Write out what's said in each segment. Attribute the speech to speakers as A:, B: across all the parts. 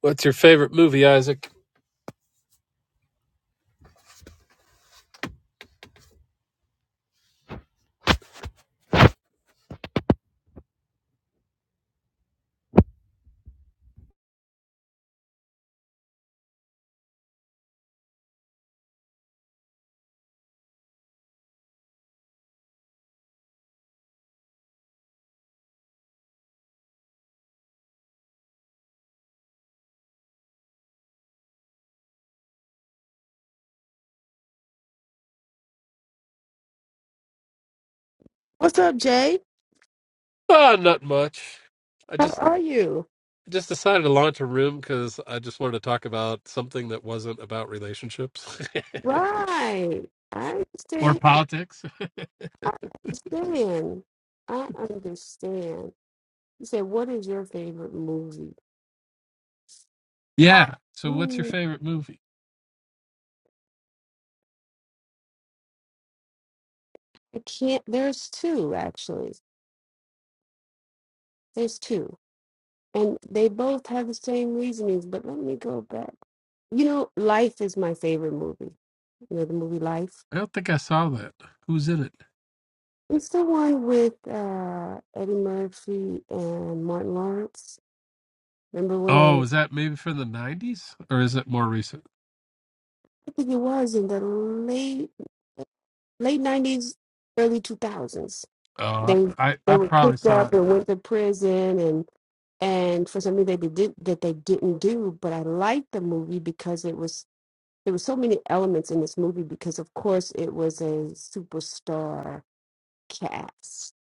A: What's your favorite movie, Isaac?
B: What's up, Jay?
A: Ah, not much. I
B: How
A: just
B: are you?
A: just decided to launch a room because I just wanted to talk about something that wasn't about relationships
B: Right. I
A: or
B: understand.
A: politics.
B: Understand. I understand. You said, what is your favorite movie?
A: Yeah. So, what's your
B: Ooh,
A: favorite movie?
B: I can't. There's two, actually. There's two. And they both have the same reasonings, but let me go back. You know, Life is my favorite movie. You know, the movie Life.
A: I don't think I saw that. Who's in it?
B: It's the one with uh, Eddie Murphy and Martin Lawrence. Remember when they,
A: Oh, is that maybe from the '90s or is it more recent?
B: I think it was in the late late nineties, early two thousands.
A: Oh,
B: They
A: I
B: they
A: I
B: were
A: probably
B: picked
A: saw
B: up
A: it.
B: and went to prison and and for something they did that they didn't do. But I liked the movie because it was there were so many elements in this movie because of course it was a superstar cast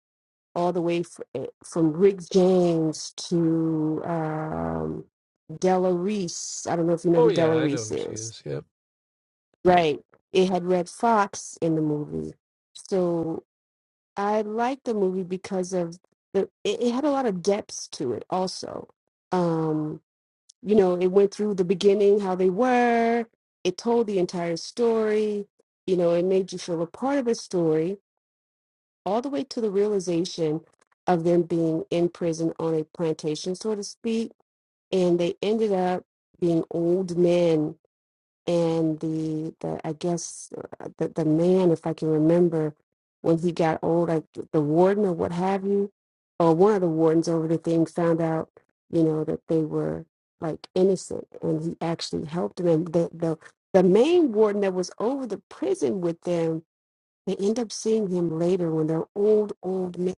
B: all the way fr- eh, from Rick James to um, Della Reese. I don't know if you know
A: Oh
B: who
A: yeah,
B: Della
A: I know
B: Reese
A: who she
B: is,
A: is. Yep.
B: right? It had Red Fox in the movie, so I liked the movie because of the it, it had a lot of depths to it also. Um, you know, it went through the beginning, how they were, it told the entire story, you know, it made you feel a part of a story, all the way to the realization of them being in prison on a plantation, so to speak, and they ended up being old men and the the I guess uh, the the man, if I can remember, when he got old, like the warden or what have you, or one of the wardens over the thing found out, you know, that they were like innocent, and he actually helped them. And the the the main warden that was over the prison with them, they end up seeing him later when they're old, old men.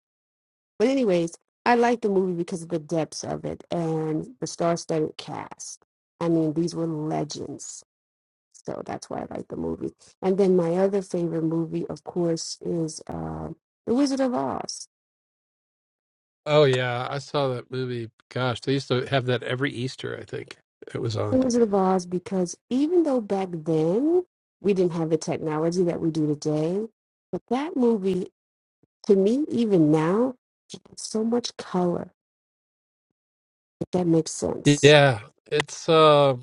B: But anyways, I like the movie because of the depths of it and the star-studded cast. I mean, these were legends so that's why I like the movie. And then my other favorite movie, of course, is uh, The Wizard of Oz.
A: Oh yeah, I saw that movie. Gosh, they used to have that every Easter. I think it was
B: The
A: on.
B: Wizard of Oz, because even though back then we didn't have the technology that we do today, but that movie, to me, even now, has so much color, if that makes sense.
A: Yeah, it's um.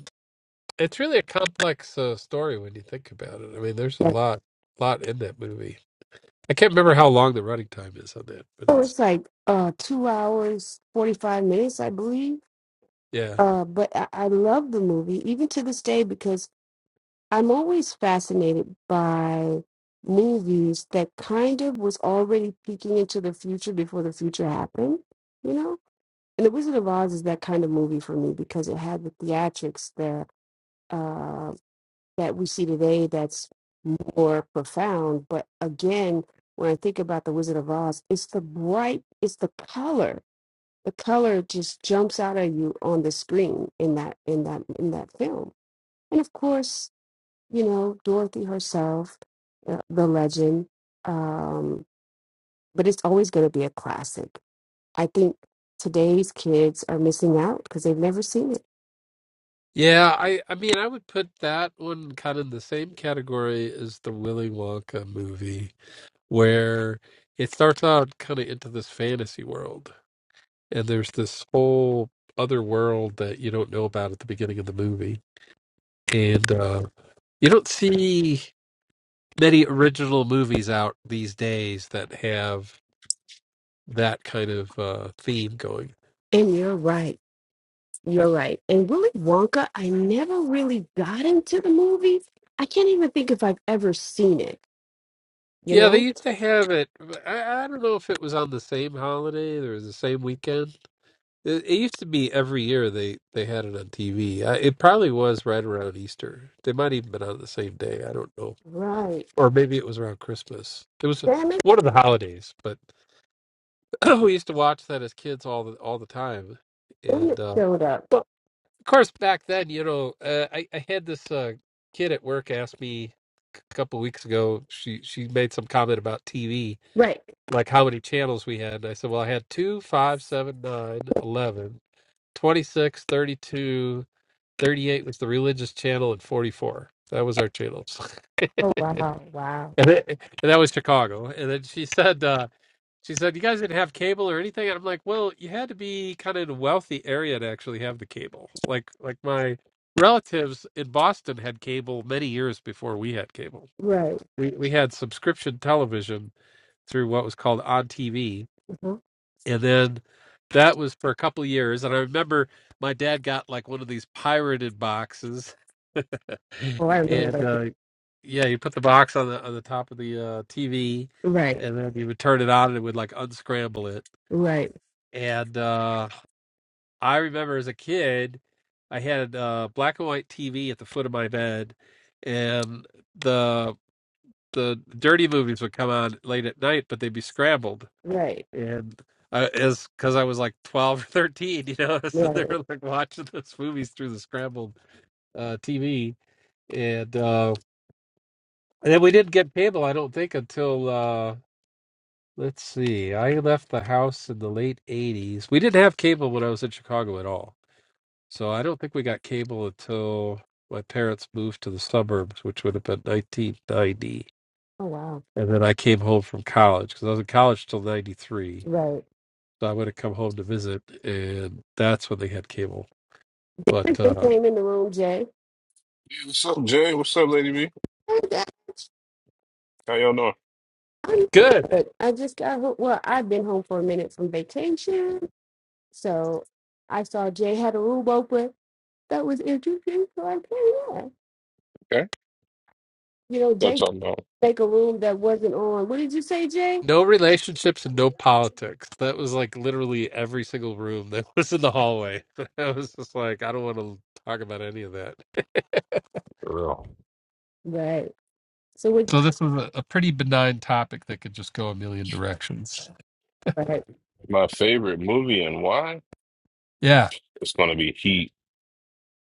A: It's really a complex uh, story when you think about it. I mean, there's a
B: Yeah.
A: lot, lot in that movie. I can't remember how long the running time is on that, but
B: So
A: it's
B: it's like uh, two hours, 45 minutes, I believe.
A: yeah,
B: Uh, but I, I love the movie, even to this day, because I'm always fascinated by movies that kind of was already peeking into the future before the future happened, you know? And The Wizard of Oz is that kind of movie for me because it had the theatrics that uh, that we see today that's more profound. But again, when I think about The Wizard of Oz, it's the bright, it's the color. The color just jumps out at you on the screen in that in that in that film. And of course, you know, Dorothy herself, uh, the legend. Um, but it's always going to be a classic. I think today's kids are missing out because they've never seen it.
A: yeah. I, I mean, I would put that one kind of in the same category as the Willy Wonka movie, where it starts out kind of into this fantasy world, and there's this whole other world that you don't know about at the beginning of the movie, and uh, you don't see many original movies out these days that have that kind of uh, theme going.
B: And you're right. You're right. And Willy Wonka, I never really got into the movie. I can't even think if I've ever seen it, you
A: Yeah, they
B: know?
A: used to have it. I, I don't know if it was on the same holiday or the same weekend. It, it used to be every year they, they had it on TV. it probably was right around Easter. They might even been on the same day. I don't know,
B: Right.
A: or maybe it was around Christmas. It was
B: Damn it.
A: one of the holidays, but we used to watch that as kids all the all the time.
B: Damn
A: And
B: it
A: uh,
B: showed up.
A: of course, back then, you know, uh, I, I had this uh, kid at work ask me a couple weeks ago. She she made some comment about TV,
B: Right.
A: like how many channels we had. And I said, well, I had 2, 5, 7, 9, 11, 26, 32, 38, was the religious channel, and 44. That was our channels.
B: Oh, wow. Wow.
A: And, it, and that was Chicago. And then she said, uh, she said, you guys didn't have cable or anything. And I'm like, well, you had to be kind of in a wealthy area to actually have the cable. Like, like my relatives in Boston had cable many years before we had cable.
B: Right.
A: We we had subscription television through what was called on TV,
B: Mhm.
A: and then that was for a couple of years. And I remember my dad got like one of these pirated boxes.
B: Oh, I
A: and
B: remember.
A: uh, yeah, you put the box on the on the top of the uh, TV,
B: Right.
A: and then you would turn it on, and it would like unscramble it.
B: Right.
A: And uh, I remember as a kid, I had a black and white TV at the foot of my bed, and the the dirty movies would come on late at night, but they'd be scrambled.
B: Right.
A: And I, as because I was like twelve or thirteen, you know, so they
B: Right.
A: were like watching those movies through the scrambled uh, TV, and. uh, And then we didn't get cable, I don't think, until uh let's see. I left the house in the late eighties. We didn't have cable when I was in Chicago at all. So I don't think we got cable until my parents moved to the suburbs, which would have been nineteen ninety.
B: Oh, wow.
A: And then I came home from college because I was in college till ninety three.
B: Right.
A: So I would have come home to visit and that's when they had cable.
B: I
A: But
B: just
A: uh
B: came in the room, Jay.
C: What's up, Jay? What's up, Lady B?
B: Hey, Dad,
C: How y'all doing?
B: I'm
A: good.
B: good. I just got home. Well, I've been home for a minute from vacation. So I saw Jay had a room open that was interesting. So I came in.
C: Okay.
B: You know,
C: Y'all
B: Jay
C: talking about
B: make a room that wasn't on. What did you say, Jay?
A: No relationships and no politics. That was like literally every single room that was in the hallway. I was just like, I don't want to talk about any of that.
C: real.
B: Right. So what?
A: So this was a, a pretty benign topic that could just go a million directions.
B: Right.
C: My favorite movie and why?
A: Yeah.
C: It's gonna be Heat.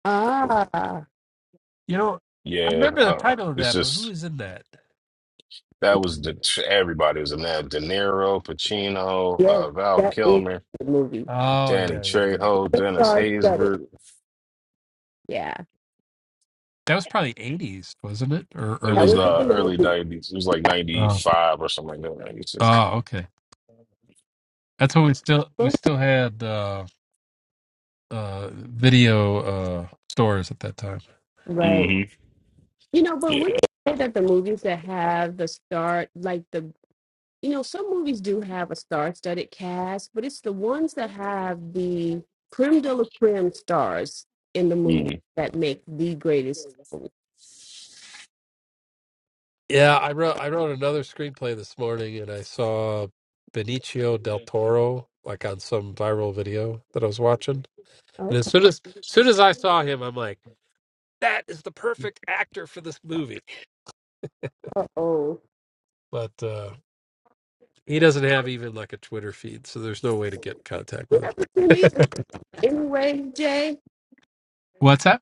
B: Ah,
A: You know, I
C: Yeah,
A: remember the
C: uh,
A: title of
C: it's
A: that, but who
C: just
A: was in that?
C: that was the everybody was in that. De Niro, Pacino,
B: yes.
C: uh, Val
B: That is
C: Kilmer,
B: the movie.
A: Oh
C: Danny
A: yeah, yeah, yeah.
C: Trejo,
B: The
C: Dennis
B: stars studded.
C: Haysbert.
B: Yeah.
A: That was probably eighties, wasn't it? Or
C: It
B: That
A: early
C: was
B: was in
A: nineties.
C: uh
B: the
C: early
B: 90s.
C: nineties. It was like ninety
A: Oh.
C: five or something like that, ninety
A: Oh, okay. That's when we still we
B: But-
A: still had uh uh video uh stores at that time.
B: Right.
C: Mm-hmm.
B: You know, but wouldn't
C: Yeah.
B: you say that the movies that have the star, like the you know, some movies do have a star-studded cast, but it's the ones that have the creme de la creme stars in the movie
C: Mm.
B: that make the greatest.
A: Yeah, I wrote I wrote another screenplay this morning, and I saw Benicio del Toro like on some viral video that I was watching. And as
B: Okay.
A: soon as, as soon as I saw him, I'm like, that is the perfect actor for this movie.
B: Uh-oh.
A: But uh, he doesn't have even like a Twitter feed, so there's no way to get in contact
B: You
A: with
B: ever send me the,
A: him.
B: anyway, Jay?
A: What's that?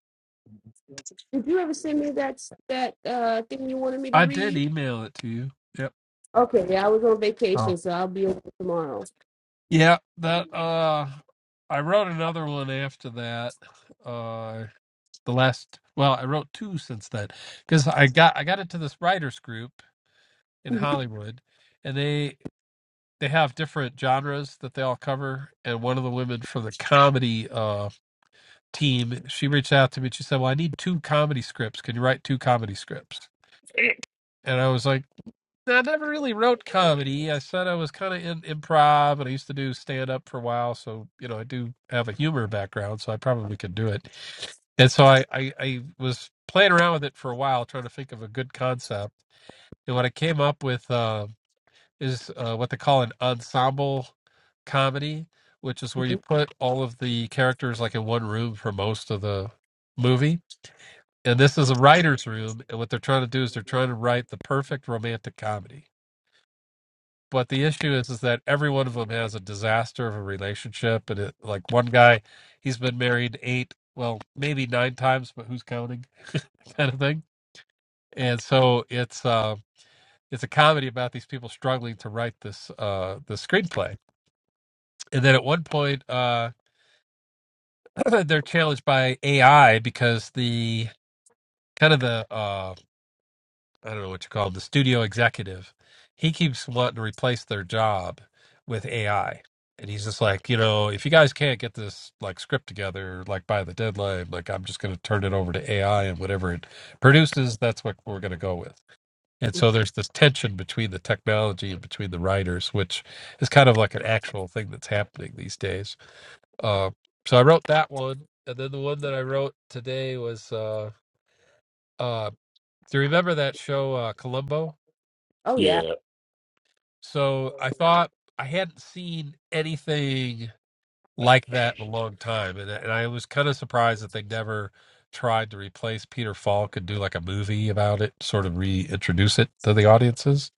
B: Did you ever send me that that uh, thing you wanted me to
A: I did
B: read?
A: email it to you. Yep.
B: Okay, yeah, I was on vacation,
A: Oh.
B: so I'll be over tomorrow.
A: Yeah, that uh, I wrote another one after that. Uh, the last well i wrote two since then because i got i got into this writers group in hollywood and they they have different genres that they all cover and one of the women from the comedy uh team she reached out to me and she said well i need two comedy scripts can you write two comedy scripts and i was like I never really wrote comedy. I said I was kind of in improv, and I used to do stand up for a while. So you know, I do have a humor background, so I probably could do it. And so I, I, I was playing around with it for a while, trying to think of a good concept. And what I came up with uh, is uh, what they call an ensemble comedy, which is where you put all of the characters like in one room for most of the movie. And this is a writer's room. And what they're trying to do is they're trying to write the perfect romantic comedy but the issue is is that every one of them has a disaster of a relationship and it like one guy he's been married eight well maybe nine times but who's counting kind of thing and so it's uh it's a comedy about these people struggling to write this uh this screenplay and then at one point uh they're challenged by ai because the kind of the uh I don't know what you call call 'em, the studio executive. He keeps wanting to replace their job with AI. And he's just like, you know, if you guys can't get this like script together, like by the deadline, like I'm just going to turn it over to AI and whatever it produces, that's what we're going to go with. And so there's this tension between the technology and between the writers, which is kind of like an actual thing that's happening these days. Uh, so I wrote that one. And then the one that I wrote today was, uh, uh, do you remember that show, uh, Columbo?
B: oh yeah.
C: Yeah.
A: So I thought I hadn't seen anything like that in a long time, and and I was kind of surprised that they never tried to replace Peter Falk and do like a movie about it, sort of reintroduce it to the audiences.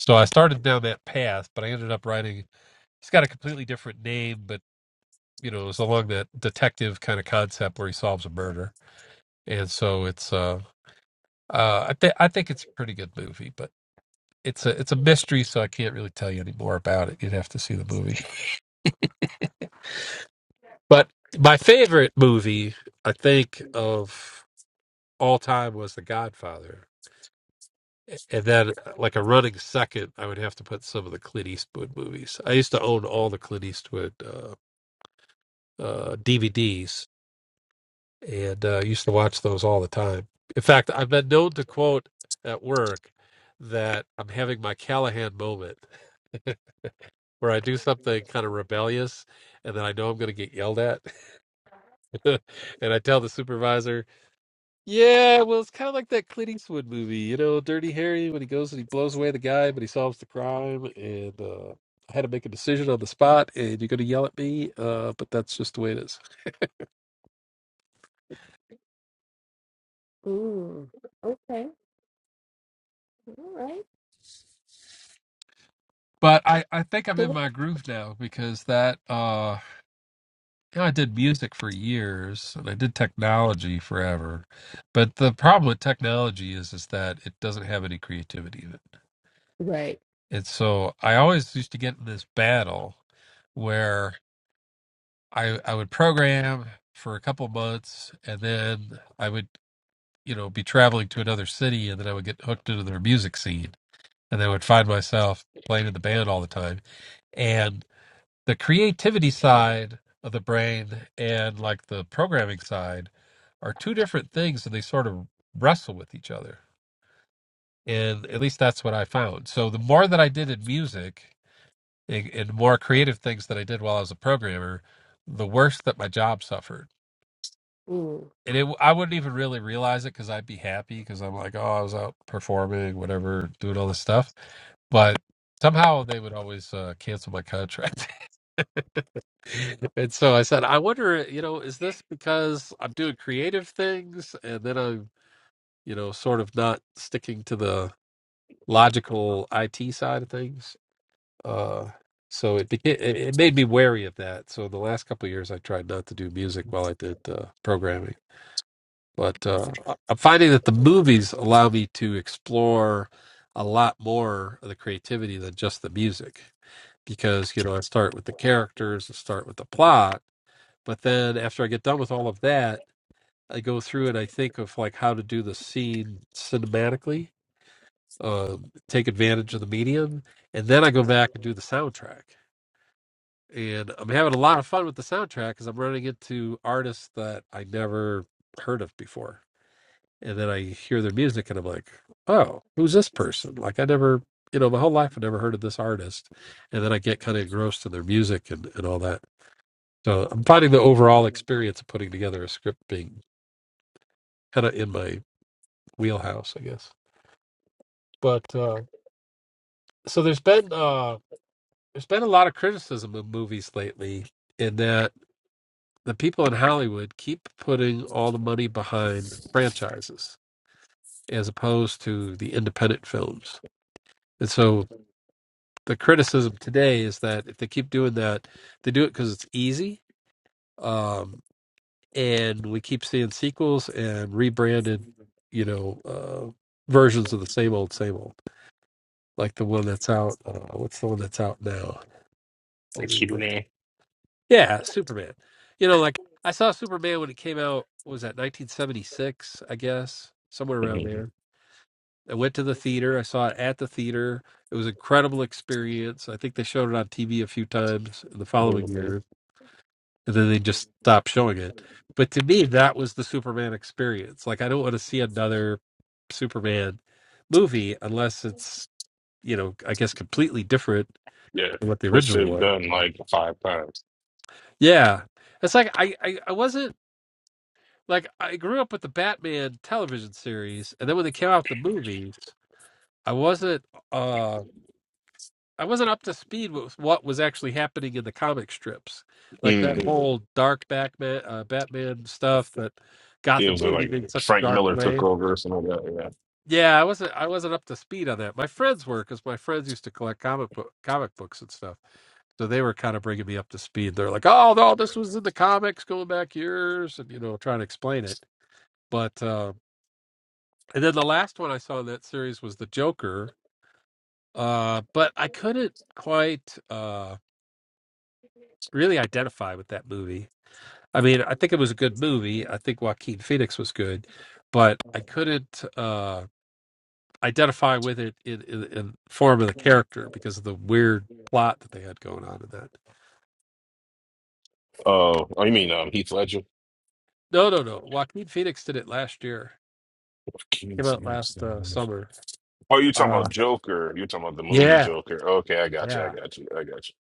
A: So I started down that path, but I ended up writing. He's got a completely different name, but you know, it's along that detective kind of concept where he solves a murder, and so it's uh, uh I think I think it's a pretty good movie, but it's a it's a mystery, so I can't really tell you any more about it. You'd have to see the movie. But my favorite movie, I think, of all time was The Godfather. And then, uh, like a running second, I would have to put some of the Clint Eastwood movies. I used to own all the Clint Eastwood uh, uh, DVDs and uh, used to watch those all the time. In fact, I've been known to quote at work that I'm having my Callahan moment where I do something kind of rebellious and then I know I'm going to get yelled at. and I tell the supervisor, Yeah, well, it's kind of like that Clint Eastwood movie, you know, Dirty Harry, when he goes and he blows away the guy, but he solves the crime. And uh, I had to make a decision on the spot, and you're going to yell at me, uh, but that's just the way it is.
B: Mm, okay. All right.
A: But I, I think I'm
B: So
A: in
B: what-
A: my groove now because that, uh, you know, I did music for years and I did technology forever. But the problem with technology is, is that it doesn't have any creativity in it.
B: right.
A: And so I always used to get in this battle where. I I would program for a couple months, and then I would you know be traveling to another city, and then I would get hooked into their music scene, and then I would find myself playing in the band all the time. And the creativity side of the brain and like the programming side are two different things, and they sort of wrestle with each other. And at least that's what I found. So the more that I did in music and, and more creative things that I did while I was a programmer, the worse that my job suffered
B: Mm.
A: and it, I wouldn't even really realize it because I'd be happy because I'm like, oh, I was out performing, whatever, doing all this stuff. But somehow they would always uh, cancel my contract. and so I said, I wonder, you know, is this because I'm doing creative things and then I'm, you know, sort of not sticking to the logical IT side of things? Uh, so it, became, it it made me wary of that. So the last couple of years, I tried not to do music while I did uh, programming But uh, I- I'm finding that the movies allow me to explore a lot more of the creativity than just the music, because you know I start with the characters, I start with the plot, but then after I get done with all of that, I go through and I think of like how to do the scene cinematically, um, take advantage of the medium, and then I go back and do the soundtrack. And I'm having a lot of fun with the soundtrack because I'm running into artists that I never heard of before and then I hear their music and I'm like, oh, who's this person? Like I never, you know, my whole life I never heard of this artist, and then I get kind of engrossed in their music and, and all that. So I'm finding the overall experience of putting together a script being kind of in my wheelhouse, I guess. But uh, so there's been uh, there's been a lot of criticism of movies lately in that the people in Hollywood keep putting all the money behind franchises as opposed to the independent films. And so the criticism today is that if they keep doing that, they do it because it's easy. Um, and we keep seeing sequels and rebranded, you know, uh,
C: Yeah.
A: versions of the same old, same old. Like the one that's out. Uh, what's the one that's out now? They rebranded.
C: Cune.
A: Yeah, Superman. You know, like I saw Superman when it came out. what was that 1976? I guess somewhere around there. I went to the theater. I saw it at the theater. It was an incredible experience. I think they showed it on TV a few times the following year and then they just stopped showing it. But to me, that was the Superman experience. Like, I don't want to see another Superman movie unless it's, you know, I guess completely different
C: Yeah,
A: than what the
C: which
A: original
C: they've
A: was.
C: done like five times.
A: Yeah. It's like, I, I, I wasn't, like, I grew up with the Batman television series, and then when they came out with the movies, I wasn't, uh I wasn't up to speed with what was actually happening in the comic strips, like that Mm,
C: Mm.
A: whole dark Batman uh, Batman stuff that
C: It
A: Gotham
C: was uh,
A: City
C: like
A: being such a
C: Frank
A: dark
C: Miller took
A: place.
C: over or something like that. Yeah.
A: Yeah, I wasn't I wasn't up to speed on that. My friends were because my friends used to collect comic book comic books and stuff, so they were kind of bringing me up to speed. They're like, "Oh no, this was in the comics going back years," and you know, trying to explain it. But uh, and then the last one I saw in that series was the Joker, uh, but I couldn't quite. Uh, really identify with that movie. I mean, I think it was a good movie. I think Joaquin Phoenix was good, but I couldn't uh, identify with it in, in, in form of the character because of the weird plot that they had going on in that.
C: Oh, oh, you mean um, Heath Ledger?
A: No, no, no. Joaquin Phoenix did it last year. It
C: Fucking
A: came out
C: Sam's
A: last
C: the
A: uh,
C: worst.
A: summer.
C: Oh, you talking
A: Uh,
C: about Joker? You're talking about the movie
A: yeah,
C: Joker? Okay, I got you. I
A: yeah,
C: got you. I got you.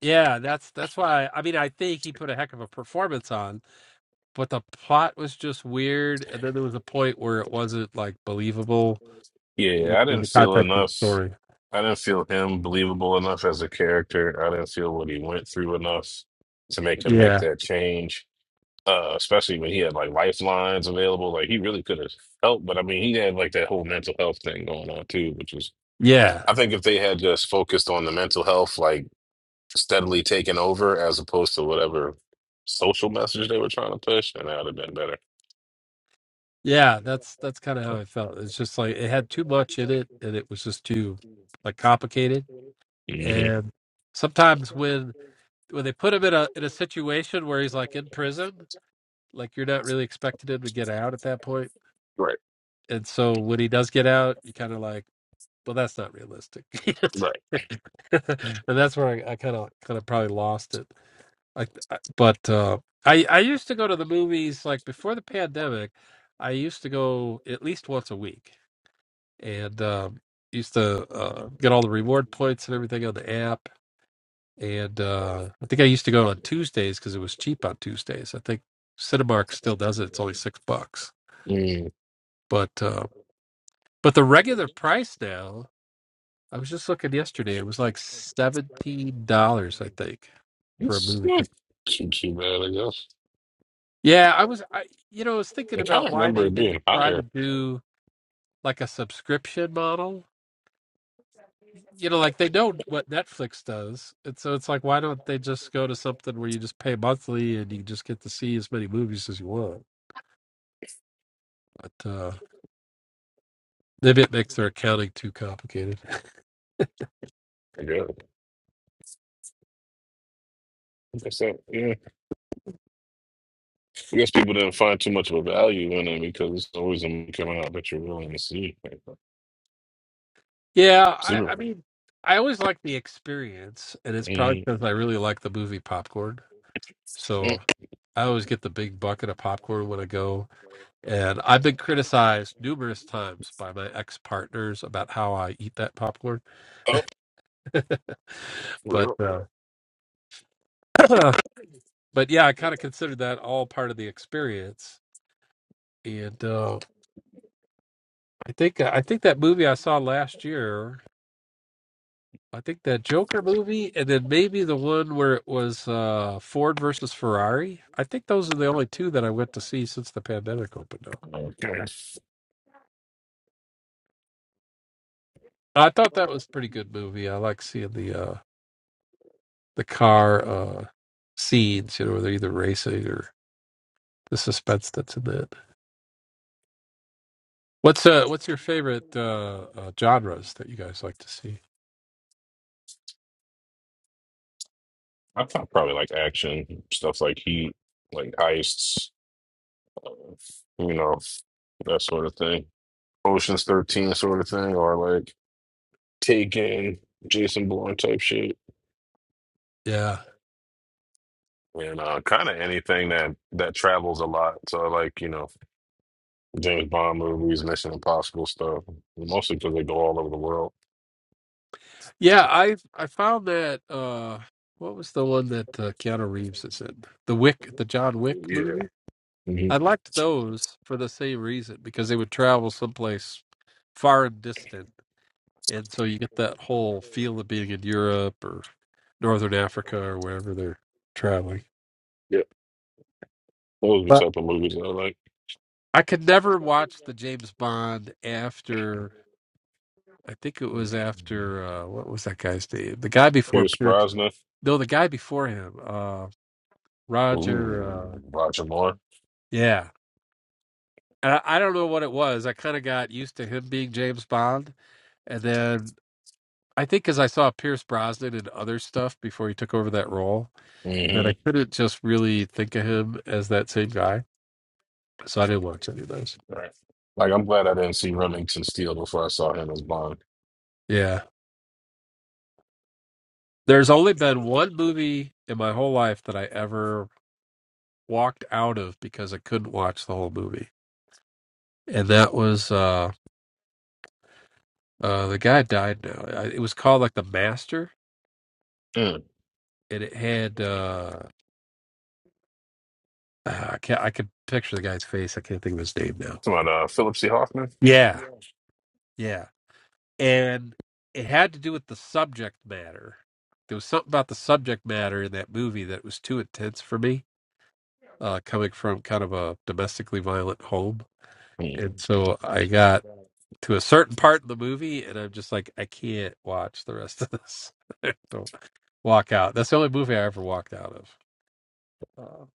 A: yeah. That's that's why. I mean, I think he put a heck of a performance on, but the plot was just weird. And then there was a point where it wasn't like believable in
C: Yeah, I
A: in
C: didn't
A: the
C: feel
A: context of the
C: enough.
A: story.
C: I didn't feel him believable enough as a character. I didn't feel what he went through enough to make him make
A: Yeah,
C: that change. Uh, especially when he had like lifelines available, like he really could have helped. But I mean, he had like that whole mental health thing going on too, which was
A: yeah,
C: I think if they had just focused on the mental health, like steadily taking over as opposed to whatever social message they were trying to push, and that would have been better.
A: yeah. That's that's kind of how I felt. It's just like it had too much in it, and it was just too like complicated.
C: hmm
A: And sometimes when when they put him in a in a situation where he's like in prison, like you're not really expecting him to get out at that point.
C: Right,
A: And so when he does get out, you kind of like, well, that's not realistic.
C: right.
A: and that's where I, I kind of kind of probably lost it I, I- but uh, I I used to go to the movies like before the pandemic. I used to go at least once a week, and um, used to
C: Mm.
A: uh, get all the reward points and everything on the app. And uh, I think I used to go on Tuesdays because it was cheap on Tuesdays. I think Cinemark still does it. It's only six bucks, but uh, but the regular price now. I was just looking yesterday. It was like seventeen dollars, I think, for a
C: It's
A: movie.
C: not too too bad, I guess.
A: Yeah, I was, I, you know, I was thinking
C: I kind
A: about
C: of
A: why
C: remember
A: they
C: it
A: didn't
C: being
A: try to
C: higher.
A: do like a subscription model. You know, like they know what Netflix does, and so it's like, why don't they just go to something where you just pay monthly and you just get to see as many movies as you want? But uh, maybe it makes their accounting too complicated.
C: I guess. Like I guess that, yeah. I guess people didn't find too much of a value in it because it's always a movie coming out that you're willing to see. Like,
A: Yeah, I,
C: Super.
A: I mean, I always like the experience, and it's probably
C: Mm,
A: because I really like the movie popcorn. So
C: mm.
A: I always get the big bucket of popcorn when I go. And I've been criticized numerous times by my ex partners about how I eat that popcorn.
C: Oh,
A: but
C: real.
A: uh, but yeah, I kind of considered that all part of the experience. And uh, I think I think that movie I saw last year. I think that Joker movie, and then maybe the one where it was uh, Ford versus Ferrari. I think those are the only two that I went to see since the pandemic opened up.
C: Okay.
A: I thought that was a pretty good movie. I like seeing the uh, the car uh, scenes, you know, where they're either racing or the suspense that's in it. What's uh, what's your favorite uh, uh, genres that you guys like to see?
C: I thought probably like action stuff, like Heat, like heists, uh, you know, that sort of thing. Ocean's Thirteen sort of thing, or like Taken, Jason Bourne type shit,
A: Yeah,
C: and uh, kind of anything that that travels a lot. So I like you know James Bond movies, Mission Impossible stuff, mostly because they go all over the world.
A: yeah. I I found that uh, what was the one that uh, Keanu Reeves is in? The Wick, the John Wick
C: Yeah.
A: movie. I
C: hmm
A: liked those for the same reason because they would travel someplace far and distant, and so you get that whole feel of being in Europe or Northern Africa or wherever they're traveling.
C: Yeah, those are the
A: But
C: type of movies I like.
A: I could never watch the James Bond after. I think it was after uh, what was that guy's name? The guy before
C: Pierce
A: Pierce?
C: Brosnan.
A: No, the guy before him, uh, Roger.
C: Ooh,
A: Uh,
C: Roger Moore.
A: yeah, and I, I don't know what it was. I kind of got used to him being James Bond, and then I think because I saw Pierce Brosnan and other stuff before he took over that role, that
C: hmm
A: I couldn't just really think of him as that same guy. So I didn't watch any of those.
C: Right. Like, I'm glad I didn't see Remington Steele before I saw him as Bond.
A: Yeah. There's only been
C: Mm.
A: one movie in my whole life that I ever walked out of because I couldn't watch the whole movie. And that was uh uh the guy died now. I- It was called like The Master and it had uh ah, I can't I could picture the guy's face. I can't think of his name
C: Talking
A: now.
C: about uh, Philip C. Hoffman.
A: Yeah. Yeah. and it had to do with the subject matter. There was something about the subject matter in that movie that was too intense for me, uh, coming from kind of a domestically violent home.
C: Mm.
A: And so I got to a certain part of the movie, and I'm just like, I can't watch the rest of this. I Don't walk out. That's the only movie I ever walked out of. Uh,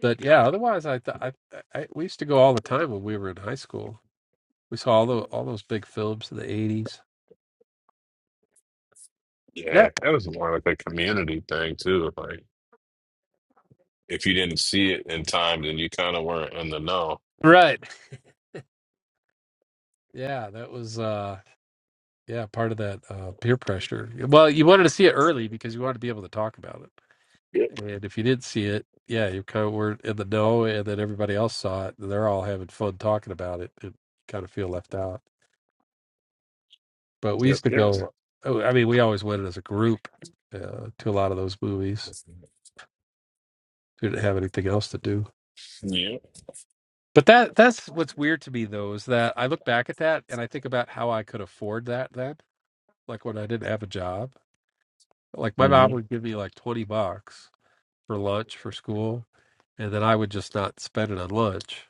A: but yeah, otherwise, I, th- I, I we used to go all the time when we were in high school. We saw all the all those big films in the '80s.
C: Yeah,
A: That
C: that was more like a community thing too. Like, if you didn't see it in time, then you kind of weren't in the know.
A: right. Yeah, that was uh yeah, part of that uh peer pressure. Well, you wanted to see it early because you wanted to be able to talk about it.
C: Yep.
A: And if you didn't see it, yeah, you kind of were in the know and then everybody else saw it and they're all having fun talking about it and you kind of feel left out. But we
C: Yep.
A: used to
C: Yes.
A: go oh, I mean, we always went as a group uh, to a lot of those movies. We didn't have anything else to do.
C: Yeah.
A: But that that's what's weird to me though is that I look back at that and I think about how I could afford that then, like when I didn't have a job Like my mom
C: hmm
A: would give me like 20 bucks for lunch for school, and then I would just not spend it on lunch.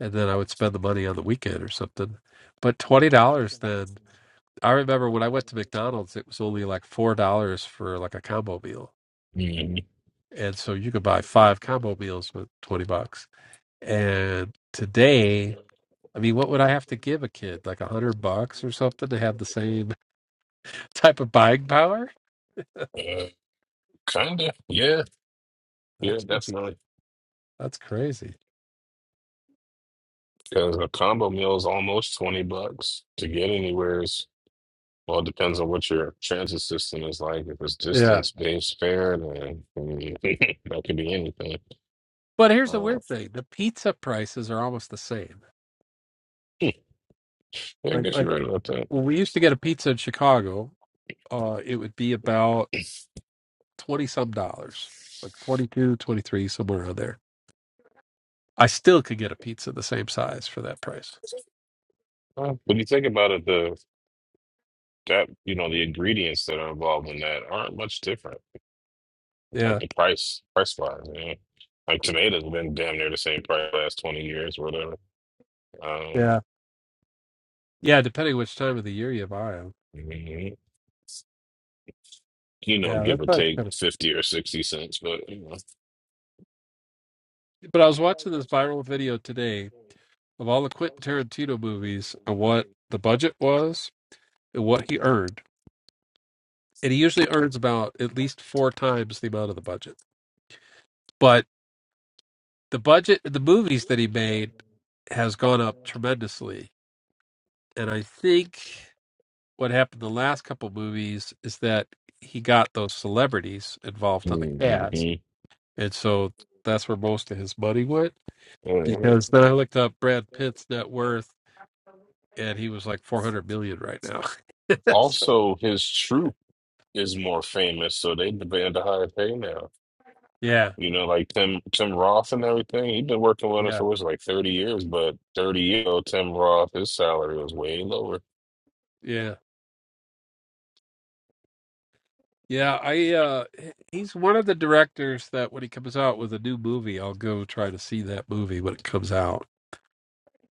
A: And then I would spend the money on the weekend or something. But $20 then, I remember when I went to McDonald's, it was only like $4 for like a combo meal.
C: hmm
A: And so you could buy five combo meals with 20 bucks. And today, I mean, what would I have to give a kid? Like a hundred bucks or something to have the same type of buying power?
C: Uh, kinda, yeah, yeah,
A: That's just,
C: definitely.
A: that's crazy.
C: Because a combo meal is almost twenty bucks to get anywhere. Is well, it depends on what your transit system is like. If it's
A: Yeah.
C: distance based fare, then I that could be anything.
A: But here's the
C: Uh,
A: weird thing: the pizza prices are almost the same.
C: yeah, I
A: Like
C: guess
A: like
C: you're right about that.
A: when we used to get a pizza in Chicago, uh, it would be about twenty some dollars, like 22, 23, somewhere around there. I still could get a pizza the same size for that price.
C: Uh, when you think about it, the that you know the ingredients that are involved in that aren't much different. like
A: Yeah,
C: the price price wise, man. Like tomatoes been damn near the same price the last twenty years or whatever. Um,
A: yeah, yeah. Depending which time of the year you buy them.
C: mhm. you know,
A: Yeah,
C: give
A: that's
C: or
A: that's
C: take
A: kind
C: fifty or sixty cents, but you know.
A: of. But I was watching this viral video today of all the Quentin Tarantino movies and what the budget was and what he earned, and he usually earns about at least four times the amount of the budget. But the budget the movies that he made has gone up tremendously and i think what happened the last couple movies is that he got those celebrities involved on the cast
C: Mhm.
A: and so that's where most of his money went
C: Mhm.
A: because then i looked up brad pitt's net worth and he was like 400 million right now so,
C: Also, his troop is more famous, so they demand a higher pay
A: yeah
C: You know, like Tim Tim Roth and everything. He'd been working with us
A: yeah
C: for what's it, like 30 years, but 30 years old Tim Roth, his salary was way lower.
A: yeah yeah i uh he- he's one of the directors that when he comes out with a new movie i'll go try to see that movie when it comes out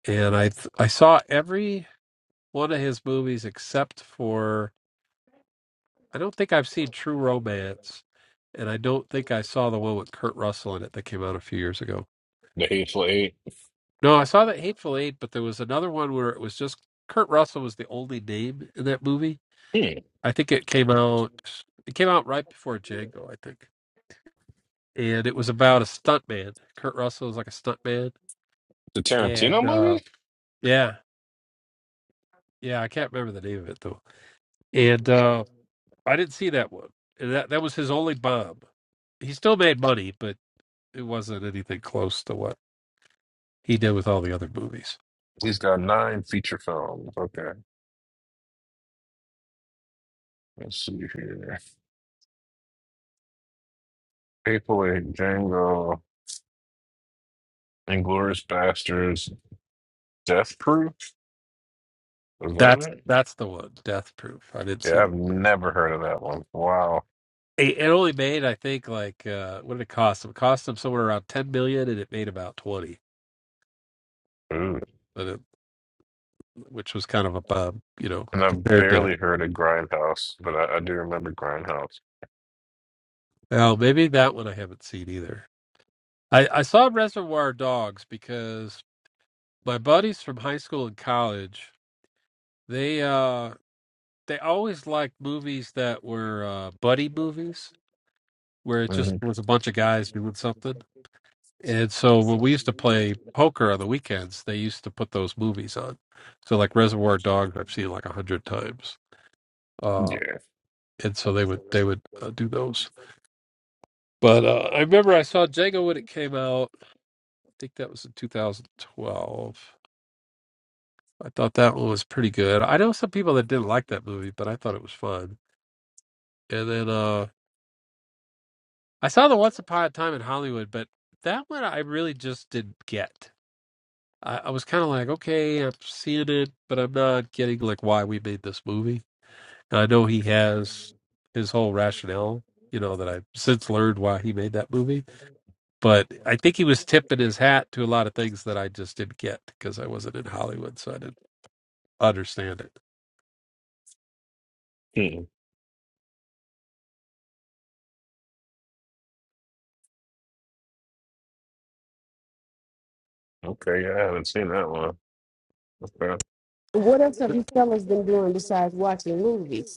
A: and I th- I saw every one of his movies except for I don't think I've seen True Romance, and I don't think I saw the one with Kurt Russell in it that came out a few years ago.
C: The Hateful Eight.
A: No, I saw that Hateful Eight, but there was another one where it was just Kurt Russell was the only name in that movie.
C: Hmm.
A: I think it came out it came out right before Django, I think, and it was about a stuntman. Kurt Russell was like a stuntman,
C: The Tarantino
A: and uh,
C: movie?
A: yeah, yeah, I can't remember the name of it though, and. uh I didn't see that one. That that was his only bomb. He still made money, but it wasn't anything close to what he did with all the other movies.
C: He's got nine feature films. Okay. Let's see here. Hateful Eight, Django, Inglourious Bastards, Death Proof? Was that
A: That's
C: it?
A: that's the one, Death Proof. I didn't see
C: Yeah,
A: that.
C: I've never heard of that one. Wow.
A: It, it only made, I think, like uh, what did it cost him? It cost him somewhere around ten million, and it made about twenty.
C: Ooh.
A: But it, which was kind of a bomb, you know,
C: And I
A: compared to.
C: barely heard of Grindhouse, but I, I do remember Grindhouse.
A: Well, maybe that one I haven't seen either. I, I saw Reservoir Dogs because my buddies from high school and college they uh they always liked movies that were uh, buddy movies, where it just
C: hmm
A: was a bunch of guys doing something. And so when we used to play poker on the weekends, they used to put those movies on. So like Reservoir Dogs, I've seen like a hundred times.
C: Yeah.
A: Uh, and so they would they would uh, do those. But uh, I remember I saw Django when it came out. I think that was in 2012. I thought that one was pretty good. I know some people that didn't like that movie, but I thought it was fun. And then uh I saw the Once Upon a Time in Hollywood, but that one I really just didn't get. I, I was kind of like, okay, I'm seeing it, but I'm not getting like why we made this movie. And I know he has his whole rationale, you know, that I've since learned why he made that movie. But I think he was tipping his hat to a lot of things that I just didn't get because I wasn't in Hollywood, so I didn't understand it.
C: Hmm. Okay. Yeah, I haven't seen that one. Okay.
B: What else have
A: But-
B: you fellas been doing besides watching movies?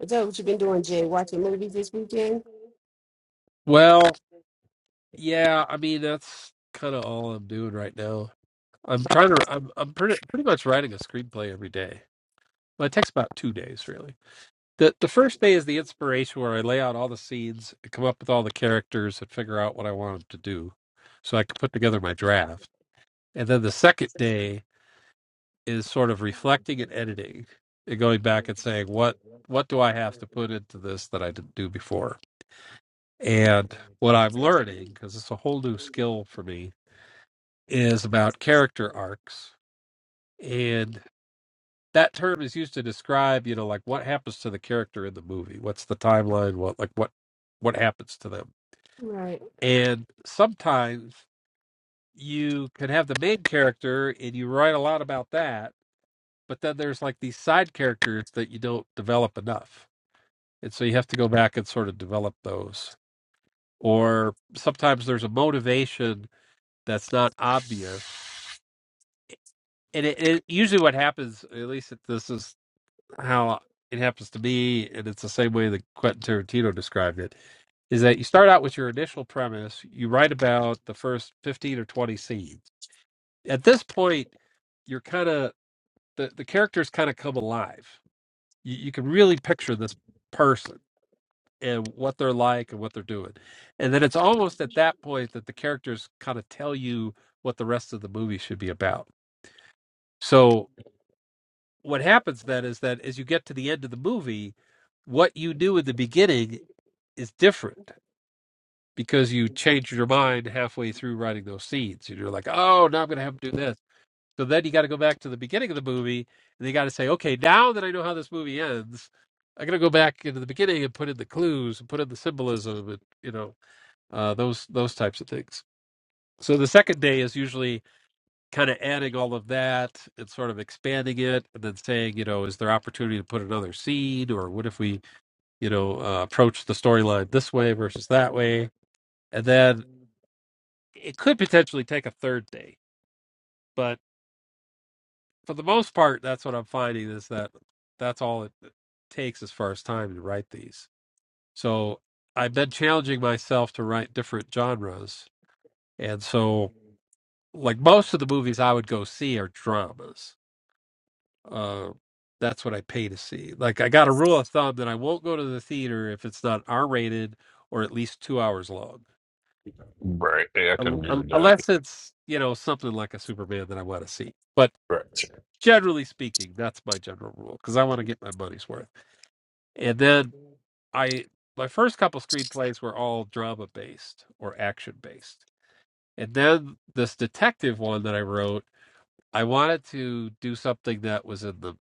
B: Is that what you've been doing, Jay? Watching movies this weekend?
A: well, yeah, I mean that's kind of all I'm doing right now. I'm trying to. I'm I'm pretty pretty much writing a screenplay every day Well, it takes about two days, really. The the first day is the inspiration where I lay out all the seeds, I come up with all the characters, and figure out what I want them to do, so I can put together my draft. And then the second day is sort of reflecting and editing, and going back and saying what what do I have to put into this that I didn't do before, and what I'm learning because it's a whole new skill for me is about character arcs and that term is used to describe you know like what happens to the character in the movie what's the timeline what like what what happens to them
B: Right.
A: and sometimes you can have the main character and you write a lot about that but then there's like these side characters that you don't develop enough and so you have to go back and sort of develop those or sometimes there's a motivation that's not obvious and it, it usually what happens at least this is how it happens to be, and it's the same way that Quentin Tarantino described it, is that you start out with your initial premise, you write about the first 15 or 20 scenes. At this point, you're kind of, the, the characters kind of come alive. You, you can really picture this person and what they're like and what they're doing. And then it's almost at that point that the characters kind of tell you what the rest of the movie should be about. So what happens then is that as you get to the end of the movie, what you knew in the beginning is different because you change your mind halfway through writing those scenes and you're like oh now i'm going to have to do this so then you got to go back to the beginning of the movie and you got to say okay now that i know how this movie ends i'm going to go back into the beginning and put in the clues and put in the symbolism and you know uh, those those types of things so the second day is usually kind of adding all of that and sort of expanding it and then saying you know is there opportunity to put another seed or what if we you know uh, approach the storyline this way versus that way and then it could potentially take a third day, but for the most part, that's what I'm finding is that that's all it uh, takes as far as time to write these. So I've been challenging myself to write different genres, and so like most of the movies I would go see are dramas. Uh, that's what I pay to see. Like I got a rule of thumb that I won't go to the theater if it's not R-rated or at least two hours long,
C: Right. Yeah, I can
A: Un-
C: agree
A: un-
C: with that.
A: unless it's you know something like a Superman that I want to see. But
C: Right.
A: generally speaking, that's my general rule because I want to get my money's worth. And then I, my first couple screenplays were all drama based or action based. And then this detective one that I wrote, I wanted to do something that was in the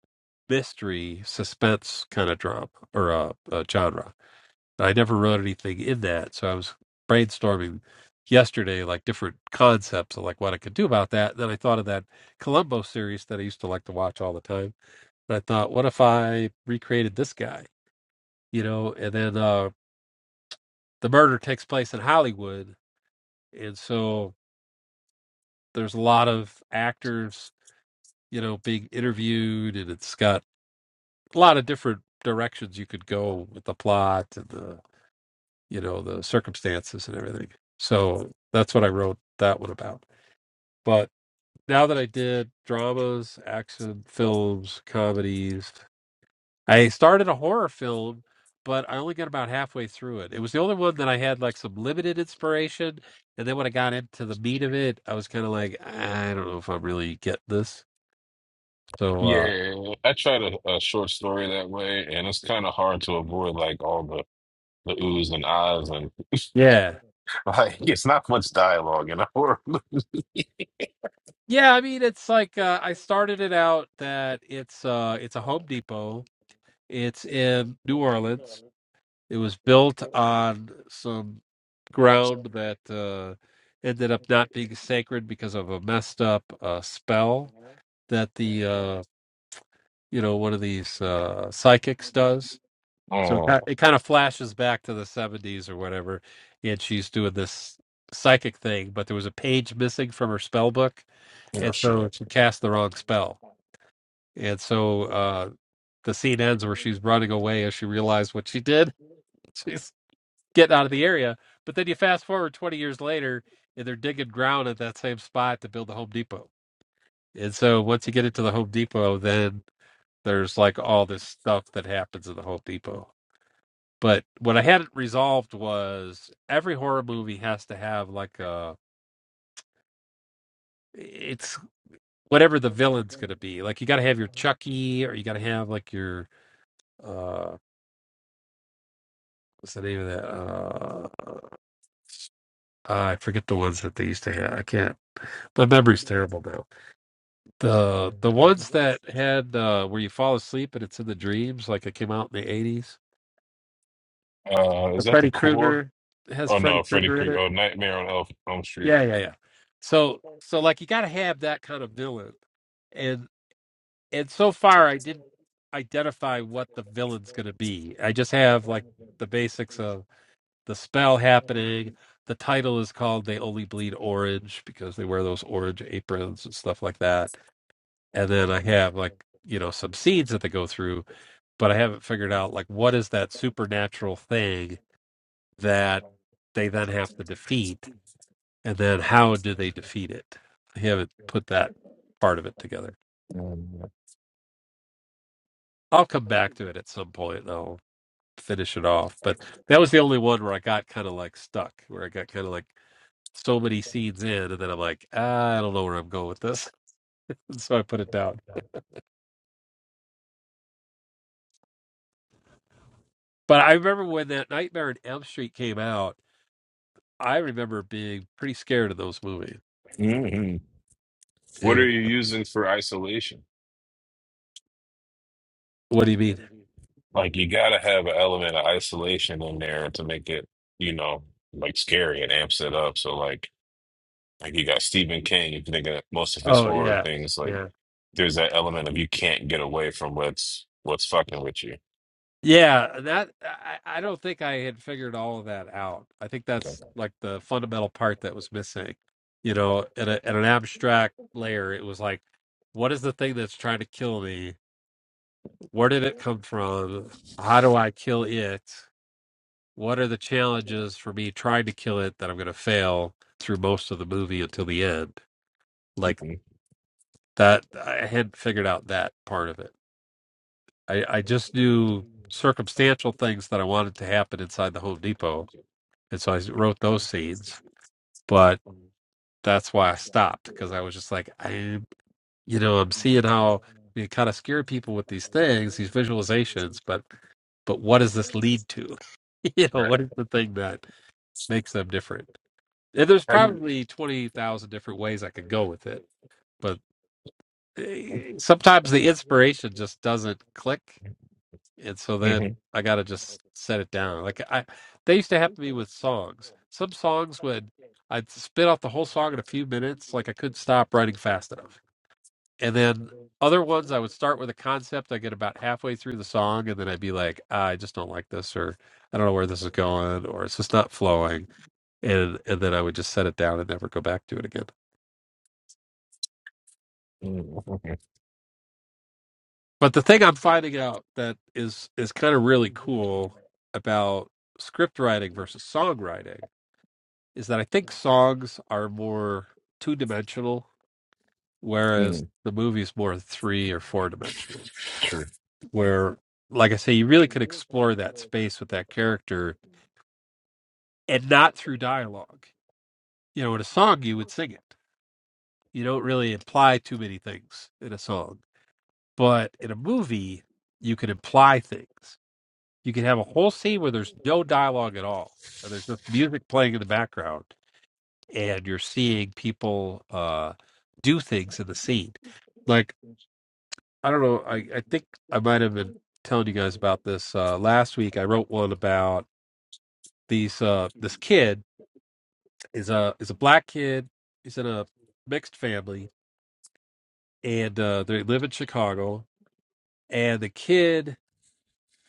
A: mystery, suspense kind of drama or uh, uh, genre. I never wrote anything in that. So I was brainstorming yesterday, like different concepts of like what I could do about that. Then I thought of that Columbo series that I used to like to watch all the time but I thought, what if I recreated this guy? You know, and then uh, the murder takes place in Hollywood, and so there's a lot of actors, you know, being interviewed, and it's got a lot of different directions you could go with the plot and the, you know, the circumstances and everything. So that's what I wrote that one about. But now that I did dramas, action films, comedies, I started a horror film, but I only got about halfway through it. It was the only one that I had like some limited inspiration, and then when I got into the meat of it, I was kind of like, I don't know if I'm really getting this. So, uh,
C: Yeah. I tried a, a short story that way, and it's kind of hard to avoid like all the the oohs and ahs, and
A: yeah,
C: like it's not much dialogue in a horror. movie.
A: yeah. I mean, it's like uh, I started it out that it's uh, it's a Home Depot. It's in New Orleans. It was built on some ground that uh, ended up not being sacred because of a messed up uh, spell that the uh, you know one of these uh, psychics does. So it
C: Oh,
A: ki- it kind of flashes back to the seventies or whatever, and she's doing this psychic thing, but there was a page missing from her spell book,
C: oh
A: and so
C: shit.
A: she cast the wrong spell. And so uh, the scene ends where she's running away as she realized what she did. She's getting out of the area, but then you fast forward twenty years later, and they're digging ground at that same spot to build the Home Depot. And so once you get into the Home Depot, then there's like all this stuff that happens at the Home Depot. But what I had it resolved was every horror movie has to have like a it's whatever the villain's gonna be. Like you gotta have your Chucky or you gotta have like your uh what's the name of that? Uh I forget the ones that they used to have. I can't my memory's terrible now. The the ones that had uh where you fall asleep and it's in the dreams, like it came out in the eighties.
C: Uh, is
A: The
C: that the
A: Freddy
C: core?
A: Krueger it has
C: Oh
A: Freddy
C: no, Freddy
A: Krueger in it.
C: Krueger. Oh, Nightmare on Elf Elm Street.
A: Yeah, yeah, yeah. So so like you got to have that kind of villain. And and so far I didn't identify what the villain's going to be. I just have like the basics of the spell happening. The title is called They Only Bleed Orange because they wear those orange aprons and stuff like that. And then I have like, you know, some scenes that they go through, but I haven't figured out like what is that supernatural thing that they then have to defeat and then how do they defeat it? I haven't put that part of it together.
C: Mm-hmm.
A: I'll come back to it at some point. And I'll finish it off. But that was the only one where I got kind of like stuck, where I got kind of like so many scenes in, and then I'm like, "Ah, I don't know where I'm going with this, and so I put it down. But I remember when that Nightmare on Elm Street came out. I remember being pretty scared of those movies.
C: Mm-hmm. What are
A: And
C: you using for isolation?
A: what do you mean?
C: Like you gotta have an element of isolation in there to make it, you know, like scary and amps it up. So like like you got Stephen King, if you think of most of his
A: Oh
C: horror
A: yeah,
C: things, like there's that element of you can't get away from what's what's fucking with you.
A: Yeah, that I, I don't think I had figured all of that out. I think
C: Okay.
A: that's like the fundamental part that was missing. You know, at, a, at an abstract layer, it was like, what is the thing that's trying to kill me? Where did it come from? How do I kill it? What are the challenges for me trying to kill it that I'm going to fail through most of the movie until the end? Like
C: Mhm.
A: that, I hadn't figured out that part of it. I, I just knew circumstantial things that I wanted to happen inside the Home Depot and so I wrote those scenes. But that's why I stopped because I was just like, I, you know, I'm seeing how you kind of scare people with these things, these visualizations. But but what does this lead to? you know,
C: Right.
A: what is the thing that makes them different? And there's
C: Have you-
A: probably twenty thousand different ways I could go with it, but eh, sometimes the inspiration just doesn't click and so then
C: Mhm.
A: I got to just set it down. Like I, they used to happen to me with songs. Some songs would I'd spit off the whole song in a few minutes, like I couldn't stop writing fast enough. And then other ones, I would start with a concept. I get about halfway through the song, and then I'd be like, I just don't like this, or I don't know where this is going, or it's just not flowing. And and then I would just set it down and never go back to it again.
C: Mm, okay.
A: But the thing I'm finding out that is is kind of really cool about script writing versus songwriting is that I think songs are more two dimensional, whereas
C: Mm,
A: the movie's more three or four dimensional.
C: Sure.
A: Where, like I say, you really could explore that space with that character and not through dialogue. You know, in a song, you would sing it. You don't really imply too many things in a song. But in a movie, you can imply things. You can have a whole scene where there's no dialogue at all, and there's just music playing in the background and you're seeing people uh, do things in the scene. Like I don't know, I, I think I might have been telling you guys about this uh, last week. I wrote one about these uh, this kid is a is a black kid. He's in a mixed family, and uh, they live in Chicago. And the kid,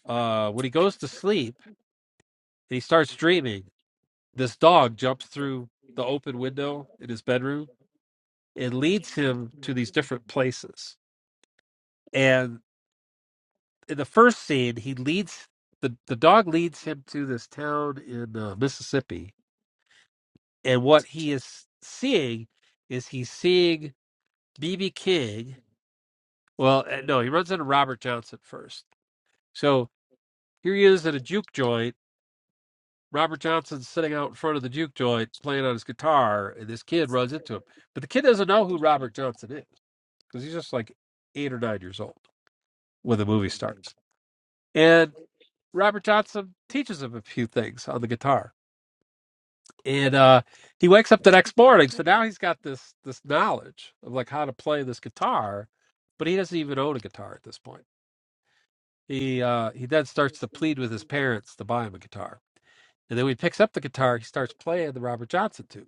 A: uh, when he goes to sleep and he starts dreaming, this dog jumps through the open window in his bedroom and leads him to these different places and in the first scene, he leads the the dog leads him to this town in uh, Mississippi, and what he is seeing is he's seeing BB King. Well, uh, no, he runs into Robert Johnson first. So here he is at a juke joint. Robert Johnson's sitting out in front of the juke joint playing on his guitar, and this kid runs into him. But the kid doesn't know who Robert Johnson is because he's just like eight or nine years old when the movie starts. And Robert Johnson teaches him a few things on the guitar and uh, he wakes up the next morning. So now he's got this this knowledge of like how to play this guitar, but he doesn't even own a guitar at this point. He uh, he then starts to plead with his parents to buy him a guitar, and then when he picks up the guitar, he starts playing the Robert Johnson tune.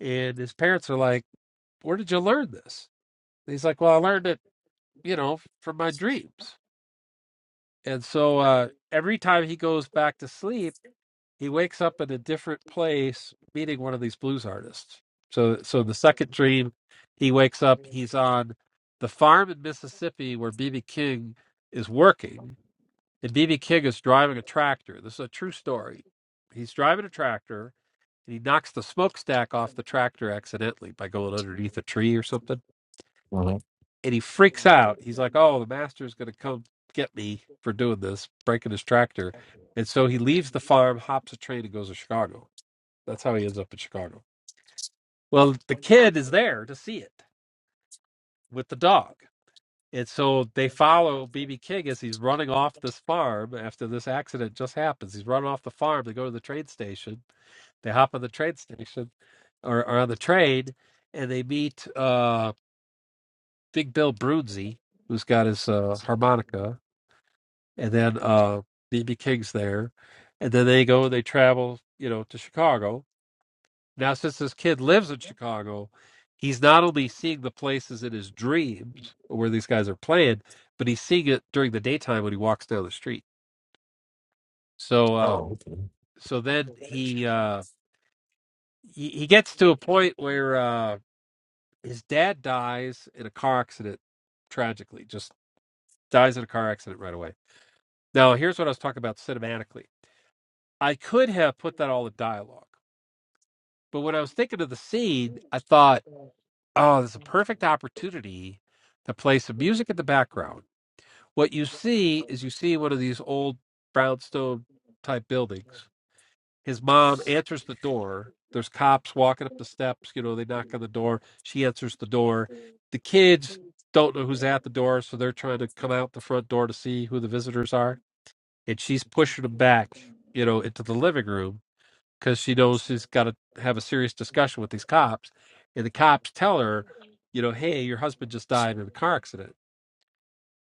A: And his parents are like, "Where did you learn this?" And he's like, "Well, I learned it, you know, from my dreams." And so uh, every time he goes back to sleep he wakes up at a different place meeting one of these blues artists. So so the second dream, he wakes up, he's on the farm in Mississippi where BB King is working, and BB King is driving a tractor. This is a true story. He's driving a tractor and he knocks the smokestack off the tractor accidentally by going underneath a tree or something.
C: Mhm.
A: And he freaks out. He's like, Oh, the master's gonna come get me for doing this, breaking his tractor. And so he leaves the farm, hops a train, and goes to Chicago that's how he ends up in Chicago. Well, the kid is there to see it with the dog. And so they follow BB King as he's running off this farm after this accident just happens. He's running off the farm. They go to the train station. They hop on the train station or, or on the train and they meet uh, Big Bill Brunzi, who's got his uh, harmonica. And then uh, BB King's there. And then they go and they travel, you know, to Chicago Now, since this kid lives in Chicago, he's not only seeing the places in his dreams where these guys are playing, but he's seeing it during the daytime when he walks down the street. So, uh,
C: Oh, okay.
A: so then he, uh, he he gets to a point where uh, his dad dies in a car accident, tragically, just dies in a car accident right away. Now, here's what I was talking about cinematically. I could have put that all in dialogue, but when I was thinking of the scene, I thought Oh, there's a perfect opportunity to play some music in the background. What you see is you see one of these old brownstone type buildings. His mom answers the door. There's cops walking up the steps. You know, they knock on the door. She answers the door. The kids don't know who's at the door, so they're trying to come out the front door to see who the visitors are. And she's pushing them back, you know, into the living room because she knows she's got to have a serious discussion with these cops. And the cops tell her, you know, hey, your husband just died in a car accident.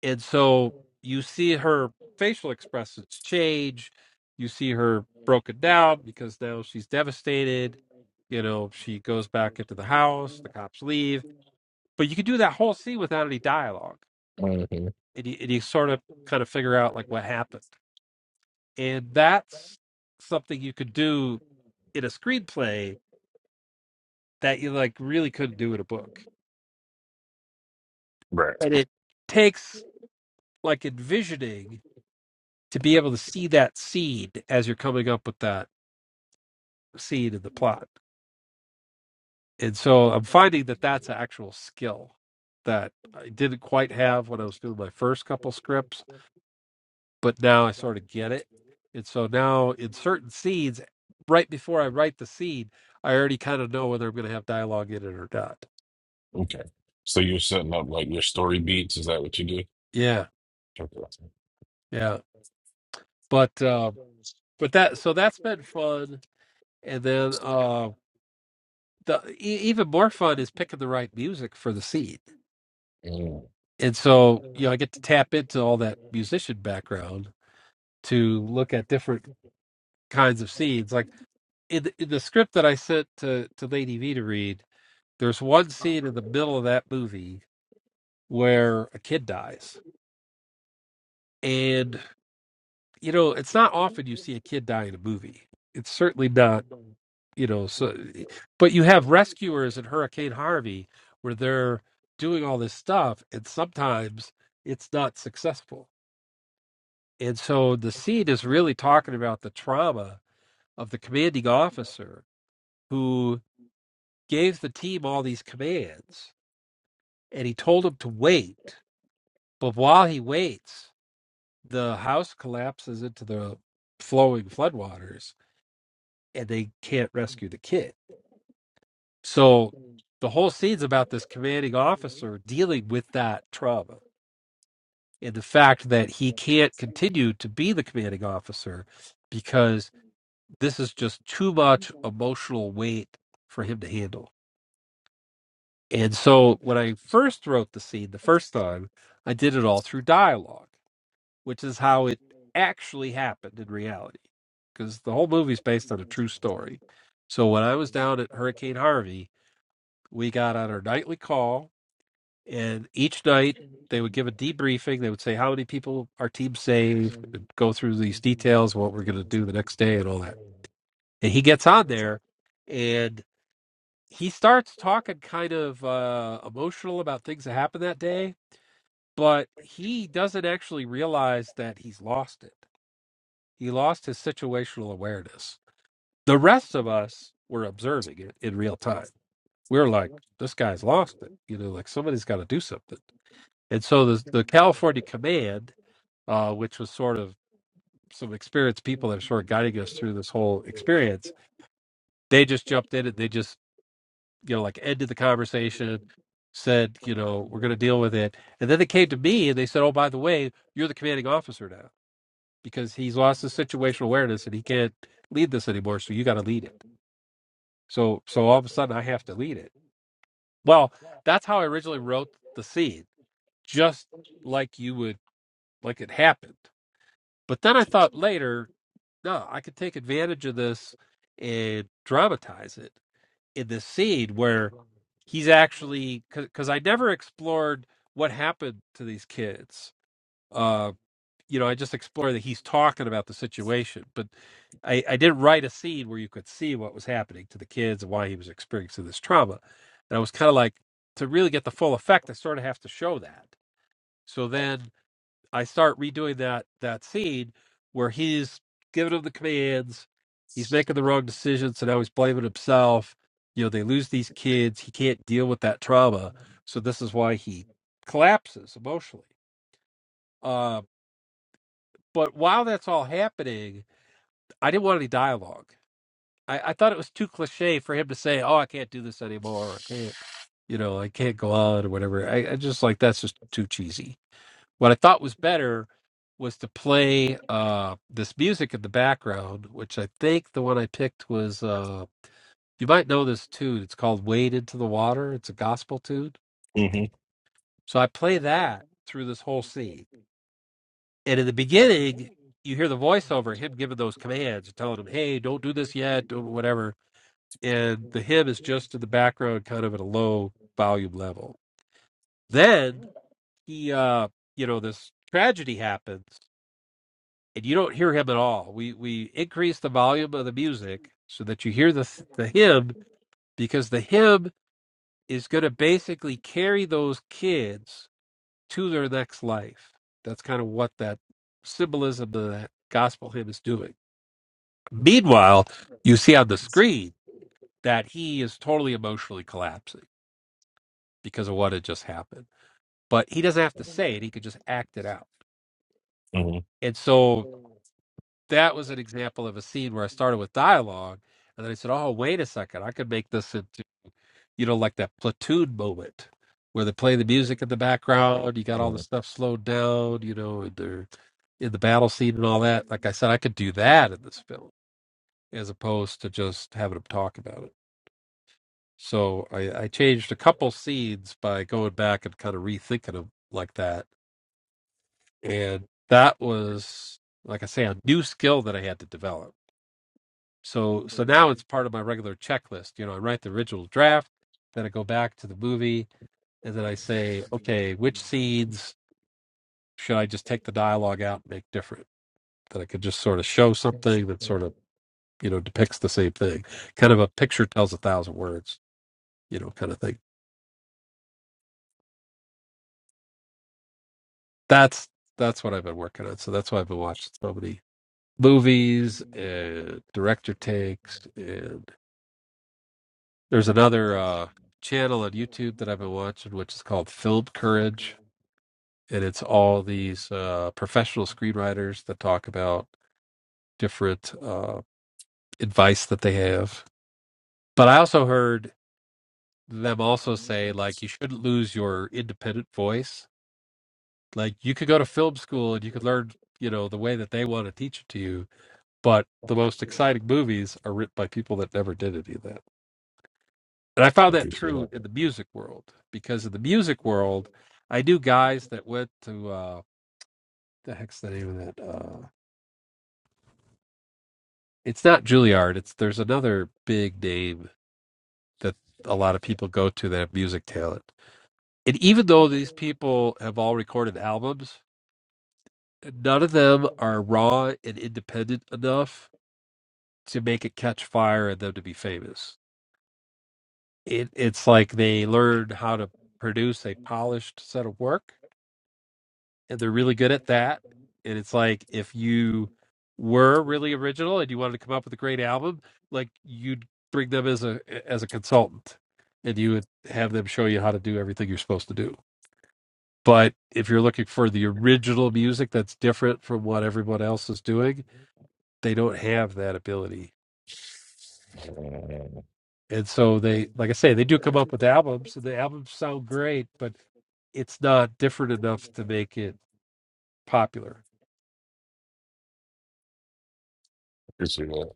A: And so you see her facial expressions change. You see her broken down because now she's devastated. You know, she goes back into the house, the cops leave. But you can do that whole scene without any dialogue. And you, and you sort of kind of figure out like what happened. And that's something you could do in a screenplay that you like really couldn't do in a book.
C: Right.
A: But it takes like envisioning to be able to see that scene as you're coming up with that scene in the plot. And so I'm finding that that's an actual skill that I didn't quite have when I was doing my first couple scripts, but now I sort of get it. And so now in certain scenes, right before I write the scene, I already kind of know whether I'm going to have dialogue in it or not.
C: Okay. So you're setting up like your story beats. Is that what you do?
A: Yeah.
C: Okay.
A: Yeah. But, uh, but that, so that's been fun and then uh the e- even more fun is picking the right music for the scene and so you know i get to tap into all that musician background to look at different kinds of scenes like in the, in the script that i sent to to lady v to read there's one scene in the middle of that movie where a kid dies and you know it's not often you see a kid die in a movie it's certainly not you know so but you have rescuers at hurricane harvey where they're doing all this stuff and sometimes it's not successful and so the scene is really talking about the trauma of the commanding officer who gave the team all these commands and he told them to wait but while he waits the house collapses into the flowing floodwaters and they can't rescue the kid So the whole scene's about this commanding officer dealing with that trauma and the fact that he can't continue to be the commanding officer because this is just too much emotional weight for him to handle. And so when I first wrote the scene the first time, I did it all through dialogue, which is how it actually happened in reality because the whole movie's based on a true story. So when I was down at Hurricane Harvey, we got on our nightly call and each night they would give a debriefing. They would say how many people our team saved, go through these details, what we're going to do the next day, and all that. And he gets on there, and he starts talking kind of uh, emotional about things that happened that day, but he doesn't actually realize that he's lost it. He lost his situational awareness. The rest of us were observing it in real time. We were like, this guy's lost it. You know, like somebody's got to do something And so the the California Command, uh, which was sort of some experienced people that are sort of guiding us through this whole experience, they just jumped in and they just you know like ended the conversation, said you know we're going to deal with it, and then they came to me and they said, oh by the way, you're the commanding officer now because he's lost his situational awareness and he can't lead this anymore, so you got to lead it. So so all of a sudden I have to lead it. Well, that's how I originally wrote the scene, just like you would like it happened But then I thought later, no, I could take advantage of this and dramatize it in this scene where he's actually because I never explored what happened to these kids. Uh, you know, I just explored that he's talking about the situation, but I, I didn't write a scene where you could see what was happening to the kids and why he was experiencing this trauma. And I was kind of like, to really get the full effect, I sort of have to show that. So then I start redoing that that scene where he's giving him the commands, he's making the wrong decision, so now he's blaming himself. You know, they lose these kids, he can't deal with that trauma, so this is why he collapses emotionally. Uh, but while that's all happening, I didn't want any dialogue. I, I thought it was too cliche for him to say, "Oh, I can't do this anymore," or "I can't," you know, "I can't go on," or whatever. I, I just like that's just too cheesy What I thought was better was to play uh, this music in the background, which I think the one I picked was. Uh, you might know this tune. It's called "Wade into the Water." It's a gospel tune.
C: Mm.
A: So I play that through this whole scene, and in the beginning, you hear the voiceover him giving those commands, telling him, "Hey, don't do this yet," don't whatever. And the hymn is just in the background, kind of at a low volume level. Then he, uh, you know, this tragedy happens, and you don't hear him at all. We we increase the volume of the music so that you hear the the hymn because the hymn is going to basically carry those kids to their next life. That's kind of what that symbolism of that gospel hymn is doing. Meanwhile, you see on the screen that he is totally emotionally collapsing because of what had just happened. But he doesn't have to say it; he could just act it out.
C: Mhm.
A: And so that was an example of a scene where I started with dialogue and then I said, Oh, wait a second, I could make this into you know, like that platoon moment where they play the music in the background, you got all the
C: Yeah,
A: stuff slowed down, you know, and they're in the battle scene and all that. Like I said, I could do that in this film as opposed to just having them talk about it. So I, I changed a couple scenes by going back and kind of rethinking them like that. And that was, like I say, a new skill that I had to develop so so now it's part of my regular checklist you know i write the original draft then i go back to the movie and then i say okay which scenes should i just take the dialogue out and make different that i could just sort of show something that sort of you know depicts the same thing kind of a picture tells a thousand words you know kind of thing that's that's what i've been working on so that's why i've been watching so many movies and director takes and there's another uh channel on youtube that i've been watching which is called film courage and it's all these uh, professional screenwriters that talk about different uh, advice that they have. But I also heard them also say like you shouldn't lose your independent voice. Like you could go to film school and you could learn, you know, the way that they want to teach it to you. But the most exciting movies are written by people that never did any of that. And I
C: I
A: found that
C: can see
A: true
C: that.
A: in the music world because in the music world, I knew guys that went to uh, the heck's the name of that? Uh, it's not Juilliard. It's there's another big name that a lot of people go to that have music talent. And even though these people have all recorded albums, none of them are raw and independent enough to make it catch fire and them to be famous. It, it's like they learned how to produce a polished set of work and they're really good at that. And it's like if you were really original and you wanted to come up with a great album, like you'd bring them as a as a consultant, and you would have them show you how to do everything you're supposed to do. But if you're looking for the original music that's different from what everyone else is doing, they don't have that ability.
C: Uh, I
A: And so they, like I say, they do come up with albums, and the albums sound great, but it's not different enough to make it popular.
C: can see that.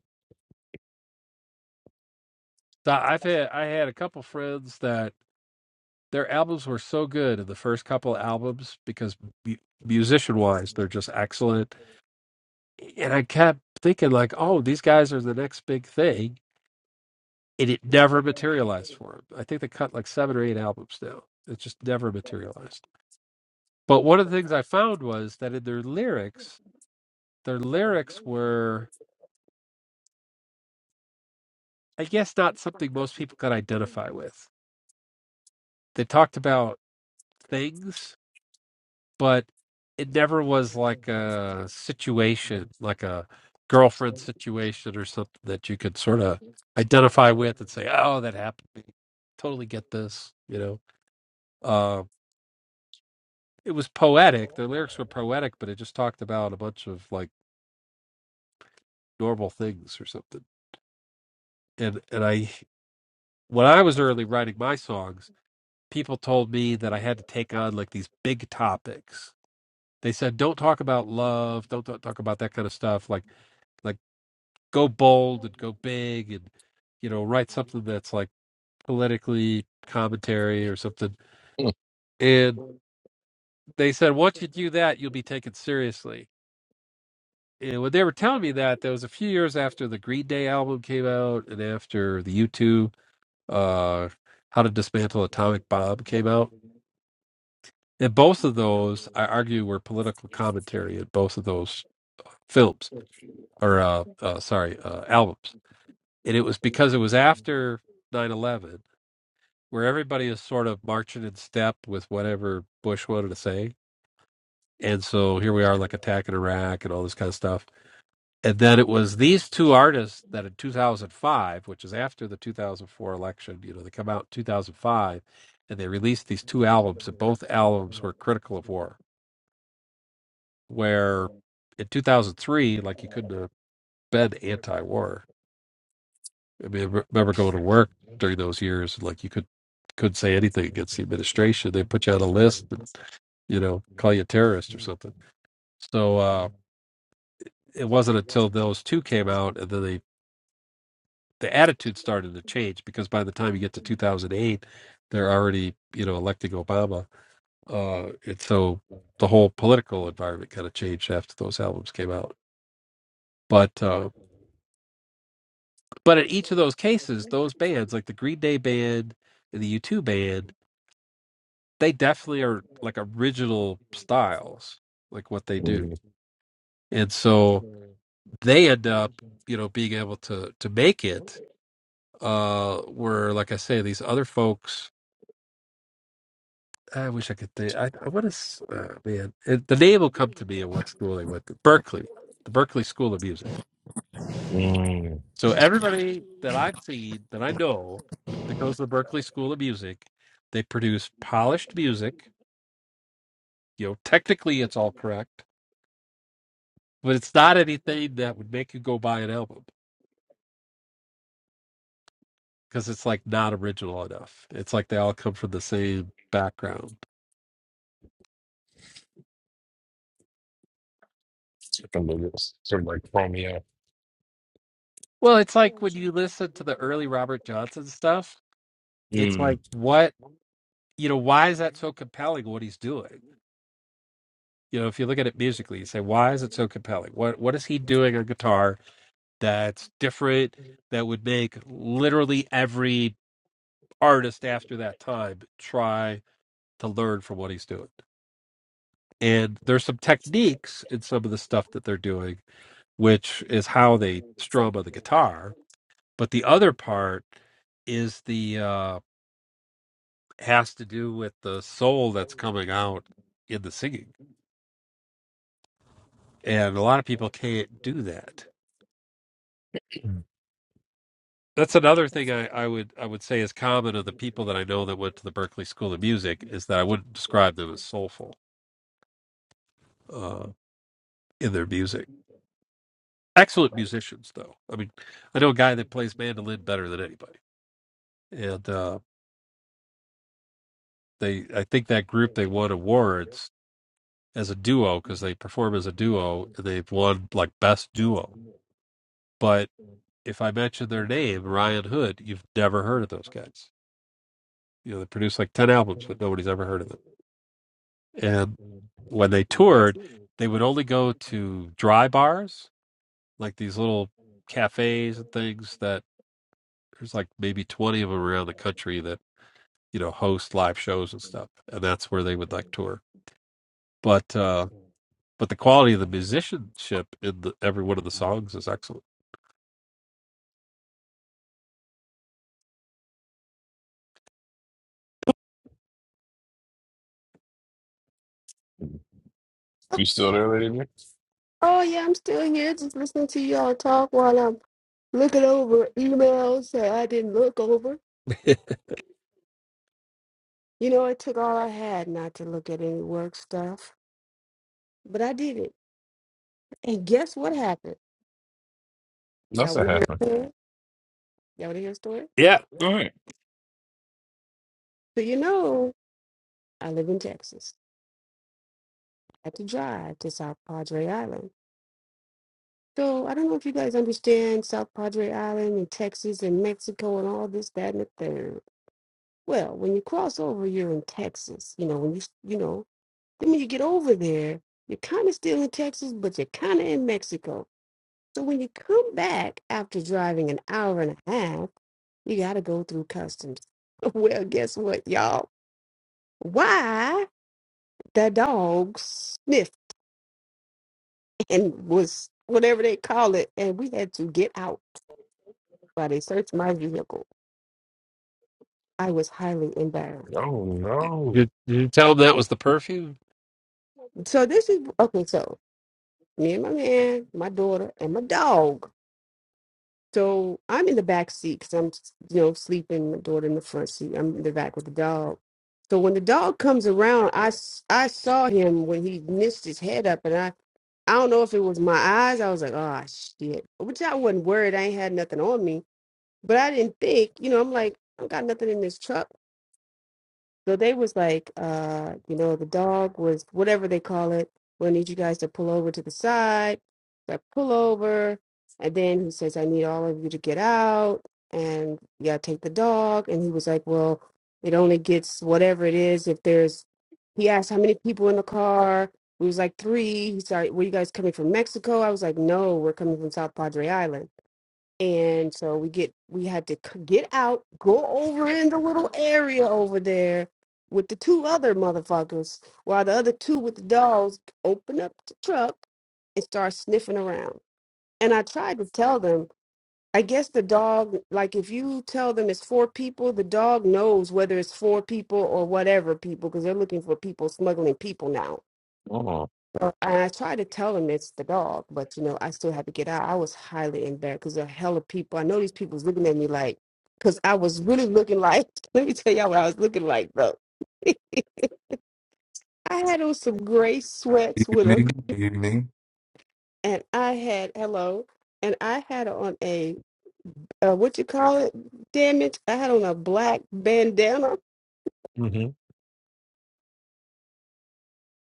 A: So I've had I had a couple friends that their albums were so good the first couple of albums because musician wise they're just excellent and i kept thinking like oh these guys are the next big thing and it never materialized for them i think they cut like seven or eight albums now it just never materialized but one of the things i found was that in their lyrics their lyrics were i guess not something most people could identify with they talked about things but it never was like a situation, like a girlfriend situation or something that you could sort of identify with and say, "Oh, that happened to me." Totally get this, you know. Uh, it was poetic. The lyrics were poetic, but it just talked about a bunch of like normal things or something. And and I, when I was early writing my songs, people told me that I had to take on like these big topics. They said, "Don't talk about love. Don't, don't talk about that kind of stuff." Like like go bold and go big and you know write something that's like politically commentary or something
C: Mm,
A: and they said once you do that you'll be taken seriously and when they were telling me that that was a few years after the green day album came out and after the u2 uh how to dismantle atomic bomb came out and both of those i argue were political commentary in both of those uh, films or uh, uh sorry uh albums and it was because it was after nine eleven. where everybody is sort of marching in step with whatever Bush wanted to say. And so here we are, like attacking Iraq and all this kind of stuff. And then it was these two artists that in 2005, which is after the 2004 election, you know, they come out in 2005 and they released these two albums, and both albums were critical of war. Where in 2003, like you couldn't have been anti war. I mean, I remember going to work during those years, and, like you could, couldn't say anything against the administration. They put you on a list and you know, call you a terrorist or something. So uh, it wasn't until those two came out and then they, the attitude started to change because by the time you get to 2008, they're already, you know, electing Obama. Uh, and so the whole political environment kind of changed after those albums came out. But uh, but in each of those cases, those bands like the Green Day band and the U2 band, they definitely are like original styles, like what they do.
C: mm,
A: And so they end up, you know, being able to to make it. Uh, where like I say, these other folks. I wish I could think. I, I want to, uh, man. It, the name will come to me at what school they went to. Berkeley, the Berkeley School of Music.
C: mm.
A: So everybody that I've seen that I know that goes to the Berkeley School of Music, they produce polished music. You know, technically it's all correct, but it's not anything that would make you go buy an album because it's like not original enough. It's like they all come from the same background
C: I can believe it. Sort of like Romeo.
A: Well, it's like when you listen to the early Robert Johnson stuff, it's
C: Mm.
A: like what you know, why is that so compelling what he's doing? You know, if you look at it musically, you say, why is it so compelling? What what is he doing on guitar that's different that would make literally every artist after that time try to learn from what he's doing? And there's some techniques in some of the stuff that they're doing, which is how they strum on the guitar. But the other part is the uh has to do with the soul that's coming out in the singing and a lot of people can't do that that's another thing I, I would i would say is common of the people that i know that went to the Berklee school of music is that i wouldn't describe them as soulful uh, in their music excellent musicians though i mean i know a guy that plays mandolin better than anybody and uh, they i think that group they won awards as a duo because they perform as a duo and they've won like best duo but. if I mention their name, Ryan Hood, you've never heard of those guys. You know, they produced like 10 albums, but nobody's ever heard of them. And when they toured, they would only go to dry bars, like these little cafes and things that there's like maybe 20 of them around the country that, you know, host live shows and stuff. And that's where they would like tour. But, uh, but the quality of the musicianship in the, every one of the songs is excellent.
C: You still there, lady? Nick?
B: Oh yeah, I'm still here, just listening to y'all talk while I'm looking over emails that I didn't look over. You know, it took all I had not to look at any work stuff, but I did it. And guess what happened? Y'all
C: Nothing
B: want to hear a
C: happened.
B: story? Y'all want to hear a story?
A: yeah.
C: All right.
B: So you know, I live in Texas. I had to drive to South Padre Island. So I don't know if you guys understand South Padre Island and Texas and Mexico and all this, that, and the third. Well, when you cross over, you're in Texas. You know, when you s- you know, then when you get over there, you're kind of still in Texas, but you're kind of in Mexico. So when you come back after driving an hour and a half, you got to go through customs. Well, guess what, y'all? Why the dog sniffed and was whatever they call it, and we had to get out while they searched my vehicle. I was highly embarrassed.
C: Oh no.
A: Did, did you tell them that was the perfume?
B: So this is okay. So me and my man, my daughter, and my dog. So I'm in the back seat because I'm, you know, sleeping. My daughter in the front seat. I'm in the back with the dog. So when the dog comes around, I, s- I saw him when he missed his head up, and I I don't know if it was my eyes. I was like, oh shit, which I wasn't worried. I ain't had nothing on me, but I didn't think, you know, I'm like, I don't got nothing in this truck. So they was like, uh, you know, the dog was whatever they call it. We need you guys to pull over to the side. So I pull over, and then he says, I need all of you to get out, and yeah, take the dog. And he was like, well, it only gets whatever it is if there's. He asked how many people in the car. We was like three. He said, were you guys coming from Mexico? I was like, no, we're coming from South Padre Island and so we get we had to c- get out go over in the little area over there with the two other motherfuckers while the other two with the dogs open up the truck and start sniffing around and i tried to tell them i guess the dog like if you tell them it's four people the dog knows whether it's four people or whatever people because they're looking for people smuggling people now
C: Oh.
B: so and I tried to tell him it's the dog, but you know, I still had to get out. I was highly embarrassed because a hell of people. I know these people was looking at me like, because I was really looking like. Let me tell y'all what I was looking like though. I had on some gray sweats with a,
D: evening evening.
B: and I had hello, and I had on a uh, what you call it? Damn it! I had on a black bandana,
C: Mm-hmm.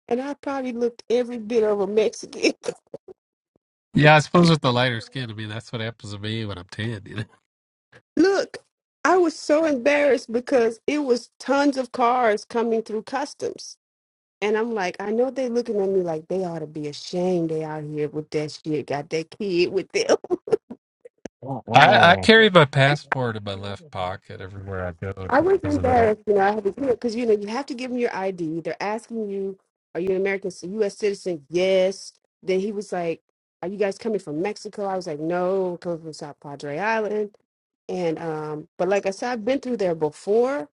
B: and I probably looked every bit of a Mexican.
A: Yeah, I suppose with the lighter skin, I mean that's what happens to me when I'm tan. You know,
B: Look, I was so embarrassed because it was tons of cars coming through customs And I'm like, I know they looking at me like they ought to be ashamed they out here with that shit, got that kid with them.
C: Oh.
A: I, I
C: Oh.
A: carry my passport in my left pocket everywhere I go
B: I was
A: because of that.
B: embarrassed, you know, I had to, do it because, you know, 'cause, you know, you have to give them your ID. They're asking you, are you an American, c- U.S. citizen? Yes. Then he was like, are you guys coming from Mexico? I was like, no, I'm coming from South Padre Island. And, um, but like I said, I've been through there before.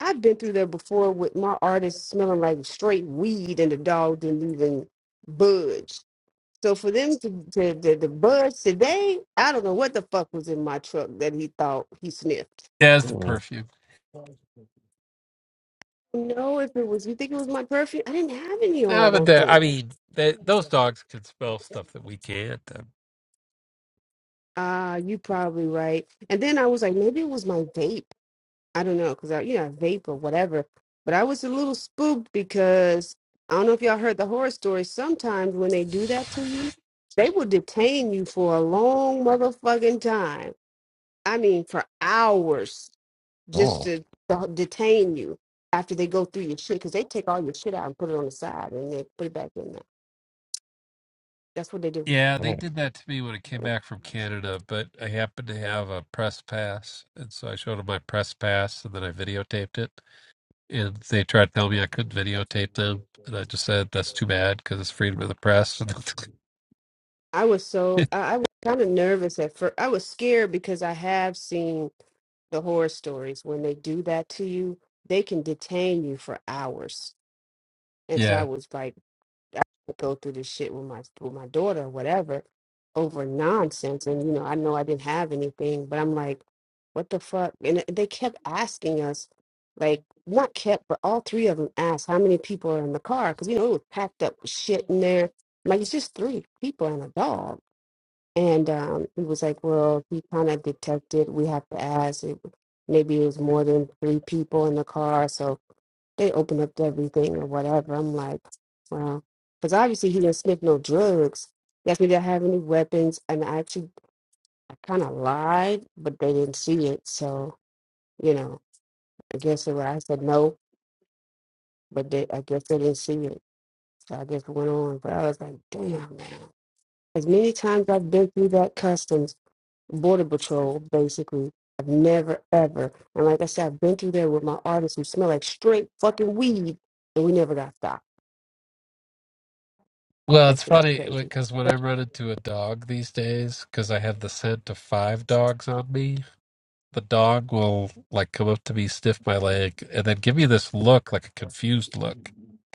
B: I've been through there before with my artist smelling like straight weed and the dog didn't even budge. So for them to, to the, the buds today, I don't know what the fuck was in my truck that he thought he sniffed.
A: Yeah, it's the
C: Oh.
A: perfume.
B: No, if it was, you think it was my perfume? I didn't have any on.
A: Yeah,
B: I
A: but
B: don't
A: the, I
B: think.
A: mean, they, those dogs can smell stuff that we can't. Um,
B: Ah, you probably right. And then I was like, maybe it was my vape. I don't know, cause I, you know, I vape or whatever. But I was a little spooked because I don't know if y'all heard the horror story. Sometimes when they do that to you, they will detain you for a long motherfucking time. I mean, for hours just
C: oh. oh.
B: to, to detain you after they go through your shit because they take all your shit out and put it on the side and they put it back in there. That's what they do.
A: yeah, they did that to me when I came back from Canada, but I happened to have a press pass, and so I showed them my press pass, and then I videotaped it. And they tried to tell me I couldn't videotape them, and I just said that's too bad because it's freedom of the press.
B: I was so I, I was kind of nervous at first. I was scared because I have seen the horror stories when they do that to you. They can detain you for hours, and so
A: yeah,
B: I was like. would go through this shit with my with my daughter or whatever over nonsense and you know I know I didn't have anything but I'm like what the fuck and they kept asking us like not kept but all three of them asked how many people are in the car because you know it was packed up with shit in there like it's just three people and a dog and um he was like well he kind of detected we have to ask it maybe it was more than three people in the car so they open up everything or whatever. I'm like, wow. Because obviously he didn't sniff no drugs. Yes, He asked me, did I have any weapons? And I actually, I kind of lied, but they didn't see it. So, you know, I guess it was, I said no, but they, I guess they didn't see it. So I just went on. But I was like, damn, man. As many times I've been through that customs, border patrol, basically, I've never, ever. And like I said, I've been through there with my artists who smell like straight fucking weed, and we never got stopped.
A: Well,
B: That
A: it's
B: shit was
A: funny
B: crazy.
A: because when I run into a dog these days, because I have the scent of five dogs on me, the dog will like come up to me, sniff my leg, and then give me this look, like a confused look.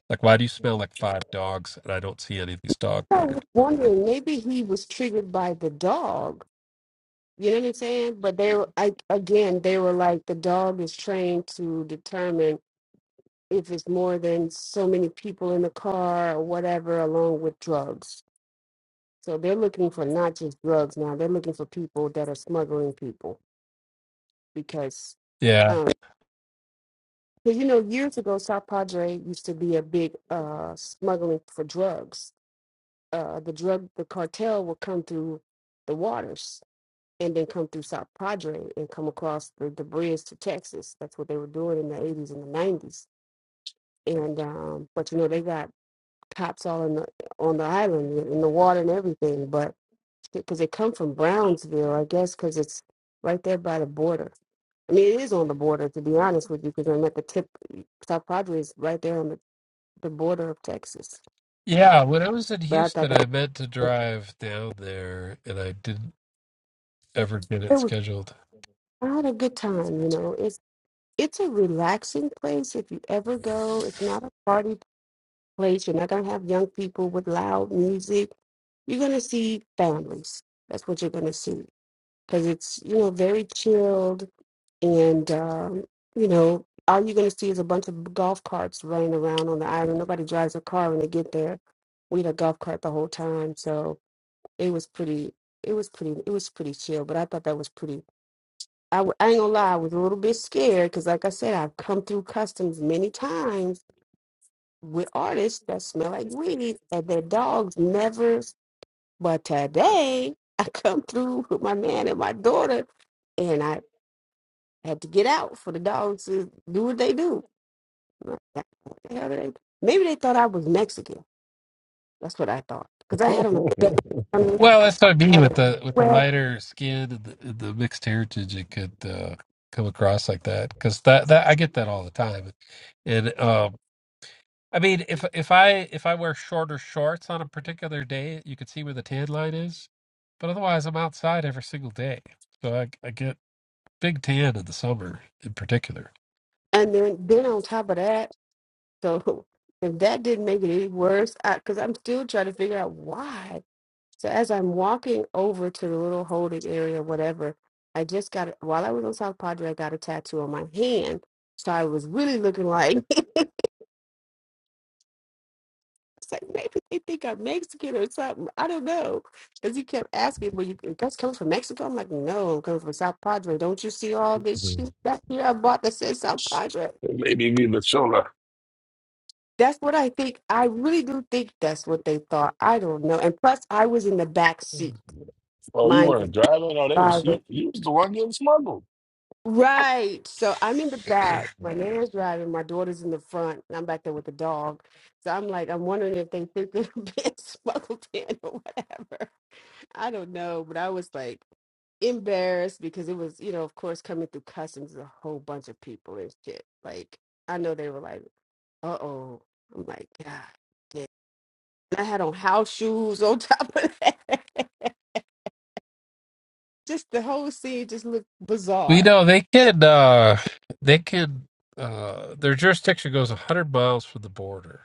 A: Like, why do you smell like five dogs and I don't see any of these dogs
B: I
A: here?
B: was wondering, maybe he was triggered by the dog. You know what I'm saying? But they were, I, again, they were like, the dog is trained to determine if it's more than so many people in the car or whatever, along with drugs. So they're looking for not just drugs now, they're looking for people that are smuggling people because,
A: Yeah.
B: um, because you know, years ago, South Padre used to be a big uh, smuggling for drugs. Uh, the drug, the cartel would come through the waters and then come through South Padre and come across the, the bridge to Texas. That's what they were doing in the eighties and the nineties. And um, but you know they got cops all in the on the island in the water and everything. But because they come from Brownsville, I guess because it's right there by the border. I mean, it is on the border to be honest with you, because I'm at the tip. South Padre is right there on the, the border of Texas.
A: Yeah. When I was in
B: But I thought
A: Houston,
B: that
A: I meant to drive down there and I didn't ever get it
B: it was
A: scheduled.
B: not a good time. You know, it's it's a relaxing place if you ever go. It's not a party place, you're not going to have young people with loud music. You're going to see families. That's what you're going to see because it's, you know, very chilled. And, um, you know, all you're going to see is a bunch of golf carts running around on the island. Nobody drives a car when they get there. We had a golf cart the whole time. So it was pretty, it was pretty, it was pretty chill. But I thought that was pretty. I, w- I ain't gonna lie, I was a little bit scared because, like I said, I've come through customs many times with artists that smell like weed and their dogs never. But today I come through with my man and my daughter, and I had to get out for the dogs to do what they do. I'm like, "God, What the hell are they? Maybe they thought I was Mexican. That's what I thought because I had on a bandana,
A: Well, that's what I mean
B: out
A: with
B: of
A: the with the
B: sweat,
A: lighter skin and the, and the mixed heritage, it could uh, come across like that because that that I get that all the time, and um, I mean if if I if I wear shorter shorts on a particular day, you could see where the tan line is, but otherwise I'm outside every single day, so I I get big tan in the summer in particular.
B: and then then on top of that, so if that didn't make it any worse, because I'm still trying to figure out why. So as I'm walking over to the little holding area, whatever, I just got while I was on South Padre, I got a tattoo on my hand. So I was really looking like it's like maybe they think I'm Mexican or something. I don't know. Because he kept asking, Well, you that's coming from Mexico? I'm like, No, I'm coming from South Padre. Don't you see all this
C: Mhm.
B: shit back here I bought that says South Padre?
C: Maybe you need the shoulder.
B: That's what I think. I really do think that's what they thought. I don't know. And plus I was in the back seat,
C: Oh, you
B: mind you.
C: weren't driving? Oh, they was
B: driving.
C: you, you was the one getting smuggled.
B: Right. So I'm in the back. My nana's driving. My daughter's in the front. And I'm back there with the dog. So I'm like, I'm wondering if they think they're being smuggled in or whatever. I don't know. But I was like embarrassed because it was, you know, of course, coming through customs, a whole bunch of people and shit. Like, I know they were like, uh oh. I'm like, God. damn." And I had on house shoes on top of that. just the whole scene just looked
A: Well, you
B: bizarre.
A: know they can uh, they can uh, their jurisdiction goes hundred miles from the border,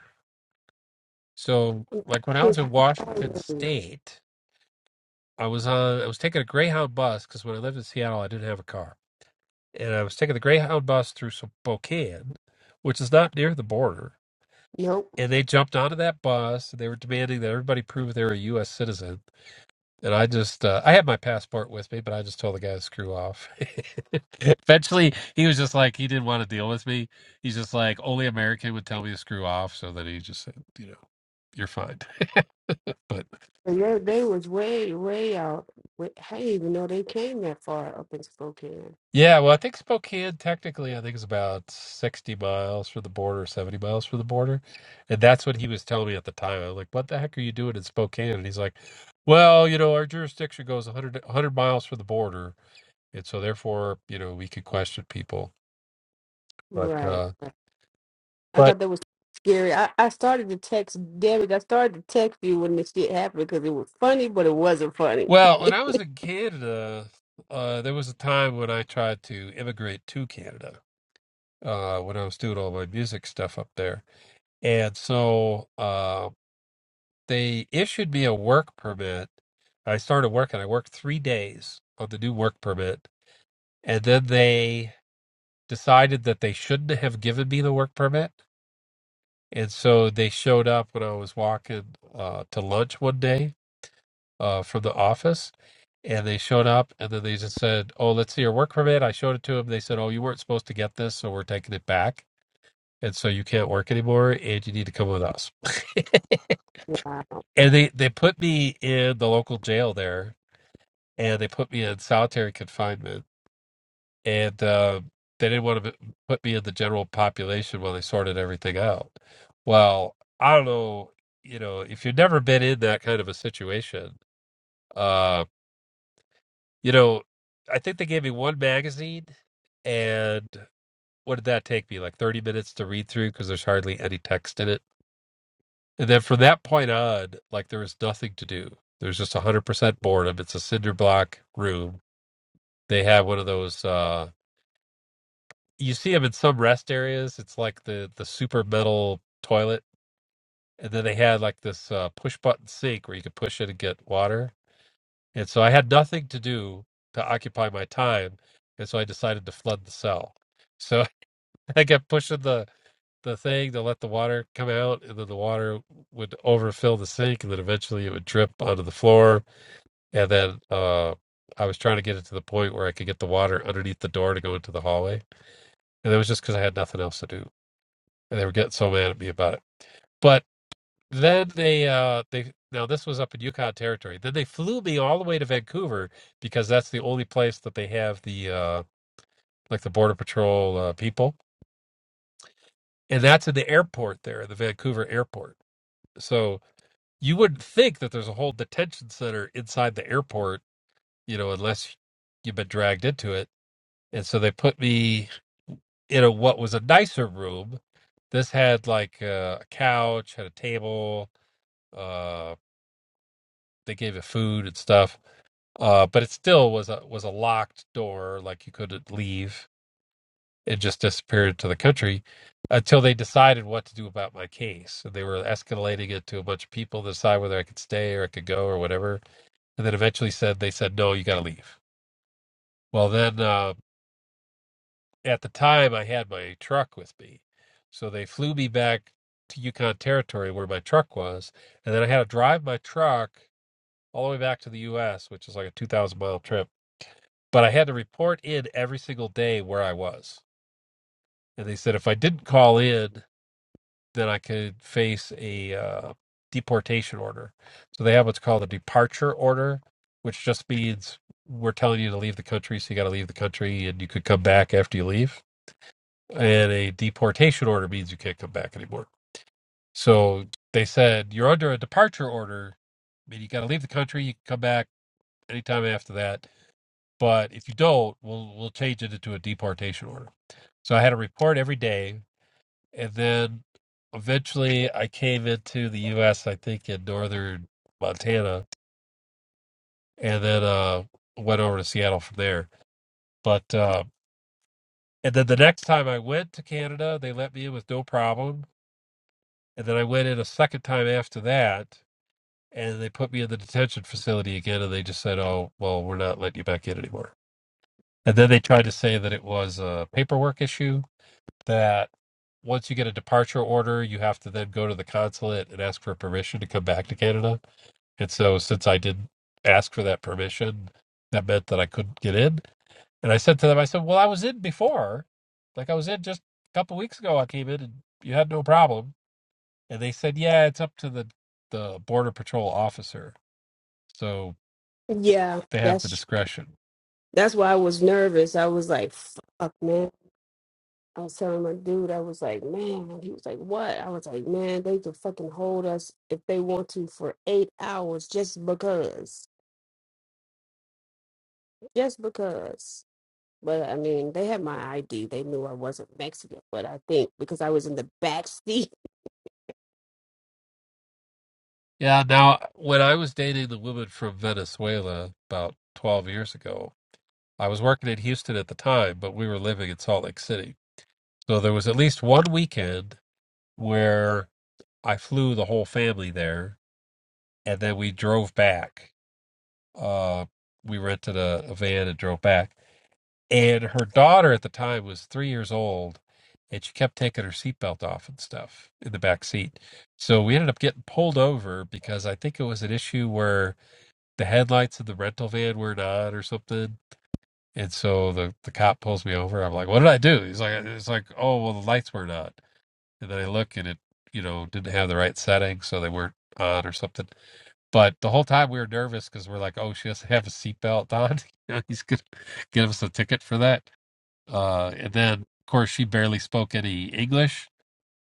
A: so like when I was in Washington State. I was uh I was taking a Greyhound bus because when I lived in Seattle, I didn't have a car, and I was taking the Greyhound bus through Spokane, which is not near the border.
B: Nope.
A: And they jumped onto that bus. And they were demanding that everybody prove they were a U.S. citizen. And I just uh, I had my passport with me, but I just told the guy to screw off. Eventually, he was just like he didn't want to deal with me. He's just like only American would tell me to screw off, so then he just said, you know, you're fine. but
B: And they, they was way, way out. Wa- I didn't even know they came that far up in Spokane.
A: Yeah, well, I think Spokane technically, I think it's about 60 miles from the border, 70 miles from the border. And that's what he was telling me at the time. I was like, what the heck are you doing in Spokane? And he's like, well, you know, our jurisdiction goes 100, 100 miles from the border. And so therefore, you know, we could question people. But,
B: Right.
A: uh,
B: I
A: but,
B: thought that was scary. I, I started to text, damn it, I started to text you when this shit happened because it was funny, but it wasn't funny.
A: well, when I was in Canada, uh, there was a time when I tried to immigrate to Canada, uh, when I was doing all my music stuff up there. And so, um, They issued me a work permit. I started working. I worked three days on the new work permit. And then they decided that they shouldn't have given me the work permit. And so they showed up when I was walking uh, to lunch one day uh, from the office. And they showed up and then they just said, Oh, let's see your work permit. I showed it to them. They said, Oh, you weren't supposed to get this. So we're taking it back. And so you can't work anymore and you need to come with us.
B: Wow.
A: and they they put me in the local jail there and they put me in solitary confinement. And uh, they didn't want to put me in the general population while they sorted everything out. Well, I don't know, you know, if you've never been in that kind of a situation, uh, you know, I think they gave me one magazine, and what did that take me? Like 30 minutes to read through because there's hardly any text in it. And then from that point on, like there was nothing to do. There's just 100% boredom. It's a cinder block room. They have one of those. Uh, you see them in some rest areas. It's like the the super metal toilet, and then they had like this uh, push button sink where you could push it and get water. And so I had nothing to do to occupy my time, and so I decided to flood the cell. So I kept pushing the the thing to let the water come out, and then the water would overfill the sink, and then eventually it would drip onto the floor. And then uh, I was trying to get it to the point where I could get the water underneath the door to go into the hallway, and that was just because I had nothing else to do. and they were getting so mad at me about it. But then they uh they now this was up in Yukon territory. Then they flew me all the way to Vancouver because that's the only place that they have the uh like the border patrol uh, people, and that's in the airport there, the Vancouver airport. So you wouldn't think that there's a whole detention center inside the airport, you know, unless you've been dragged into it. And so they put me in a what was a nicer room. This had like uh, a couch, had a table, uh they gave it food and stuff. Uh, but it still was a was a locked door, like you couldn't leave. It just disappeared to the country until they decided what to do about my case. So they were escalating it to a bunch of people to decide whether I could stay or I could go or whatever. And then eventually said they said no, you got to leave. Well, then uh, at the time I had my truck with me, so they flew me back to Yukon territory where my truck was, and then I had to drive my truck all the way back to the U.S., which is like a two thousand mile trip but I had to report in every single day where I was. And they said if I didn't call in, then I could face a uh, deportation order. So they have what's called a departure order, which just means we're telling you to leave the country, so you got to leave the country, and you could come back after you leave. And a deportation order means you can't come back anymore. So they said you're under a departure order, I mean you got to leave the country. You can come back anytime after that But if you don't, we'll we'll change it into a deportation order. So I had a report every day, and then eventually I came into the U.S. I think in northern Montana, and then uh, went over to Seattle from there. But uh, and then the next time I went to Canada, they let me in with no problem. And then I went in a second time after that, and they put me in the detention facility again, and they just said, "Oh, well, we're not letting you back in anymore." And then they tried to say that it was a paperwork issue, that once you get a departure order, you have to then go to the consulate and ask for permission to come back to Canada. And so, since I didn't ask for that permission, that meant that I couldn't get in. And I said to them, I said, Well, I was in before. Like, I was in just a couple of weeks ago. I came in and you had no problem. And they said, Yeah, it's up to the, the Border Patrol officer. So
B: Yeah,
A: they have the
B: that's
A: discretion.
B: that's why I was nervous. I was like, fuck, man. I was telling my dude, I was like, man, he was like, what? I was like, man, they could fucking hold us if they want to for eight hours just because. Just because. But I mean, they had my ID. They knew I wasn't Mexican. But I think because I was in the back seat,
A: Yeah. Now, when I was dating the woman from Venezuela about 12 years ago, I was working in Houston at the time, but we were living in Salt Lake City. So there was at least one weekend where I flew the whole family there, and then we drove back. Uh, we rented a, a van and drove back. And her daughter at the time was three years old, and she kept taking her seatbelt off and stuff in the back seat. So we ended up getting pulled over because I think it was an issue where the headlights of the rental van weren't on or something And so the, the cop pulls me over. I'm like, what did I do? He's like, it's like, oh, well, the lights weren't on. And then I look and it, you know, didn't have the right setting. So they weren't on or something. But the whole time we were nervous because we're like, oh, she doesn't have a seatbelt on. You know, He's going to give us a ticket for that. Uh, and then, of course, she barely spoke any English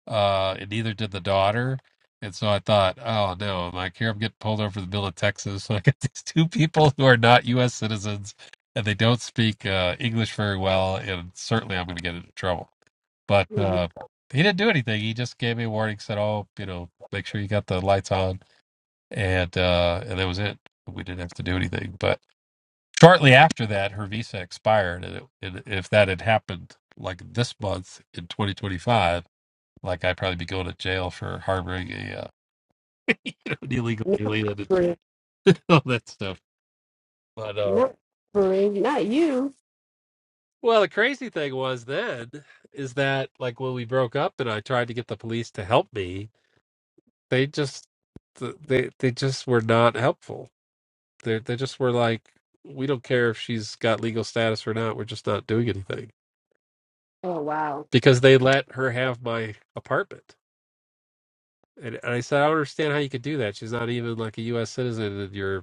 A: uh, and neither did the daughter. And so I thought, oh no, I'm like, here I'm getting pulled over for the bill of Texas. So I got these two people who are not U.S. citizens and they don't speak uh, English very well, and certainly I'm going to get into trouble. But uh, he didn't do anything. He just gave me a warning, said, oh, you know, make sure you got the lights on, and uh, and that was it. We didn't have to do anything. But shortly after that, her visa expired, and, it, and if that had happened like this month in 2025 like I'd probably be going to jail for harboring a uh, an illegal
B: Not
A: alien and
B: numbering,
A: all that stuff. But uh,
B: not Brie, not you.
A: well, the crazy thing was then is that like when we broke up and I tried to get the police to help me, they just th- they they just were not helpful. They they just were like, we don't care if she's got legal status or not. We're just not doing anything
B: Oh wow,
A: because they let her have my apartment. And, and I said, I don't understand how you could do that. She's not even like a U.S. citizen, and you're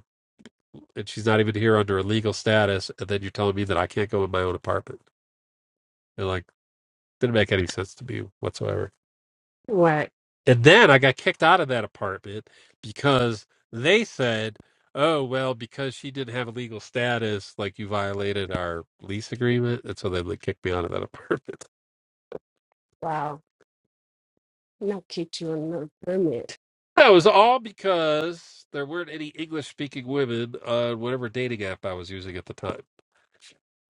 A: and she's not even here under a legal status, and then you're telling me that I can't go in my own apartment. And like, didn't make any sense to me whatsoever.
B: right,
A: And then I got kicked out of that apartment because they said, "Oh well, because she didn't have a legal status, like you violated our lease agreement," and so they like, kicked me out of that apartment.
B: wow. Not kicked you on the permit.
A: That was all because there weren't any English speaking women on whatever dating app I was using at the time.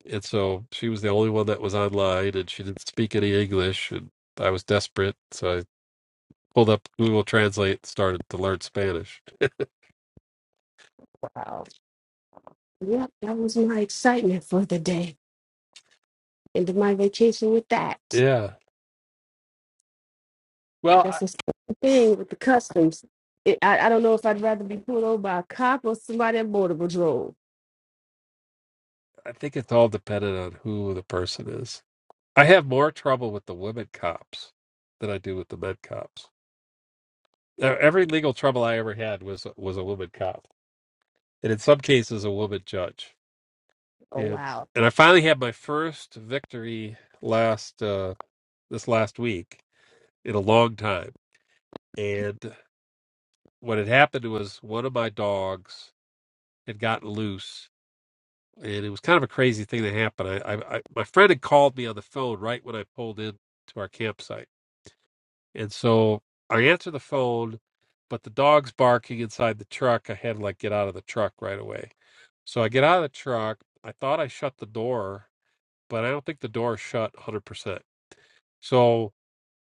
A: and so she was the only one that was online and she didn't speak any english and i was desperate so i pulled up google translate and started to learn spanish
B: Wow. Yep, that was my excitement for the day. Ended my vacation with that.
A: yeah well
B: That's
A: i,
B: the same thing with the customs. It, I, I don't know if I'd rather be pulled over by a cop or somebody at Border Patrol.
A: I think it's all dependent on who the person is i have more trouble with the women cops than i do with the men cops E- every legal trouble i ever had was was a woman cop and in some cases a woman judge
B: Oh,
A: and
B: wow.
A: and i finally had my first victory last uh this last week in a long time and. what had happened was one of my dogs had gotten loose, and it was kind of a crazy thing that happened. I, I, I my friend had called me on the phone right when I pulled in to our campsite, and so I answer the phone, but the dog's barking inside the truck. I had to like get out of the truck right away. So I get out of the truck. I thought I shut the door, but I don't think the door shut 100%. So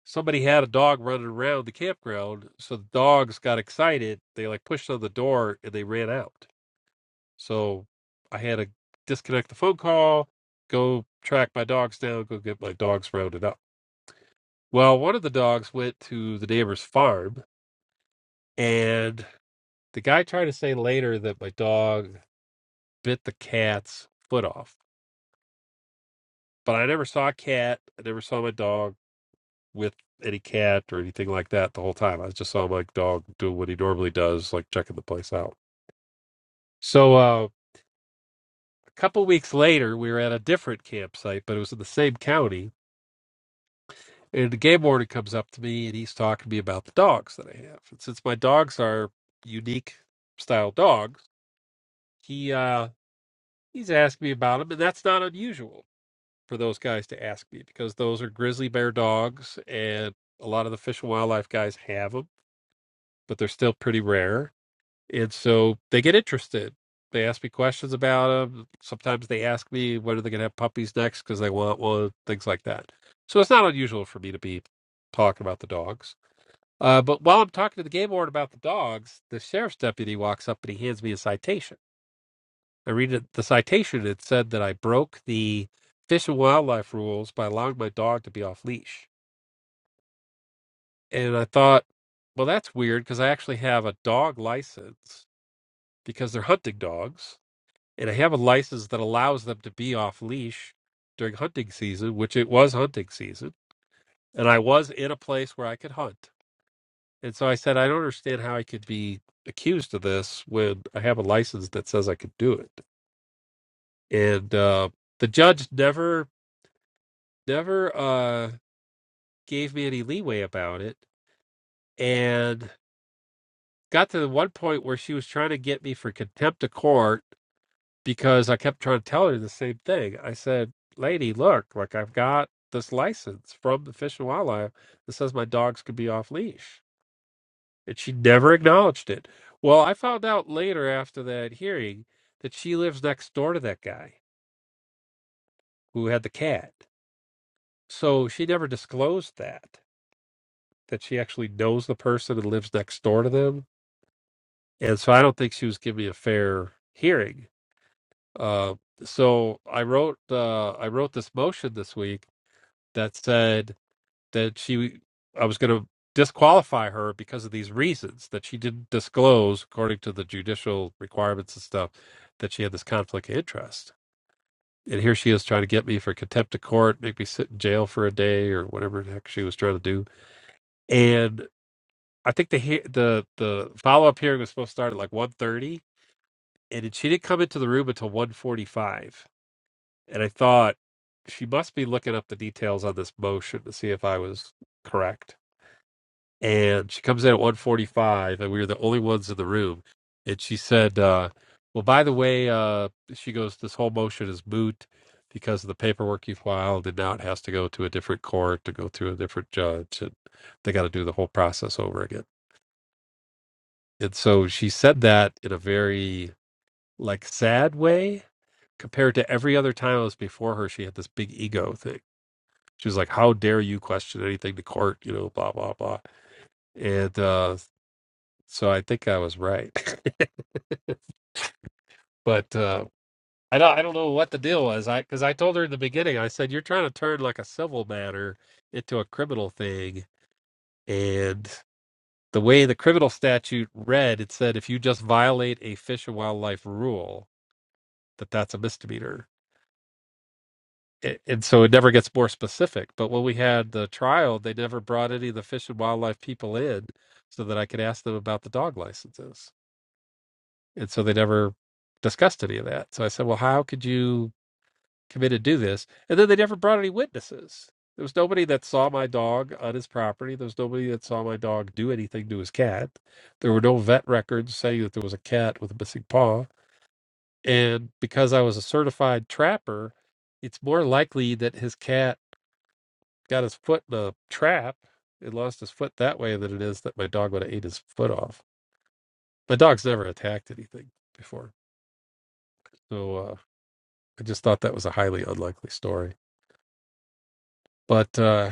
A: somebody had a dog running around the campground. So the dogs got excited. They like pushed on the door and they ran out. So I had to disconnect the phone call, go track my dogs down, go get my dogs rounded up. Well, one of the dogs went to the neighbor's farm, and the guy tried to say later that my dog bit the cat's foot off. But I never saw a cat. I never saw my dog with any cat or anything like that the whole time. I just saw my dog doing what he normally does, like checking the place out. So uh, a couple weeks later, we were at a different campsite, but it was in the same county And the game warden comes up to me and he's talking to me about the dogs that I have. And since my dogs are unique style dogs, he uh, he's asked me about them, and that's not unusual for those guys to ask me because those are grizzly bear dogs, and a lot of the fish and wildlife guys have them, but they're still pretty rare. And so they get interested. They ask me questions about them. Sometimes they ask me when are they going to have puppies next because they want one, things like that. So it's not unusual for me to be talking about the dogs Uh, but while I'm talking to the game warden about the dogs, the sheriff's deputy walks up and he hands me a citation. I read it, the citation. It said that I broke the fish and wildlife rules by allowing my dog to be off leash. And I thought, well, that's weird because I actually have a dog license because they're hunting dogs. And I have a license that allows them to be off leash during hunting season, which it was hunting season. And I was in a place where I could hunt. And so I said, I don't understand how I could be accused of this when I have a license that says I could do it. And uh, the judge never, never uh, gave me any leeway about it. And got to the one point where she was trying to get me for contempt of court because I kept trying to tell her the same thing. I said, Lady, look, like I've got this license from the Fish and Wildlife that says my dogs could be off leash and she never acknowledged it. Well, I found out later after that hearing that she lives next door to that guy who had the cat. So she never disclosed that, that she actually knows the person and lives next door to them. And so I don't think she was giving me a fair hearing. Uh, so I wrote uh, I wrote this motion this week that said that she I was going to disqualify her because of these reasons that she didn't disclose according to the judicial requirements and stuff that she had this conflict of interest. And here she is trying to get me for contempt of court, make me sit in jail for a day or whatever the heck she was trying to do. And I think the he- the the follow up hearing was supposed to start at like one thirty, and it- she didn't come into the room until one forty five. And I thought she must be looking up the details on this motion to see if I was correct and she comes in at 145 and we were the only ones in the room and she said uh, well by the way uh, she goes this whole motion is moot because of the paperwork you filed and now it has to go to a different court to go through a different judge and they got to do the whole process over again and so she said that in a very like sad way compared to every other time i was before her she had this big ego thing she was like how dare you question anything to court you know blah blah blah and uh So I think I was right. but uh, I don't I don't know what the deal was. I because I told her in the beginning, I said you're trying to turn like a civil matter into a criminal thing, and the way the criminal statute read, it said if you just violate a fish and wildlife rule, that that's a misdemeanor. A- And so it never gets more specific. But when we had the trial, they never brought any of the fish and wildlife people in so that I could ask them about the dog licenses. And so they never discussed any of that. So I said, well, how could you commit to do this? And then they never brought any witnesses. There was nobody that saw my dog on his property. There was nobody that saw my dog do anything to his cat. There were no vet records saying that there was a cat with a missing paw. And because I was a certified trapper, it's more likely that his cat got his foot in a trap and lost his foot that way than it is that my dog would have ate his foot off. My dog's never attacked anything before. So, uh, I just thought that was a highly unlikely story. But uh,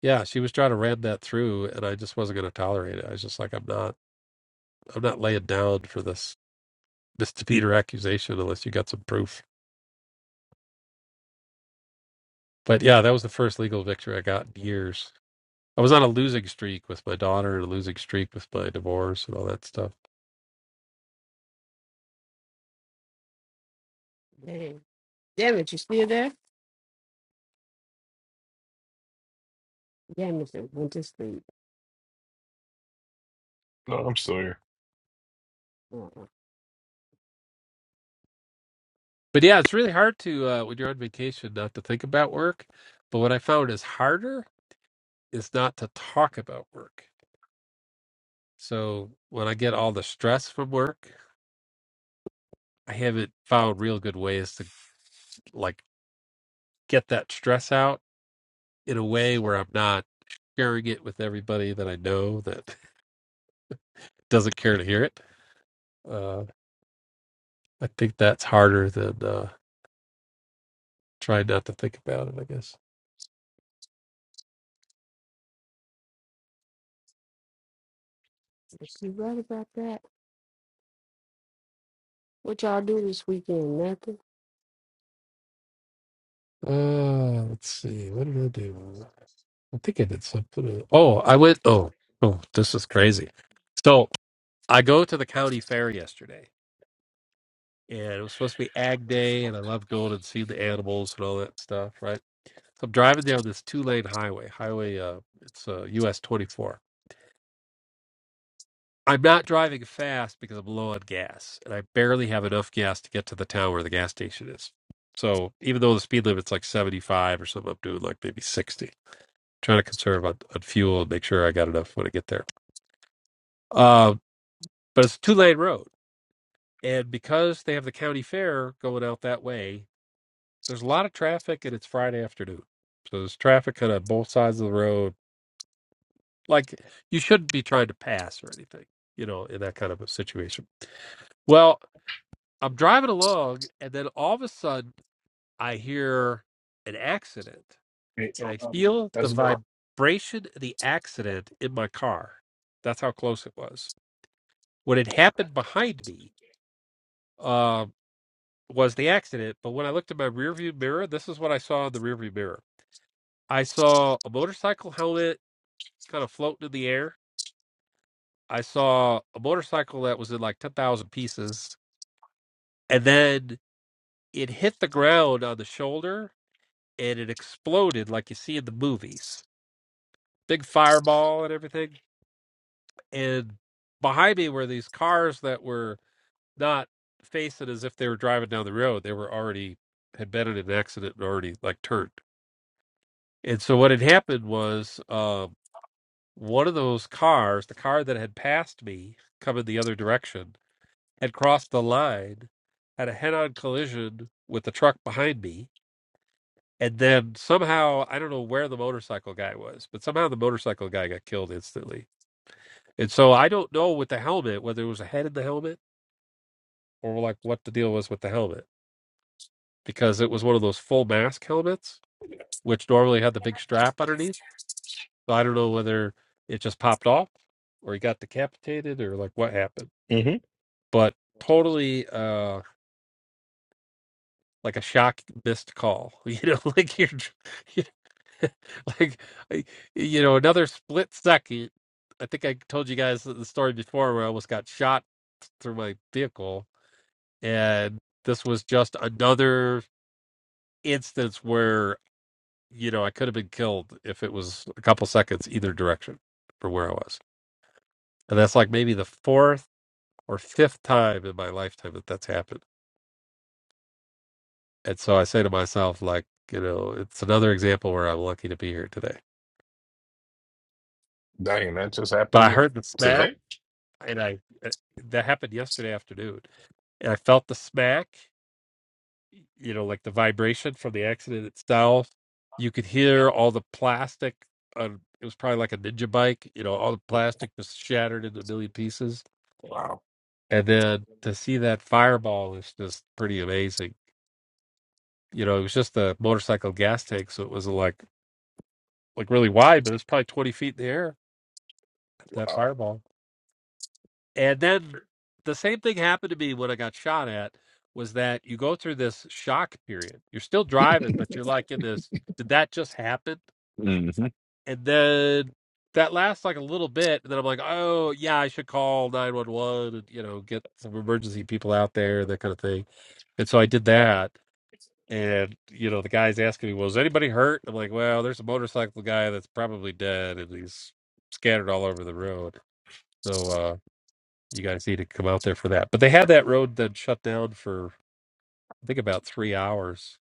A: yeah, she was trying to ram that through, and I just wasn't going to tolerate it. I was just like, I'm not, I'm not laying down for this misdemeanor accusation unless you got some proof. But yeah, that was the first legal victory I got in years. I was on a losing streak with my daughter and a losing streak with my divorce and all that stuff.
B: Damn. Damn it, you still there? Damn it, it went to sleep.
C: No, I'm still here.
B: Uh-uh.
A: But yeah, it's really hard to uh, when you're on vacation not to think about work. But what I found is harder is not to talk about work. So when I get all the stress from work I have it found real good ways to like get that stress out in a way where I'm not sharing it with everybody that I know that doesn't care to hear it. Uh, I think that's harder than uh, trying not to think about it. I guess.
B: You right about that? What y'all do this weekend? Nothing.
A: Uh, let's see. What did I do? I think I did something. Oh, I went. Oh, oh, this is crazy. So I go to the county fair yesterday And it was supposed to be Ag Day, and I love going and seeing the animals and all that stuff, right? So I'm driving down this two lane highway, highway, uh, it's uh, US 24. I'm not driving fast because I'm low on gas, and I barely have enough gas to get to the town where the gas station is. So even though the speed limit's like 75 or something, I'm doing like maybe 60, trying to conserve on, on fuel and make sure I got enough when I get there. Uh, but it's a two lane road. And because they have the county fair going out that way, there's a lot of traffic and it's Friday afternoon. So there's traffic kind of both sides of the road. Like you shouldn't be trying to pass or anything, you know, in that kind of a situation. Well, I'm driving along and then all of a sudden I hear an accident and I feel the vibration of the accident in my car. That's how close it was. What had happened behind me uh, was the accident. But when I looked at my rearview mirror, this is what I saw in the rearview mirror. I saw a motorcycle helmet kind of floating in the air. I saw a motorcycle that was in like 10,000 pieces. And then it hit the ground on the shoulder and it exploded like you see in the movies. Big fireball and everything. And behind me were these cars that were not facing as if they were driving down the road. They were already, had been in an accident and already like turned. And so what had happened was um, one of those cars, the car that had passed me coming the other direction, had crossed the line, had a head on collision with the truck behind me. And then somehow, I don't know where the motorcycle guy was, but somehow the motorcycle guy got killed instantly. And so I don't know with the helmet whether it was a head in the helmet or like what the deal was with the helmet because it was one of those full mask helmets, which normally had the big strap underneath. So I don't know whether it just popped off or he got decapitated or like what happened.
C: Mm-hmm.
A: But totally uh like a shock missed call. You know, like you're like I- you know another split second i think i told you guys the story before where i almost got shot through my vehicle and this was just another instance where you know i could have been killed if it was a couple seconds either direction for where i was and that's like maybe the fourth or fifth time in my lifetime that that's happened and so i say to myself like you know it's another example where i'm lucky to be here today
C: Dang, that just
A: but i
C: happened
A: heard the smack
C: today?
A: and I uh, that happened yesterday afternoon. And I felt the smack, you know, like the vibration from the accident itself. You could hear all the plastic. On, it was probably like a ninja bike, you know, all the plastic was shattered into a million pieces.
C: Wow.
A: And then to see that fireball is just pretty amazing. You know, it was just a motorcycle gas tank, so it was like like really wide, but it was probably twenty feet in the air. That
C: Wow.
A: fireball. And then the same thing happened to me when I got shot at was that you go through this shock period. You're still driving, but you're like in this, did that just happen?
C: Mm-hmm.
A: And then that lasts like a little bit. And then I'm like, oh, yeah, I should call 911 and, you know, get some emergency people out there, that kind of thing. And so I did that. And, you know, the guy's asking me, well, is anybody hurt? I'm like, well, there's a motorcycle guy that's probably dead and he's scattered all over the road. So, uh, you guys need to come out there for that. But they had that road then shut down for I think about three hours,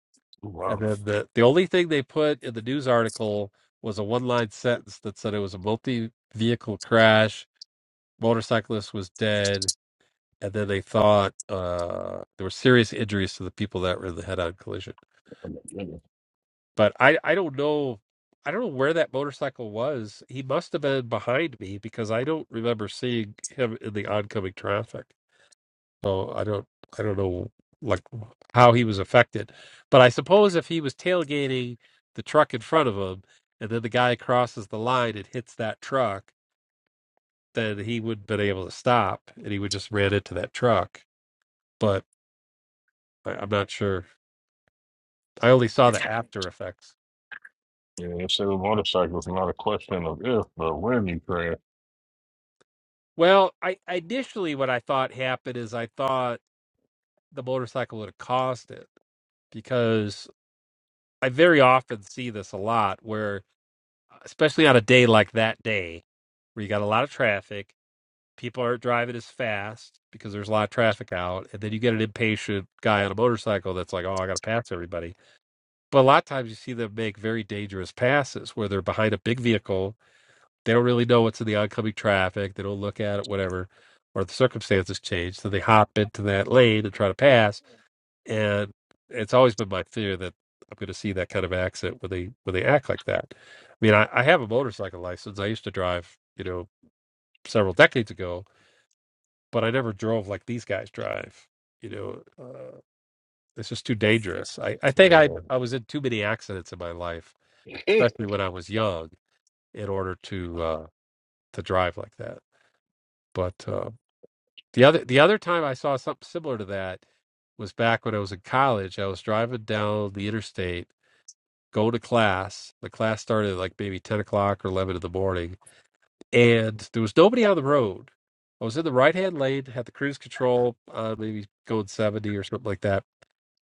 A: and
C: Wow.
A: then the the only thing they put in the news article was a one line sentence that said it was a multi vehicle crash, motorcyclist was dead, and then they thought uh, there were serious injuries to the people that were in the head on collision. But I I don't know. I don't know where that motorcycle was. He must have been behind me because I don't remember seeing him in the oncoming traffic. So I don't I don't know like how he was affected, but I suppose if he was tailgating the truck in front of him and then the guy crosses the line and hits that truck, then he would have been able to stop and he would just ran into that truck. But I, I'm not sure. I only saw the after effects.
C: Yeah, it's a motorcycle. motorcycles, not a question of if, but when you crash.
A: Well, I initially what I thought happened is I thought the motorcycle would have caused it because I very often see this a lot where especially on a day like that day where you got a lot of traffic, people aren't driving as fast because there's a lot of traffic out, and then you get an impatient guy on a motorcycle that's like, "Oh, I got to pass everybody." But a lot of times you see them make very dangerous passes where they're behind a big vehicle, they don't really know what's in the oncoming traffic, they don't look at it, whatever, or the circumstances change, so they hop into that lane and try to pass and it's always been my fear that I'm going to see that kind of accident when they when they act like that. I mean, I, I have a motorcycle license. I used to drive, you know, several decades ago, but I never drove like these guys drive. You know, uh, it's just too dangerous. I, I think I I was in too many accidents in my life,
C: Yeah.
A: especially when I was young, in order to uh, to drive like that. But uh, the other the other time I saw something similar to that was back when I was in college. I was driving down the interstate go to class. The class started at like maybe 10 o'clock or 11 in the morning. And there was nobody on the road. I was in the right hand lane, had the cruise control, uh, maybe going 70 or something like that.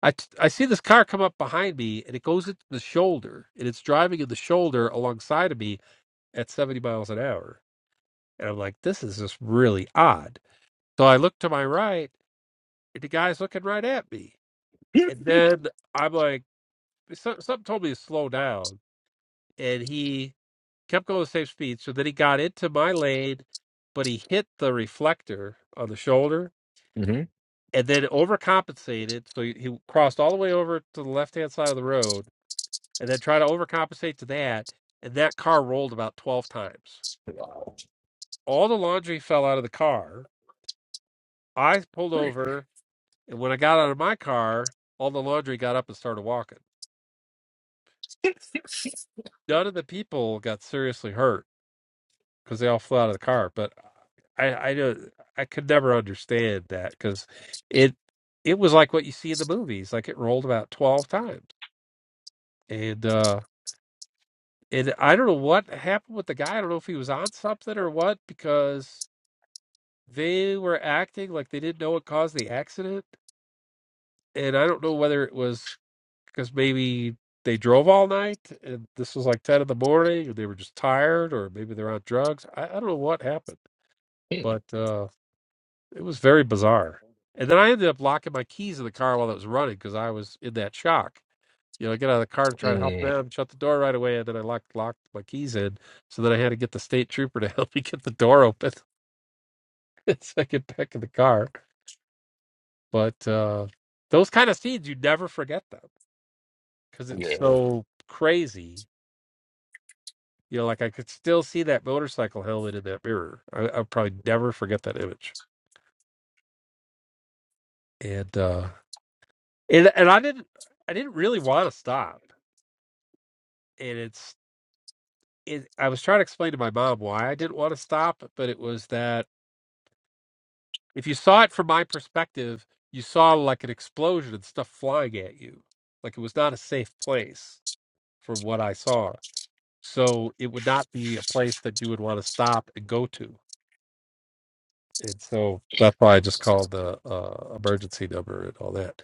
A: I, t- I see this car come up behind me and it goes into the shoulder and it's driving in the shoulder alongside of me at 70 miles an hour. And I'm like, this is just really odd. So I look to my right and the guy's looking right at me. And then I'm like, so- something told me to slow down. And he kept going the same speed so that he got into my lane, but he hit the reflector on the shoulder
C: hmm
A: and then overcompensated. So he, he crossed all the way over to the left hand side of the road and then tried to overcompensate to that. And that car rolled about 12 times. All the laundry fell out of the car. I pulled
C: Great.
A: over. And when I got out of my car, all the laundry got up and started walking. None of the people got seriously hurt because they all flew out of the car. But I I don't I could never understand that because it it was like what you see in the movies, like it rolled about twelve times, and uh and I don't know what happened with the guy. I don't know if he was on something or what because they were acting like they didn't know what caused the accident, and I don't know whether it was because maybe they drove all night and this was like 10 in the morning and they were just tired or maybe they're on drugs i, I don't know what happened but uh It was very bizarre. And then I ended up locking my keys in the car while it was running because I was in that shock. You know, I get out of the car to try to help
C: Mm,
A: them, shut the door right away, and then I locked locked my keys in. So then I had to get the state trooper to help me get the door open so I get back in the car. But uh, those kind of scenes, you never forget them because it's
C: yeah.
A: so crazy. You know, like I could still see that motorcycle helmet in that mirror. I, I'll probably never forget that image. And uh, and and I didn't I didn't really want to stop. And it's it, I was trying to explain to my mom why I didn't want to stop, but it was that if you saw it from my perspective, you saw like an explosion and stuff flying at you. Like it was not a safe place from what I saw. So it would not be a place that you would want to stop and go to. And so that's why I just called the uh, emergency number and all that.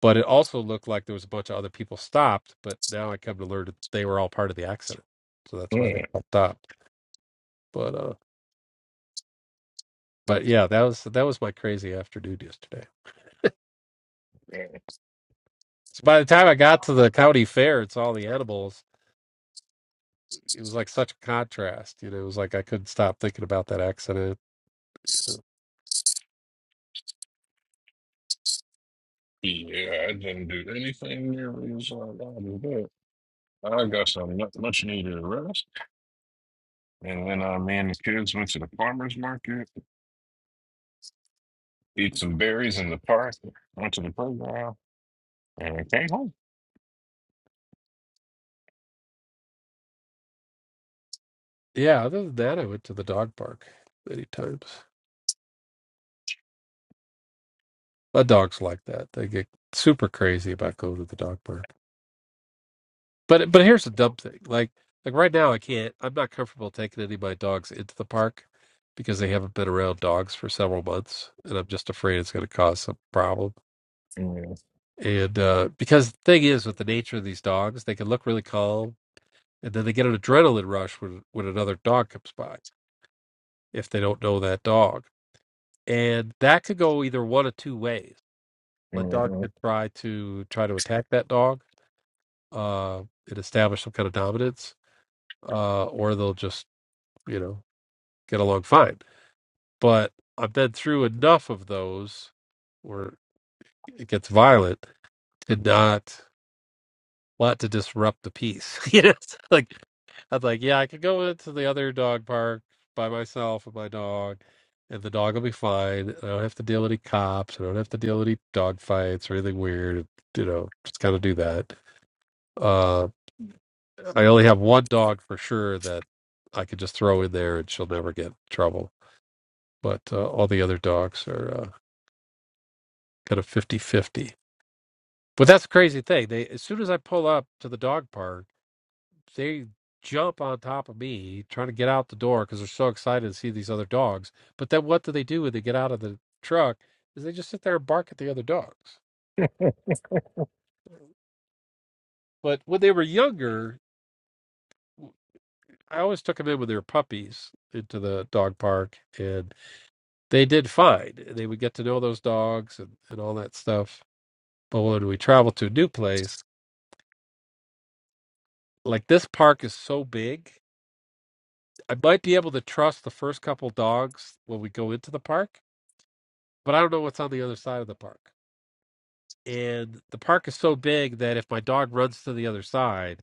A: But it also looked like there was a bunch of other people stopped, but now I come to learn that they were all part of the accident. So that's why they
C: Mm,
A: all stopped. But uh but yeah, that was that was my crazy afternoon yesterday. So by the time I got to the county fair, it's all the edibles. It was like such a contrast, you know. It was like I couldn't stop thinking about that accident. you know.
C: yeah, I didn't do anything nearly as hard as that. I got some mu- much needed rest. And then uh, me and the kids went to the farmer's market, eat some berries in the park, went to the playground, and came home.
A: Yeah. Other than that, I went to the dog park many times. My dogs like that; they get super crazy about going to the dog park. But but here's the dumb thing: like like right now, I can't. I'm not comfortable taking any of my dogs into the park because they haven't been around dogs for several months, and I'm just afraid it's going to cause some problem.
C: Yeah.
A: And uh, because the thing is, with the nature of these dogs, they can look really calm, and then they get an adrenaline rush when when another dog comes by if they don't know that dog, and that could go either one of two ways. My dog
C: hmm
A: could try to try to attack that dog uh, and establish some kind of dominance, uh, or they'll just you know get along fine. But I've been through enough of those where it gets violent to not want to disrupt the peace. you know, it's like I'm like, yeah, I could go into the other dog park by myself with my dog, and the dog will be fine. I don't have to deal with any cops. I don't have to deal with any dog fights or anything weird. You know, just kind of do that. Uh, I only have one dog for sure that I could just throw in there and she'll never get in trouble. But uh, all the other dogs are uh, kind of fifty-fifty. But that's the crazy thing. They as soon as I pull up to the dog park they jump on top of me trying to get out the door because they're so excited to see these other dogs. But then what do they do when they get out of the truck? Is they just sit there and bark at the other dogs. But when they were younger, I always took them in with their puppies into the dog park, and they did fine. They would get to know those dogs and, and all that stuff. But when we travel to a new place, like this park is so big, I might be able to trust the first couple dogs when we go into the park, but I don't know what's on the other side of the park and the park is so big that if my dog runs to the other side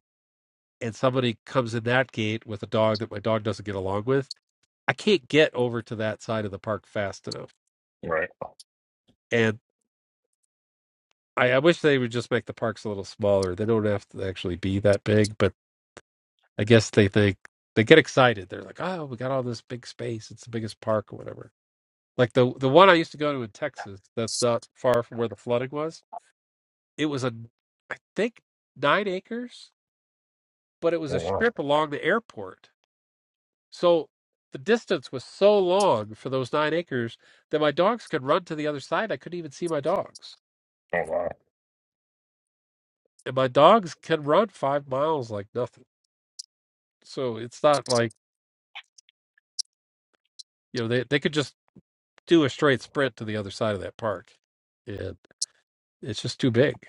A: and somebody comes in that gate with a dog that my dog doesn't get along with, I can't get over to that side of the park fast enough.
C: Right.
A: And I, I wish they would just make the parks a little smaller. They don't have to actually be that big, but I guess they think they get excited. They're like, "Oh, we got all this big space. It's the biggest park or whatever." Like the the one I used to go to in Texas, that's not far from where the flooding was. It was a, I think, nine acres but it was
C: Oh,
A: a
C: wow.
A: strip along the airport. So the distance was so long for those nine acres that my dogs could run to the other side. I couldn't even see my dogs.
C: Oh, wow.
A: And my dogs can run five miles like nothing. So it's not like, you know, they, they could just do a straight sprint to the other side of that park. And it's just too big.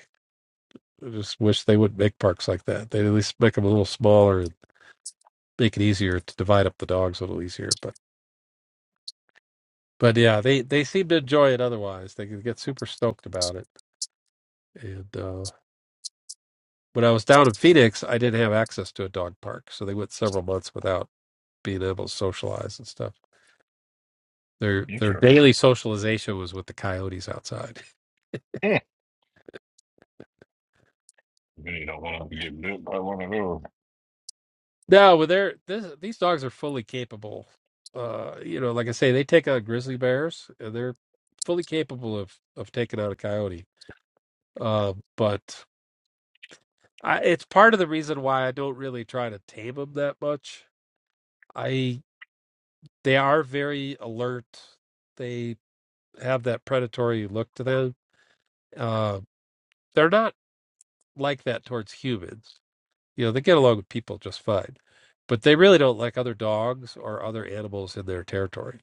A: I just wish they would not make parks like that. They'd at least make them a little smaller and make it easier to divide up the dogs a little easier. But but yeah, they, they seem to enjoy it otherwise. They could get super stoked about it And uh, when I was down in Phoenix, I didn't have access to a dog park, so they went several months without being able to socialize and stuff. Their their
C: Okay.
A: daily socialization was with the coyotes outside.
C: Mm. You don't want to get bit by one of those.
A: No, but they're this, these dogs are fully capable. Uh, you know, like I say, they take out grizzly bears, and they're fully capable of of taking out a coyote. Uh, but I, it's part of the reason why I don't really try to tame them that much. I they are very alert. They have that predatory look to them. Uh, they're not like that towards humans. You know, they get along with people just fine, but they really don't like other dogs or other animals in their territory.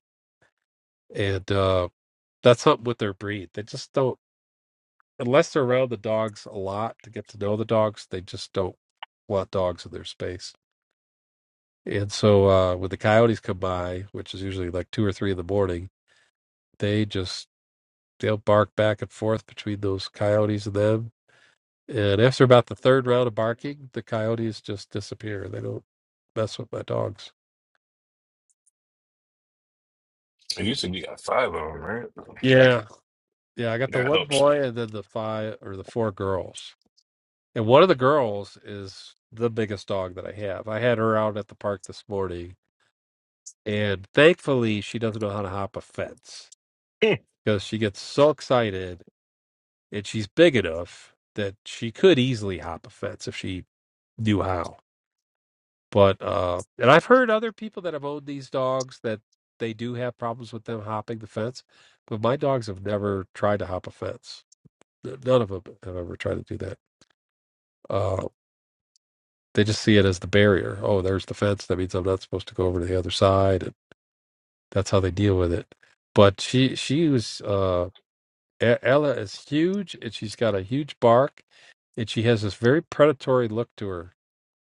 A: And uh, that's something with their breed. They just don't, unless they're around the dogs a lot to get to know the dogs, they just don't want dogs in their space. And so uh, when the coyotes come by, which is usually like two or three in the morning, they just they'll bark back and forth between those coyotes and them And after about the third round of barking, the coyotes just disappear. They don't mess with my dogs.
C: And You said you got five of them, right?
A: Yeah. Yeah. I got the
C: That
A: one
C: helps.
A: boy and then the five or the four girls. And one of the girls is the biggest dog that I have. I had her out at the park this morning. And thankfully, she doesn't know how to hop a fence because she gets so excited and she's big enough that she could easily hop a fence if she knew how But uh, and I've heard other people that have owned these dogs that they do have problems with them hopping the fence, but my dogs have never tried to hop a fence. N- None of them have ever tried to do that. Uh, they just see it as the barrier. Oh, there's the fence. That means I'm not supposed to go over to the other side. And that's how they deal with it. But she she was uh, E- Ella is huge, and she's got a huge bark, and she has this very predatory look to her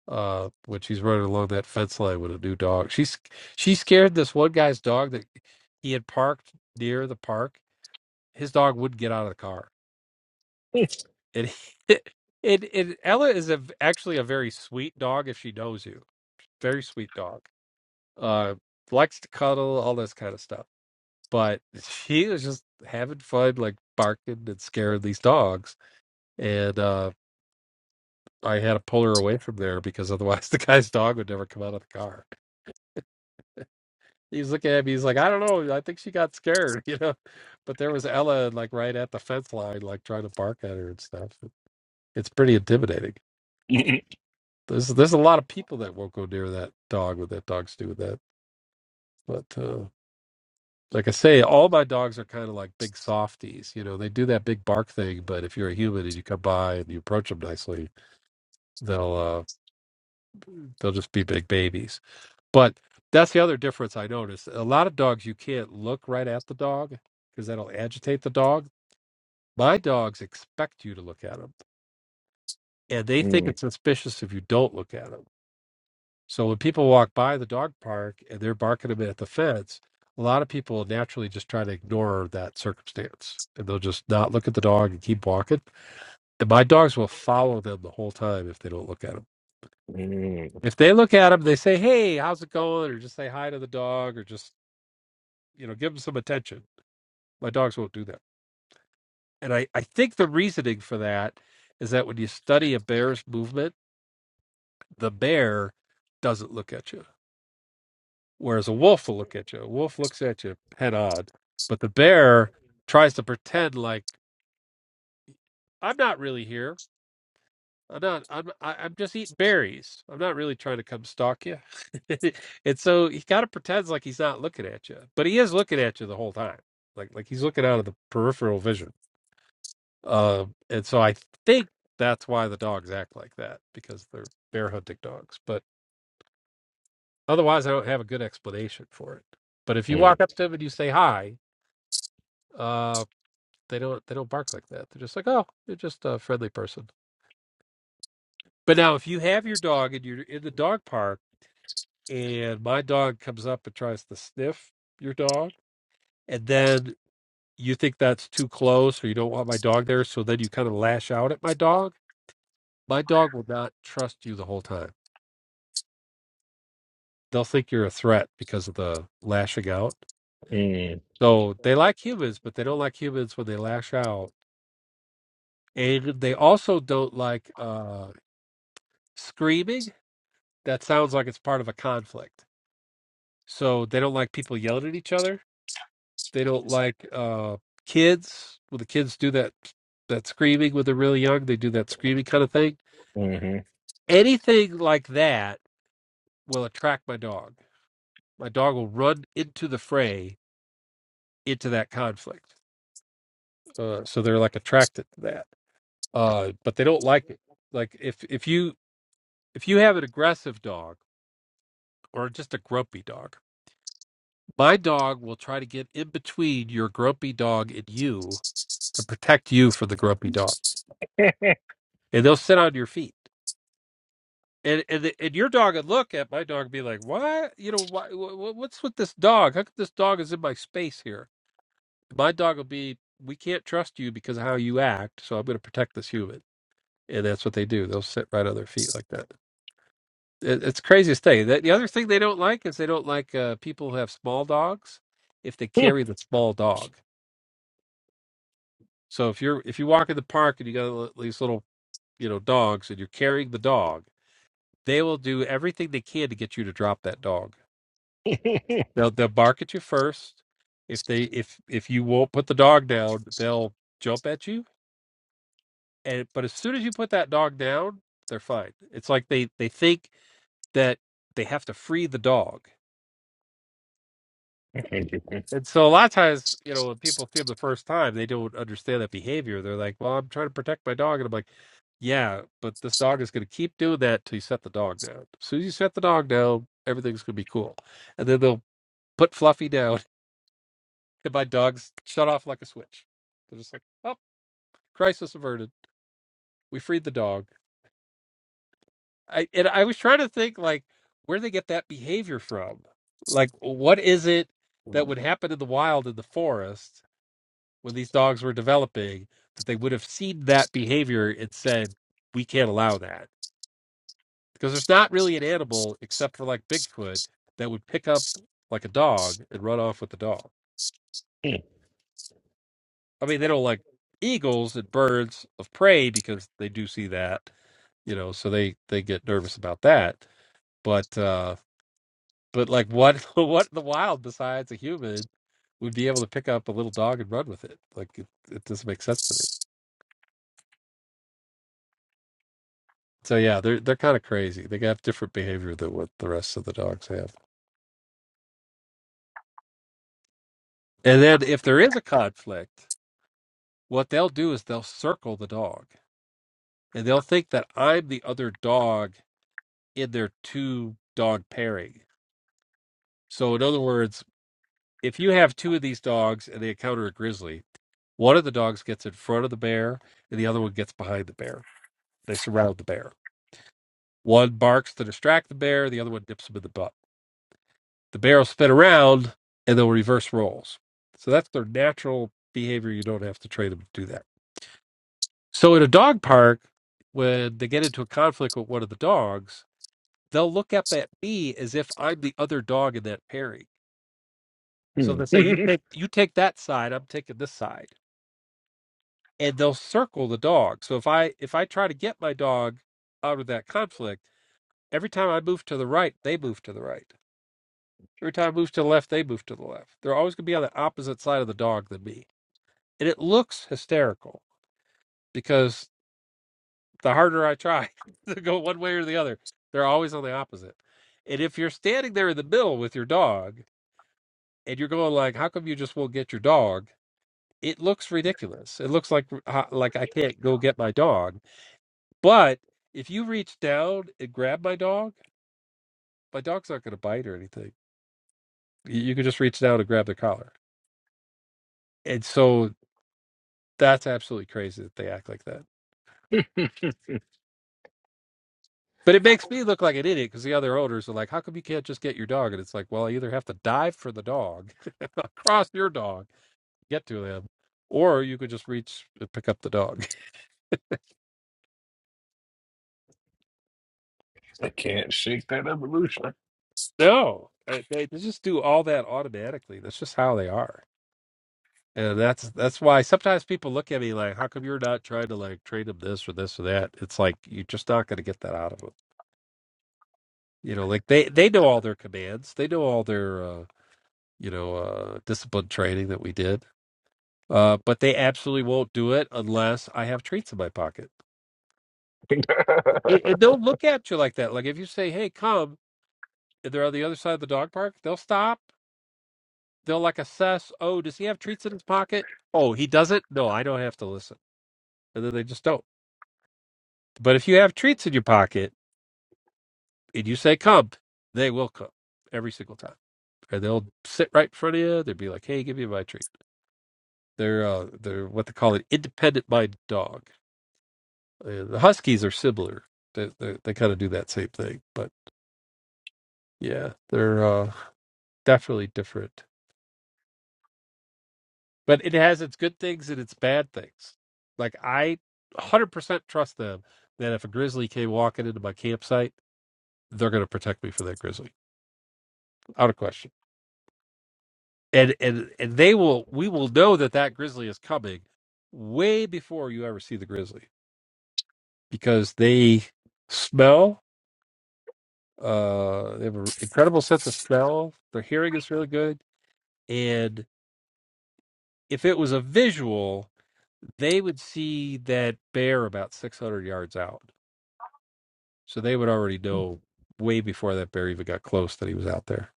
A: uh when she's running along that fence line with a new dog. She's she scared this one guy's dog that he had parked near the park. His dog wouldn't get out of the car. And he, and, and Ella is a, actually a very sweet dog if she knows you. Very sweet dog. Uh likes to cuddle, all this kind of stuff. But she was just having fun like barking and scaring these dogs. And uh I had to pull her away from there because otherwise the guy's dog would never come out of the car. He's looking at me. He's like, I don't know. I think she got scared, you know. But there was Ella, like right at the fence line, like trying to bark at her and stuff. It's pretty intimidating. There's there's a lot of people that won't go near that dog when that dog's doing that. But uh, like I say, all my dogs are kind of like big softies. You know, they do that big bark thing. But if you're a human and you come by and you approach them nicely, they'll uh, they'll just be big babies. But that's the other difference I noticed. A lot of dogs, you can't look right at the dog because that'll agitate the dog My dogs expect you to look at them, and they think
C: Mm,
A: it's suspicious if you don't look at them. So when people walk by the dog park and they're barking them at the fence, a lot of people naturally just try to ignore that circumstance, and they'll just not look at the dog and keep walking. And my dogs will follow them the whole time if they don't look at them.
C: mm,
A: If they look at them, they say, "Hey, how's it going?" or just say hi to the dog, or just you know give them some attention. My dogs won't do that, and I I think the reasoning for that is that when you study a bear's movement the bear doesn't look at you, whereas a wolf will look at you. A wolf looks at you head on, but the bear tries to pretend like I'm not really here. I'm not. I'm. I, I'm just eating berries. I'm not really trying to come stalk you. and so he kind of pretends like he's not looking at you, but he is looking at you the whole time. Like like he's looking out of the peripheral vision. Um, and so I think that's why the dogs act like that because they're bear hunting dogs. But Otherwise, I don't have a good explanation for it. But if you walk
C: mm, mm,
A: up to them and you say hi, uh, they don't they don't bark like that. They're just like, oh, you're just a friendly person. But now, if you have your dog and you're in the dog park, and my dog comes up and tries to sniff your dog, and then you think that's too close or you don't want my dog there, so then you kind of lash out at my dog. My dog will not trust you the whole time. They'll think you're a threat because of the lashing out. So they like humans, but they don't like humans when they lash out And they also don't like uh, screaming. That sounds like it's part of a conflict. So they don't like people yelling at each other. They don't like uh, kids. when the kids do that that screaming when they're really young. They do that screaming kind of thing.
C: mm,
A: Anything like that will attract my dog. My dog will run into the fray, into that conflict. Uh, so they're like attracted to that. Uh, but they don't like it. Like if if you if you have an aggressive dog or just a grumpy dog My dog will try to get in between your grumpy dog and you to protect you from the grumpy dog. And they'll sit on your feet. And and, the, and your dog would look at my dog and be like, why? You know, why, wh- wh- what's with this dog? How come this dog is in my space here? My dog will be, we can't trust you because of how you act. So I'm going to protect this human. And that's what they do. They'll sit right on their feet like that. It, it's the craziest thing. The, the other thing they don't like is they don't like uh, people who have small dogs if they carry the small dog So if you're if you walk in the park and you got li- these little you know dogs and you're carrying the dog, they will do everything they can to get you to drop that dog. They'll they'll bark at you first. If they if if you won't put the dog down, they'll jump at you. And but as soon as you put that dog down, they're fine. It's like they they think that they have to free the dog. And so a lot of times, you know, when people see them the first time, they don't understand that behavior. They're like, "Well, I'm trying to protect my dog," and I'm like, "Yeah, but this dog is going to keep doing that till you set the dog down. As soon as you set the dog down, everything's going to be cool." And then they'll put Fluffy down, and my dog's shut off like a switch. They're just like, "Oh, crisis averted. We freed the dog." I and I was trying to think like where they get that behavior from. Like, what is it that would happen in the wild in the forest? when these dogs were developing that they would have seen that behavior and said, we can't allow that. Because there's not really an animal, except for like Bigfoot, that would pick up like a dog and run off with the dog. I mean, they don't like eagles and birds of prey because they do see that, you know, so they, they get nervous about that. But, uh, but like what, what in the wild besides a human would be able to pick up a little dog and run with it? Like it, it doesn't make sense to me. So yeah, they're they're kind of crazy. They have different behavior than what the rest of the dogs have. And then if there is a conflict, what they'll do is they'll circle the dog, and they'll think that I'm the other dog in their two dog pairing. So in other words, if you have two of these dogs and they encounter a grizzly, one of the dogs gets in front of the bear, and the other one gets behind the bear. They surround the bear. One barks to distract the bear, the other one dips him in the butt the barrel spin around and they'll reverse rolls. So that's their natural behavior. You don't have to train them to do that. So in a dog park, when they get into a conflict with one of the dogs, they'll look up at me as if I'm the other dog in that pairing. So they'll say, "You
C: mhm.
A: take you take that side. I'm taking this side," and they'll circle the dog. So if I if I try to get my dog out of that conflict, every time I move to the right, they move to the right. Every time I move to the left, they move to the left. They're always going to be on the opposite side of the dog than me and it looks hysterical because the harder I try to go one way or the other, they're always on the opposite. And if you're standing there in the middle with your dog and you're going like, "How come you just won't get your dog?" It looks ridiculous. It looks like ho- like I can't go get my dog. But if you reach down and grab my dog, my dog's not going to bite or anything. You you can just reach down and grab the collar. And so that's absolutely crazy that they act like that. But it makes me look like an idiot because the other owners are like, "How come you can't just get your dog?" And it's like, "Well, I either have to dive for the dog, cross your dog, get to them, or you could just reach and pick up the dog."
C: I can't shake that evolution.
A: No, uh, they they just do all that automatically. That's just how they are, and that's that's why sometimes people look at me like, "How come you're not trying to like train them this or this or that?" It's like you're just not going to get that out of them. You know, like they they know all their commands, they know all their uh, you know uh, discipline training that we did Uh, but they absolutely won't do it unless I have treats in my pocket. And,
C: oh,
A: and they'll look at you like that. Like if you say, "Hey, come," and they're on the other side of the dog park, they'll stop. They'll like assess. Oh, does he have treats in his pocket? Oh, he doesn't. No, I don't have to listen. And then they just don't. But if you have treats in your pocket and you say, "Come," they will come every single time. And they'll sit right in front of you. They'll be like, "Hey, give me my treat." They're uh, they're what they call an independent minded dog. Uh, The Huskies are similar. They they, they kind of do that same thing, but yeah, they're uh, definitely different. But it has its good things and its bad things. Like I 100% trust them that if a grizzly came walking into my campsite, they're going to protect me from that grizzly. Out of question. And and and they will we will know that that grizzly is coming way before you ever see the grizzly because they smell uh they have an incredible sense of smell. Their hearing is really good And if it was a visual, they would see that bear about 600 yards out. So they would already know way before that bear even got close that he was out there.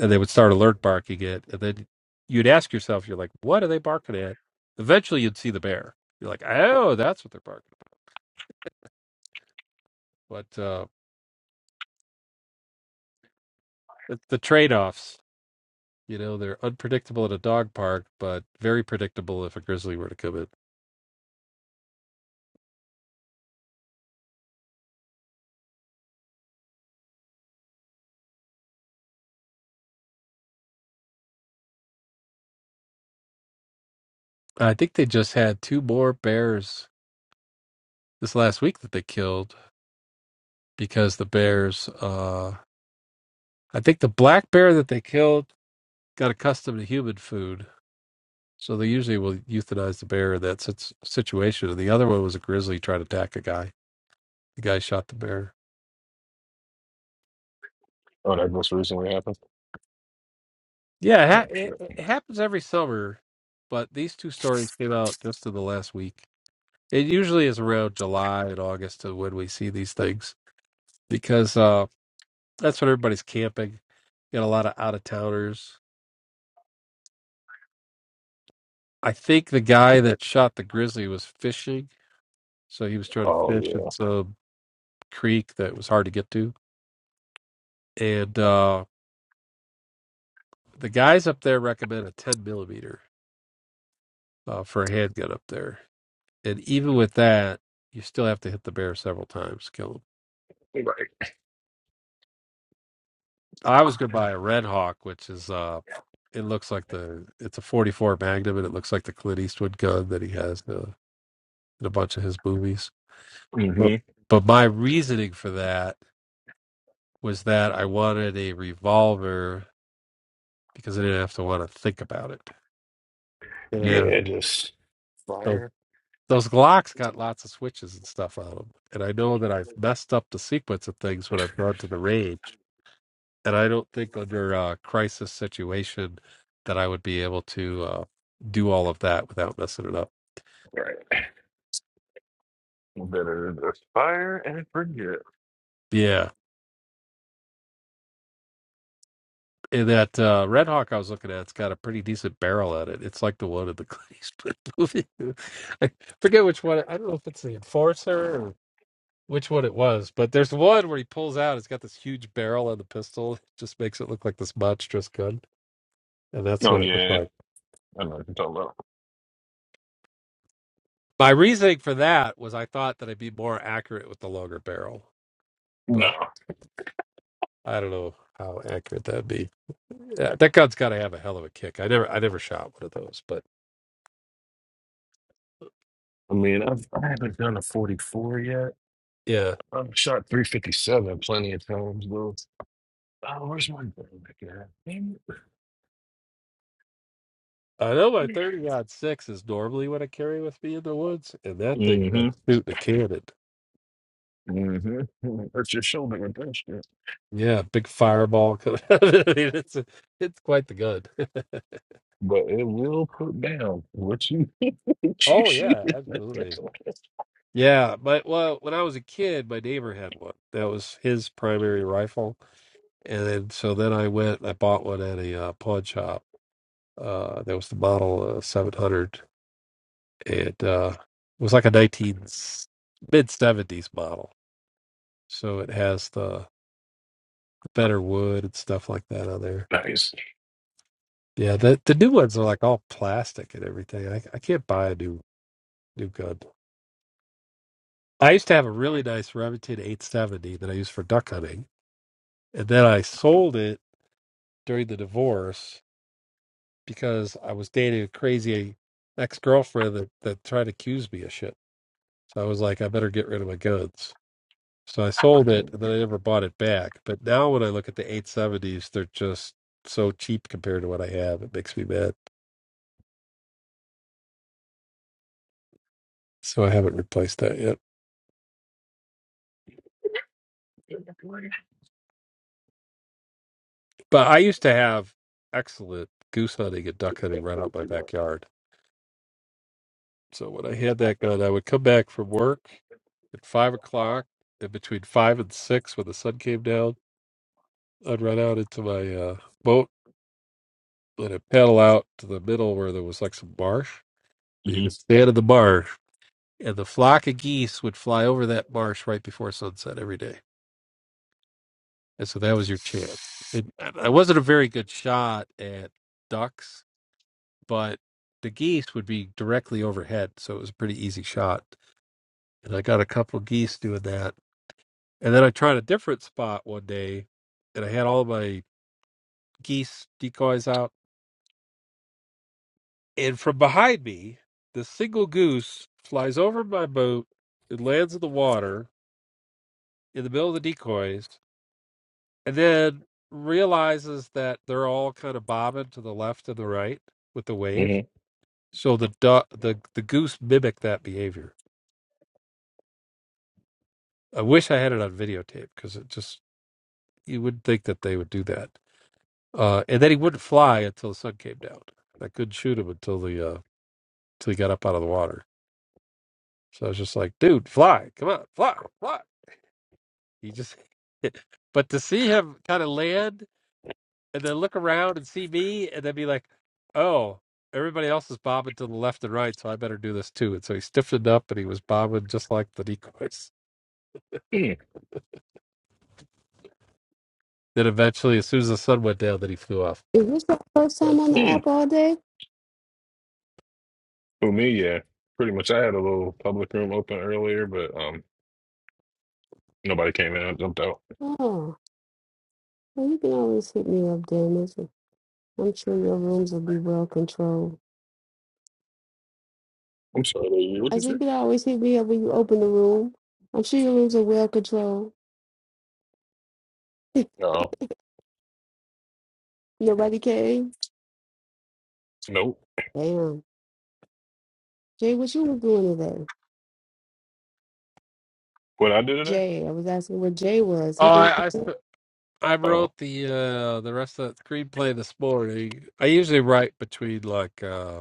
A: And they would start alert barking it. And then you'd ask yourself, you're like, what are they barking at? Eventually you'd see the bear. You're like, oh, that's what they're barking at. But uh, it's the trade offs, you know, they're unpredictable at a dog park, but very predictable if a grizzly were to come in. I think they just had two more bears this last week that they killed because the bears uh i think the black bear that they killed got accustomed to human food so they usually will euthanize the bear in that sit- situation and the other one was a grizzly trying to attack a guy the guy shot the bear
C: that most recently happened?
A: yeah it,
C: Oh,
A: ha-
C: shit.
A: it it happens every summer but these two stories came out just in the last week it usually is around july and august to when we see these things because uh that's when everybody's camping got a lot of out of towners i think the guy that shot the grizzly was fishing So he was trying to fish in
C: Oh,
A: some creek that was hard to get to. And uh, the guys up there recommend a 10 millimeter uh, for a handgun up there. And even with that, you still have to hit the bear several times to kill him.
C: yeah.
A: I was going to
C: Right.
A: buy a Red Hawk, which is, uh, it looks like the, it's a 44 Magnum and it looks like the Clint Eastwood gun that he has in a, in a bunch of his movies. But,
C: hmm
A: but my reasoning for that was that I wanted a revolver because I didn't have to want to think about it. And
C: Yeah, just
A: those
C: fire.
A: those Glocks got lots of switches and stuff on them, and I know that I've messed up the sequence of things when I've gone to the range, and I don't think under a crisis situation that I would be able to uh, do all of that without messing it up.
C: Right. Better just fire and forget.
A: Yeah, and that uh, Red Hawk I was looking at, it's got a pretty decent barrel at it. It's like the one in the Clint Eastwood movie. I forget which one. I don't know if it's the Enforcer or which one it was, but there's one where he pulls out. It's got this huge barrel on the pistol. It just makes it look like this monstrous gun. and that's
C: Oh,
A: what it looked
C: yeah.
A: like.
C: I know what you're talking about.
A: My reasoning for that was I thought that I'd be more accurate with the longer barrel,
C: No.
A: but I don't know how accurate that'd be. Yeah, that gun's got to have a hell of a kick. I never, I never shot one of those, but
C: I mean, I've, I haven't done a 44 yet.
A: yeah,
C: I've shot 357 plenty of times, though. Oh, where's my gun back at?
A: I know my thirty odd six is normally what I carry with me in the woods, and that thing is like
C: Mm-hmm.
A: shooting a cannon.
C: Mm-hmm. Hurt your shoulder with that shit.
A: Yeah, big fireball coming out of it. I mean, It's a, it's quite the gun.
C: But it will put down what you what you
A: oh
C: shoot.
A: yeah, absolutely. Yeah, but well, when I was a kid, my neighbor had one. That was his primary rifle and then so then I went. I bought one at a uh, pawn shop. Uh, that was the model uh, 700. It uh, was like a 19 mid 70s model, so it has the, the better wood and stuff like that on there.
C: nice.
A: Yeah, the the new ones are like all plastic and everything. I I can't buy a new new gun. I used to have a really nice Remington 870 that I used for duck hunting, and then I sold it during the divorce because I was dating a crazy ex girlfriend that, that tried to accuse me of shit. So I was like, I better get rid of my guns. So I sold it and then I never bought it back. But now when I look at the 870s, they're just so cheap compared to what I have. It makes me mad. So I haven't replaced that yet. But I used to have excellent goose hunting and duck hunting right out my backyard. So when I had that gun, I would come back from work at five o'clock and between five and six when the sun came down, I'd run out into my uh, boat with a paddle out to the middle where there was like some marsh. You could
C: Mm-hmm.
A: stand in the marsh, and the flock of geese would fly over that marsh right before sunset every day. And so that was your chance. And I wasn't a very good shot at ducks, but the geese would be directly overhead, so it was a pretty easy shot. And I got a couple of geese doing that. And then I tried a different spot one day, and I had all of my geese decoys out And from behind me, the single goose flies over my boat and lands in the water in the middle of the decoys, and then realizes that they're all kind of bobbing to the left and the right with the waves. So the du- the the goose mimicked that behavior. I wish I had it on videotape because it just you wouldn't think that they would do that. Uh, and then he wouldn't fly until the sun came down. I couldn't shoot him until the uh, until he got up out of the water. So I was just like, dude, fly, come on, fly, fly. He just, but to see him kind of land and then look around and see me and then be like, oh, everybody else is bobbing to the left and right, so I better do this too. And so he stiffened up and he was bobbing just like the decoys.
C: Mm-hmm.
A: Then eventually, as soon as the sun went down, then he flew off.
B: Is this the first
A: But
B: time on
A: uh,
B: the
C: Mm-hmm.
B: app all day?
C: For me, yeah. Pretty much I had a little public room open earlier, but um nobody came in. I jumped out.
B: Oh, well, you can always hit me up, Dennis. I'm sure your rooms will be well controlled.
C: I'm sorry, lady, what you
B: As
C: say?
B: you can always hit me up when you open the room. I'm sure your rooms are well controlled.
C: No.
B: Nobody came?
C: Nope.
B: Damn. Jay, what you was doing today?
C: What I did today?
B: Jay, I was asking where Jay was. He
A: oh,
B: was like,
A: I, I sp- I
C: Oh.
A: wrote the uh, the rest of that screenplay this morning. I usually write between like uh,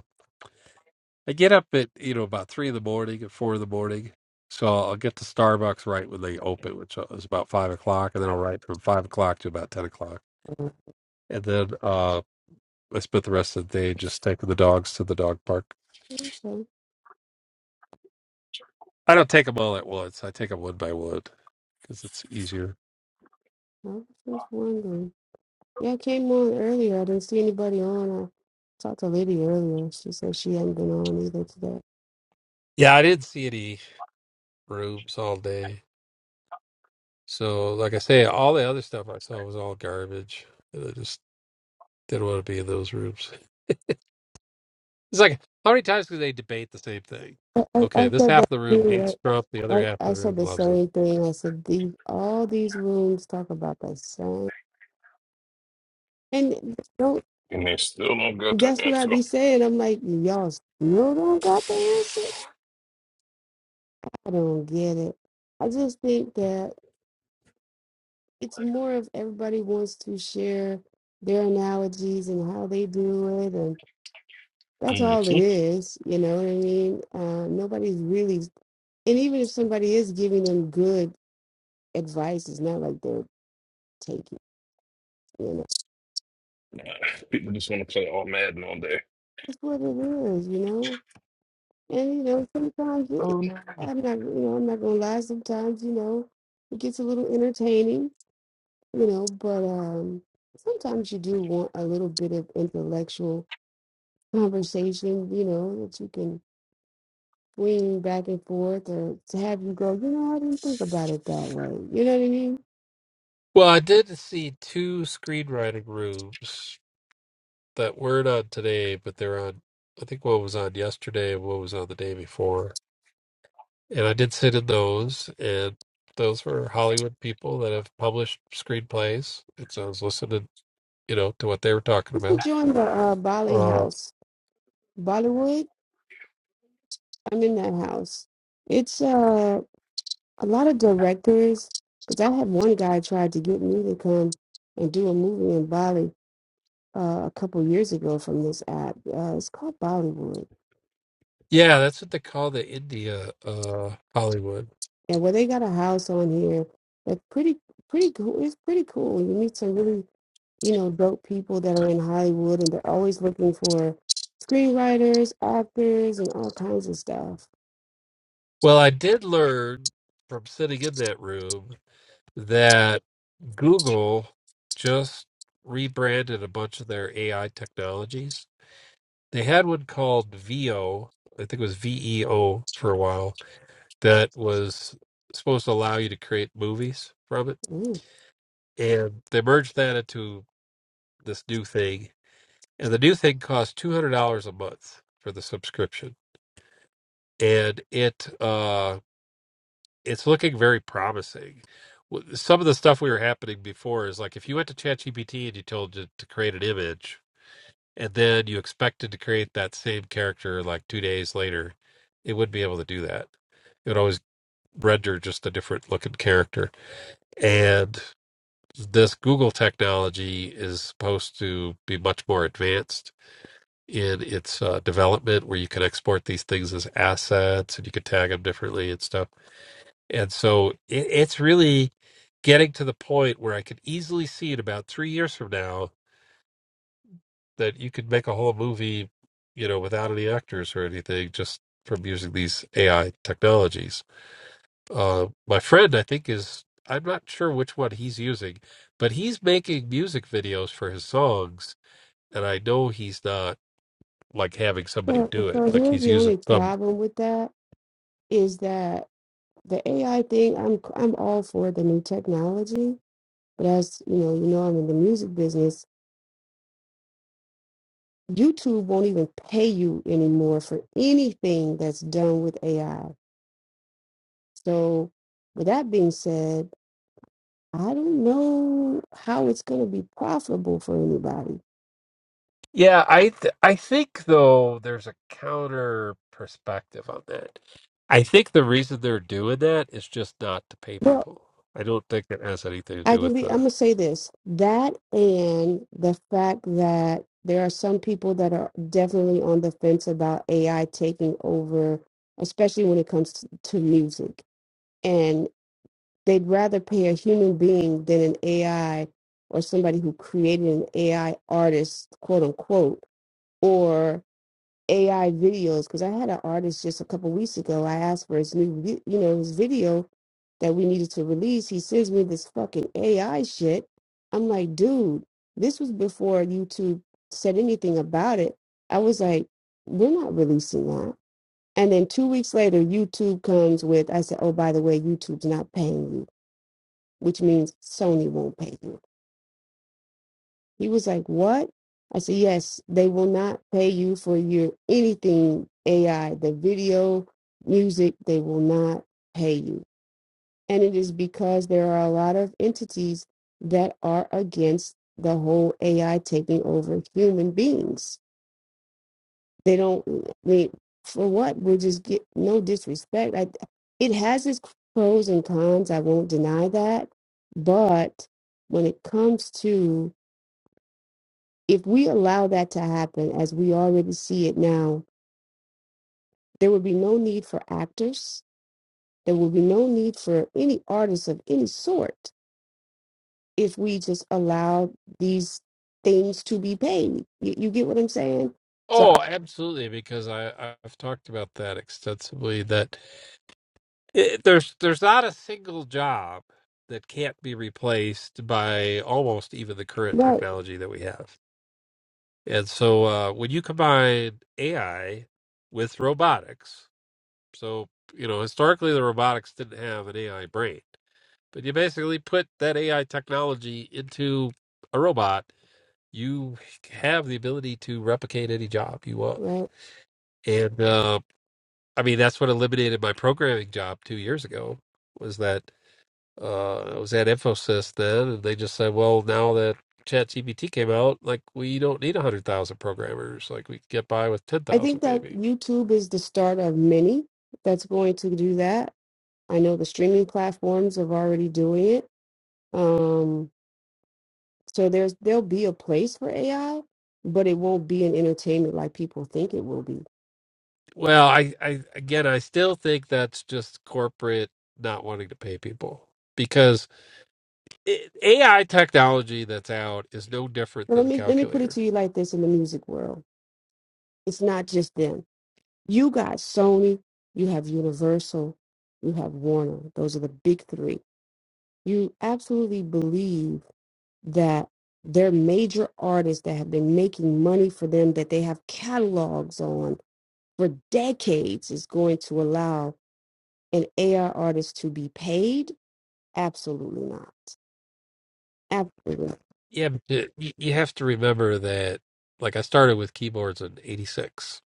A: I get up at you know about three in the morning, at four in the morning, so I'll get to Starbucks right when they open, which uh, is about five o'clock, and then I'll write from five o'clock to about ten o'clock,
B: "Oh,
A: and then uh, I spend the rest of the day just taking the dogs to the dog park.
B: okay.
A: I don't take them all at once; I take them one by one because it's easier.
B: I was just wondering. Yeah, I came on earlier. I didn't see anybody on. I talked to Lady earlier. She said she hadn't been on either today.
A: Yeah, I didn't see any rooms all day, so like I say, all the other stuff I saw was all garbage, and I just didn't want to be in those rooms. It's like how many times can they debate the same thing?
B: I, I,
A: Okay,
B: I
A: this
B: said
A: half of
B: that
A: the room
B: too.
A: hates Trump, the
B: I,
A: other
B: I,
A: half
B: I
A: of the
B: said
A: room
B: the
A: loves him.
B: same thing. I said these all these rooms talk about the same and don't
C: And they still don't got the
B: that's what I be saying. I'm like, y'all still don't got the answer. I don't get it. I just think that it's more of everybody wants to share their analogies and how they do it and that's all it
C: answer.
B: is you know what i mean uh, nobody's really and even if somebody is giving them good advice it's not like they're taking you know
C: People just want to play all Madden all day.
B: that's what it is you know and you know sometimes it,
C: Oh no.
B: i'm not you know i'm not gonna lie sometimes you know it gets a little entertaining you know but um sometimes you do want a little bit of intellectual conversation, you know, that you can swing back and forth or to have you go, you know, I didn't think about it that way. You know what I mean?
A: Well, I did see two screenwriting rooms that weren't on today, but they're on. I think one was on yesterday and one was on the day before. And I did sit in those, and those were Hollywood people that have published screenplays. And so I was listening, you know, to what they were talking
B: Let's
A: about.
B: join the uh, Bali
A: Uh,
B: house. Bollywood, I'm in that house. It's uh, a lot of directors, because I had one guy tried to get me to come and do a movie in Bali uh, a couple years ago from this app. Uh, it's called Bollywood.
A: yeah, that's what they call the India uh, Hollywood.
B: And where they got a house on here that's pretty, pretty cool. It's pretty cool. You meet some really you know, dope people that are in Hollywood and they're always looking for screenwriters, actors, and all kinds of stuff.
A: Well, I did learn from sitting in that room that Google just rebranded a bunch of their AI technologies. They had one called VO, I think it was VEO for a while, that was supposed to allow you to create movies from it.
B: Mm.
A: And they merged that into this new thing. And the new thing costs $200 a month for the subscription. And it, uh. it's looking very promising. W- Some of the stuff we were happening before is like if you went to ChatGPT and you told it to create an image, and then you expected to create that same character like two days later, it wouldn't be able to do that. It would always render just a different looking character. And this Google technology is supposed to be much more advanced in its uh, development, where you can export these things as assets and you can tag them differently and stuff and so it, it's really getting to the point where I could easily see it about three years from now that you could make a whole movie, you know, without any actors or anything, just from using these AI technologies. Uh, my friend, I think, is I'm not sure which one he's using, but he's making music videos for his songs, and I know he's not like having somebody
B: So,
A: do it.
B: so
A: Like
B: here's
A: he's
B: the
A: using
B: only
A: some
B: problem with that is that the AI thing, I'm I'm all for the new technology, but as you know, you know I'm in the music business. YouTube won't even pay you anymore for anything that's done with AI. So, with that being said, I don't know how it's going to be profitable for anybody.
A: Yeah, I th I think though there's a counter perspective on that. I think the reason they're doing that is just not to pay people. I don't think it has anything to
B: I
A: do
B: can
A: with
B: be, I'm
A: the.
B: gonna say this, that and the fact that there are some people that are definitely on the fence about AI taking over, especially when it comes to, to music. And they'd rather pay a human being than an AI or somebody who created an AI artist, quote unquote, or. AI videos because I had an artist just a couple weeks ago. I asked for his new, vi- you know, his video that we needed to release. He sends me this fucking AI shit. I'm like, dude, this was before YouTube said anything about it. I was like, we're not releasing that. And then two weeks later, YouTube comes with, I said, oh, by the way, YouTube's not paying you, which means Sony won't pay you. He was like, What? I said, Yes, they will not pay you for your anything AI, the video, music, they will not pay you. And it is because there are a lot of entities that are against the whole AI taking over human beings. They don't, I mean, for what? We're just get no disrespect. I, it has its pros and cons. I won't deny that. But when it comes to if we allow that to happen as we already see it now, there would be no need for actors. There would be no need for any artists of any sort if we just allow these things to be paid. You, you get what I'm saying? So, I-
A: Oh, absolutely, because I I've talked about that extensively. That it, there's there's not a single job that can't be replaced by almost even the current
B: right,
A: technology that we have. And so uh, when you combine AI with robotics, So, you know, historically the robotics didn't have an AI brain. But you basically put that AI technology into a robot, you have the ability to replicate any job you want.
B: right.
A: And uh, I mean, that's what eliminated my programming job two years ago. Was that uh, I was at Infosys then, and they just said, "Well, now that ChatGPT came out, like we don't need a hundred thousand programmers. Like we could get by with ten
B: I
A: thousand,
B: think that
A: maybe."
B: YouTube is the start of many that's going to do that. I know the streaming platforms are already doing it. Um, so there's there'll be a place for AI, but it won't be in entertainment like people think it will be
A: Well, I, I again, I still think that's just corporate not wanting to pay people because it, A i AI technology that's out is no different
B: But
A: than
B: let
A: the
B: me let me put it
A: calculator.
B: to you like this in the music world. It's not just them. You got Sony, you have Universal, you have Warner. Those are the big three. You absolutely believe that they're major artists that have been making money for them that they have catalogs on for decades is going to allow an AR artist to be paid? Absolutely not. Absolutely. not.
A: Yeah, but y- y- you have to remember that. Like I started with keyboards in '86.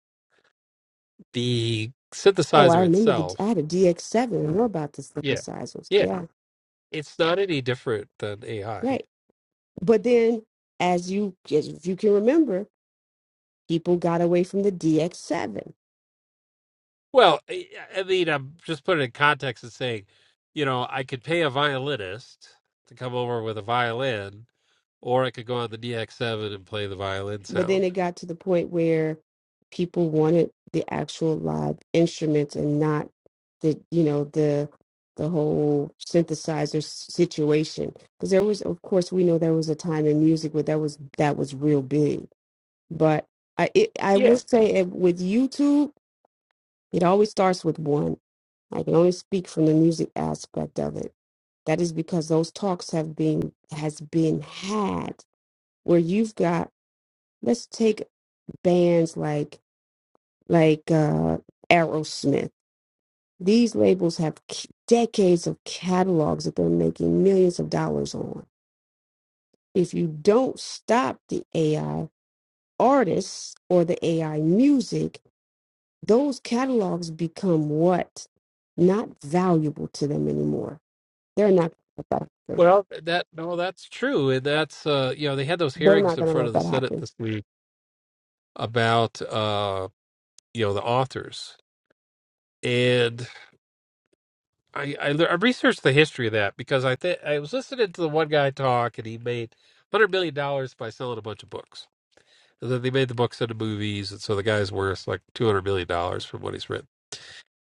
A: The
B: Oh, I
A: synthesizer
B: remember the I
A: itself,
B: had a DX7 and we're about the
A: yeah,
B: synthesizers.
A: yeah,
B: Yeah.
A: it's not any different than AI.
B: Right. But then, as you as if you can remember, people got away from the DX7.
A: Well, I I mean, I'm just putting it in context and saying, you know, I could pay a violinist to come over with a violin, or I could go on the DX7 and play the violin
B: But then
A: sound.
B: it got to the point where people wanted the actual live instruments and not the you know the the whole synthesizer s- situation. Because there was, of course, we know there was a time in music where that was that was real big. But I it, I
A: Yeah.
B: will say it, with YouTube. It always starts with one. I can only speak from the music aspect of it. That is because those talks have been has been had where you've got let's take bands like like uh Aerosmith. These labels have c- decades of catalogs that they're making millions of dollars on. If you don't stop the AI artists or the AI music, those catalogs become what? Not valuable to them anymore They're not gonna let that happen.
A: Well, That no, that's true, and that's uh, you know, they had those
B: They're
A: hearings
B: not
A: in
B: gonna
A: front of
B: let
A: the
B: that
A: Senate
B: happen.
A: this week about uh, you know, the authors, and I I, le- I researched the history of that because I think I was listening to the one guy talk, and he made hundred million dollars by selling a bunch of books that they made the books into movies, and so the guy's worth like two hundred million dollars from what he's written.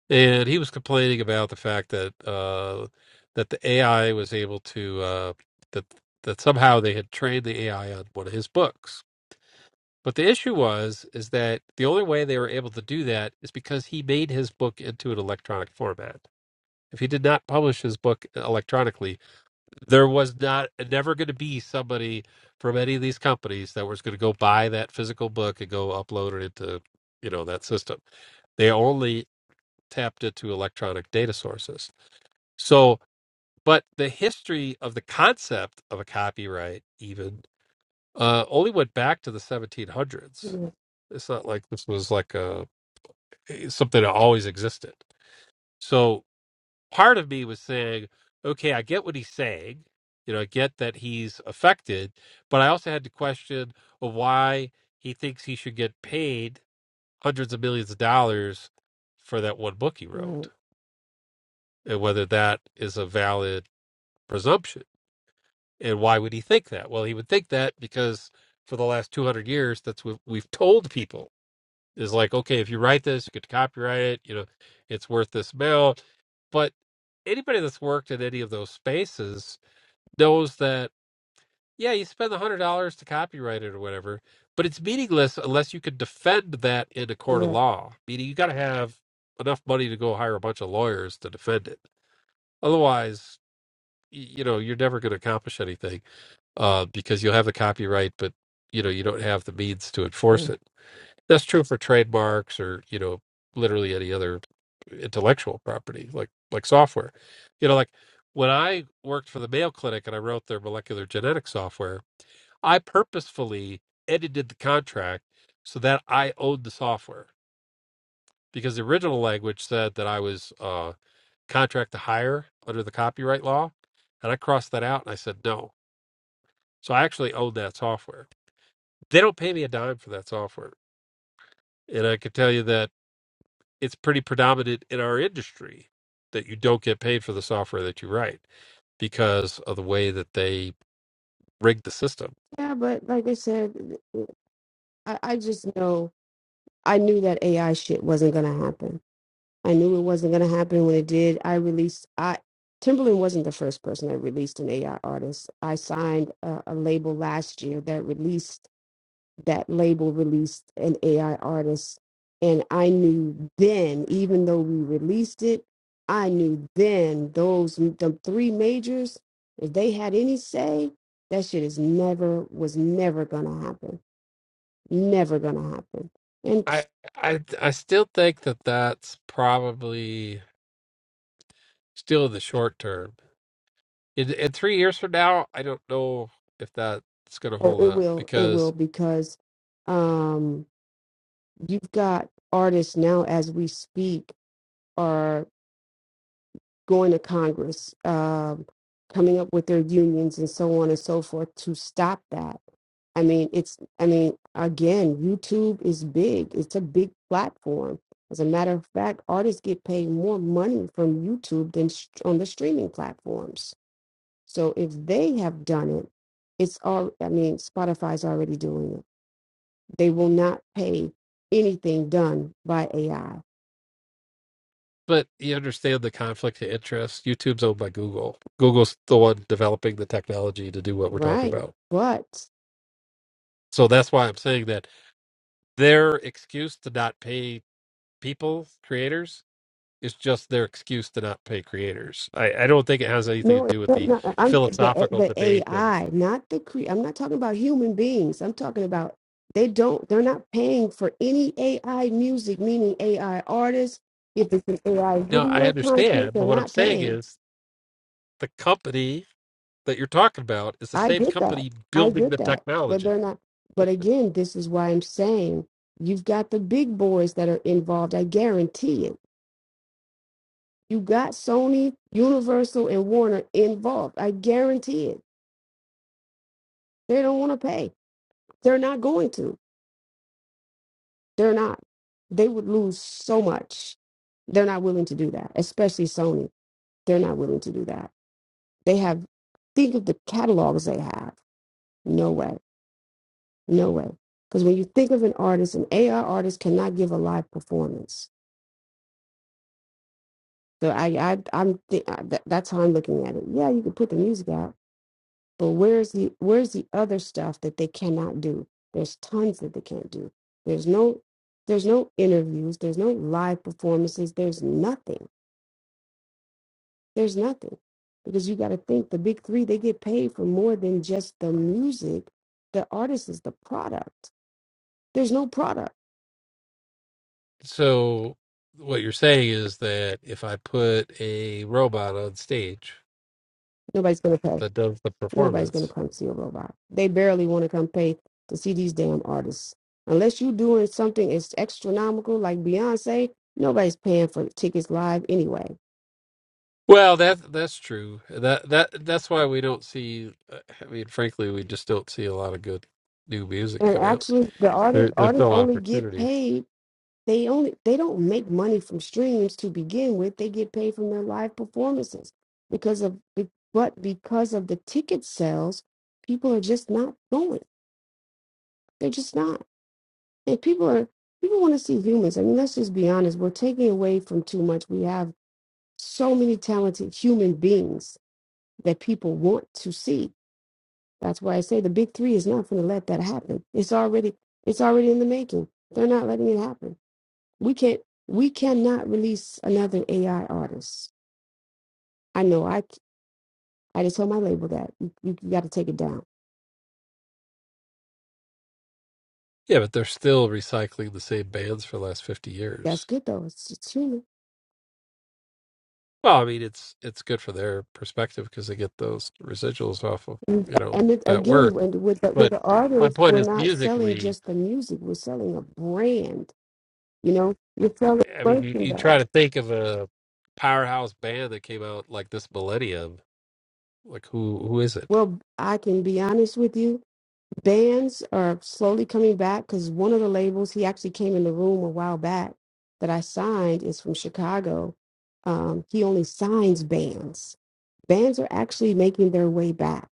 A: And he was complaining about the fact that uh, that the AI was able to uh, that that somehow they had trained the AI on one of his books. But the issue was is that the only way they were able to do that is because he made his book into an electronic format. If he did not publish his book electronically, there was not never going to be somebody from any of these companies that was going to go buy that physical book and go upload it into you know that system they only tapped it to electronic data sources so but the history of the concept of a copyright even uh, only went back to the 1700s
B: Yeah,
A: it's not like this was like a eh, something that always existed so part of me was saying, okay, I get what he's saying. You know, I get that he's affected, but I also had to question why he thinks he should get paid hundreds of millions of dollars for that one book he wrote
B: Right.
A: and whether that is a valid presumption. And why would he think that? Well, he would think that because for the last 200 years, that's what we've told people is like, okay, if you write this, you could copyright it, you know, it's worth this amount. But anybody that's worked in any of those spaces knows that, yeah, you spend the hundred dollars to copyright it or whatever, but it's meaningless unless you can defend that in a court of
B: Correct.
A: law. Meaning you gotta have enough money to go hire a bunch of lawyers to defend it. Otherwise, y- you know, you're never gonna accomplish anything uh, because you'll have the copyright, but you know, you don't have the means to
B: Yeah,
A: enforce it. That's true for trademarks or, you know, literally any other intellectual property, like like software. You know, like when I worked for the Mayo Clinic and I wrote their molecular genetic software, I purposefully edited the contract so that I owned the software because the original language said that I was uh, contract to hire under the copyright law, and I crossed that out and I said no. So I actually owned that software. They don't pay me a dime for that software, and I can tell you that it's pretty predominant in our industry that you don't get paid for the software that you write because of the way that they rig the system.
B: Yeah, but like I said, I, I just know I knew that AI shit wasn't gonna happen. I knew it wasn't gonna happen when it did. I released I Timberland wasn't the first person that released an AI artist. I signed a, a label last year that released that label released an AI artist. And I knew then, even though we released it, I knew then those the three majors, if they had any say, that shit is never was never gonna happen. Never gonna happen. And
A: I I I still think that that's probably still in the short term. In, in three years from now, I don't know if that's going to
B: so
A: hold
B: it
A: up
B: will, it will
A: because.
B: because um you've got artists now as we speak are going to Congress, um, coming up with their unions and so on and so forth to stop that. I mean, it's, I mean, again, YouTube is big, it's a big platform. As a matter of fact, artists get paid more money from YouTube than sh- on the streaming platforms. So if they have done it, it's all, I mean, Spotify's already doing it. They will not pay anything done by AI,
A: But you understand the conflict of interest. YouTube's owned by Google. Google's the one developing the technology to do what we're talking
B: right?
A: about.
B: But
A: So that's why I'm saying that their excuse to not pay people, creators. It's just their excuse to not pay creators. I, I don't think it has anything to
B: No, it's
A: do with
B: not,
A: the
B: not uh, I'm the eh,
A: philosophical
B: the
A: debate of.
B: AI, not the cre I'm not talking about human beings. I'm talking about they don't they're not paying for any AI music, meaning AI artists. If it's an AI
A: Now, I
B: video content,
A: understand,
B: they're
A: but what I'm
B: not
A: saying
B: paying.
A: is the company that you're talking about is the
B: I
A: same
B: get that.
A: company
B: I
A: building
B: get
A: the
B: that. But they're
A: technology.
B: not but again, this is why I'm saying you've got the big boys that are involved. I guarantee it. You got Sony, Universal, and Warner involved. I guarantee it. They don't want to pay. They're not going to. They're not. They would lose so much. They're not willing to do that, especially Sony. They're not willing to do that. They have, think of the catalogs they have. No way. No way. Because when you think of an artist, an AI artist cannot give a live performance. So I, I, I'm th- that's how I'm looking at it. Yeah, you can put the music out, but where's the where's the other stuff that they cannot do? There's tons that they can't do. There's no there's no interviews. There's no live performances. There's nothing There's nothing because you got to think the big three, they get paid for more than just the music. The artist is the product. There's no product.
A: So, what you're saying is that if I put a robot on stage
B: Nobody's going to pay.
A: that does the
B: Nobody's going to
A: performance,
B: come see a robot. They barely want to come pay to see these damn artists. Unless you're doing something as astronomical like Beyonce, nobody's paying for tickets live anyway.
A: well, that that's true. That that that's why we don't see. I mean, frankly, we just don't see a lot of good new music
B: And
A: come out
B: actually, the
A: They're,
B: artists artists
A: still
B: only get
A: opportunities.
B: paid They only they don't make money from streams to begin with. They get paid from their live performances because of be- but because of the ticket sales, people are just not going. They're just not. And people are people want to see humans. I mean, let's just be honest. We're taking away from too much. We have so many talented human beings that people want to see. That's why I say the big three is not going to let that happen. It's already it's already in the making. They're not letting it happen. we can't we cannot release another AI artist. I know. I I just told my label that you, you got to take it down.
A: Yeah, but they're still recycling the same bands for the last 50
B: That's
A: years.
B: good though. It's, it's human.
A: Well, I mean, it's it's good for their perspective because they get those residuals off of,
B: And,
A: you know,
B: and it,
A: that
B: again,
A: work.
B: with with the,
A: But
B: with the
A: my
B: artists,
A: point
B: we're
A: is
B: not selling
A: musically,
B: just the music. We're selling a brand. You know, you're selling
A: I mean, you, you try
B: merchandise.
A: to think of a powerhouse band that came out like this millennium. Like who who is it?
B: Well, I can be honest with you bands are slowly coming back because one of the labels he actually came in the room a while back that I signed is from Chicago. Um, he only signs bands. Bands are actually making their way back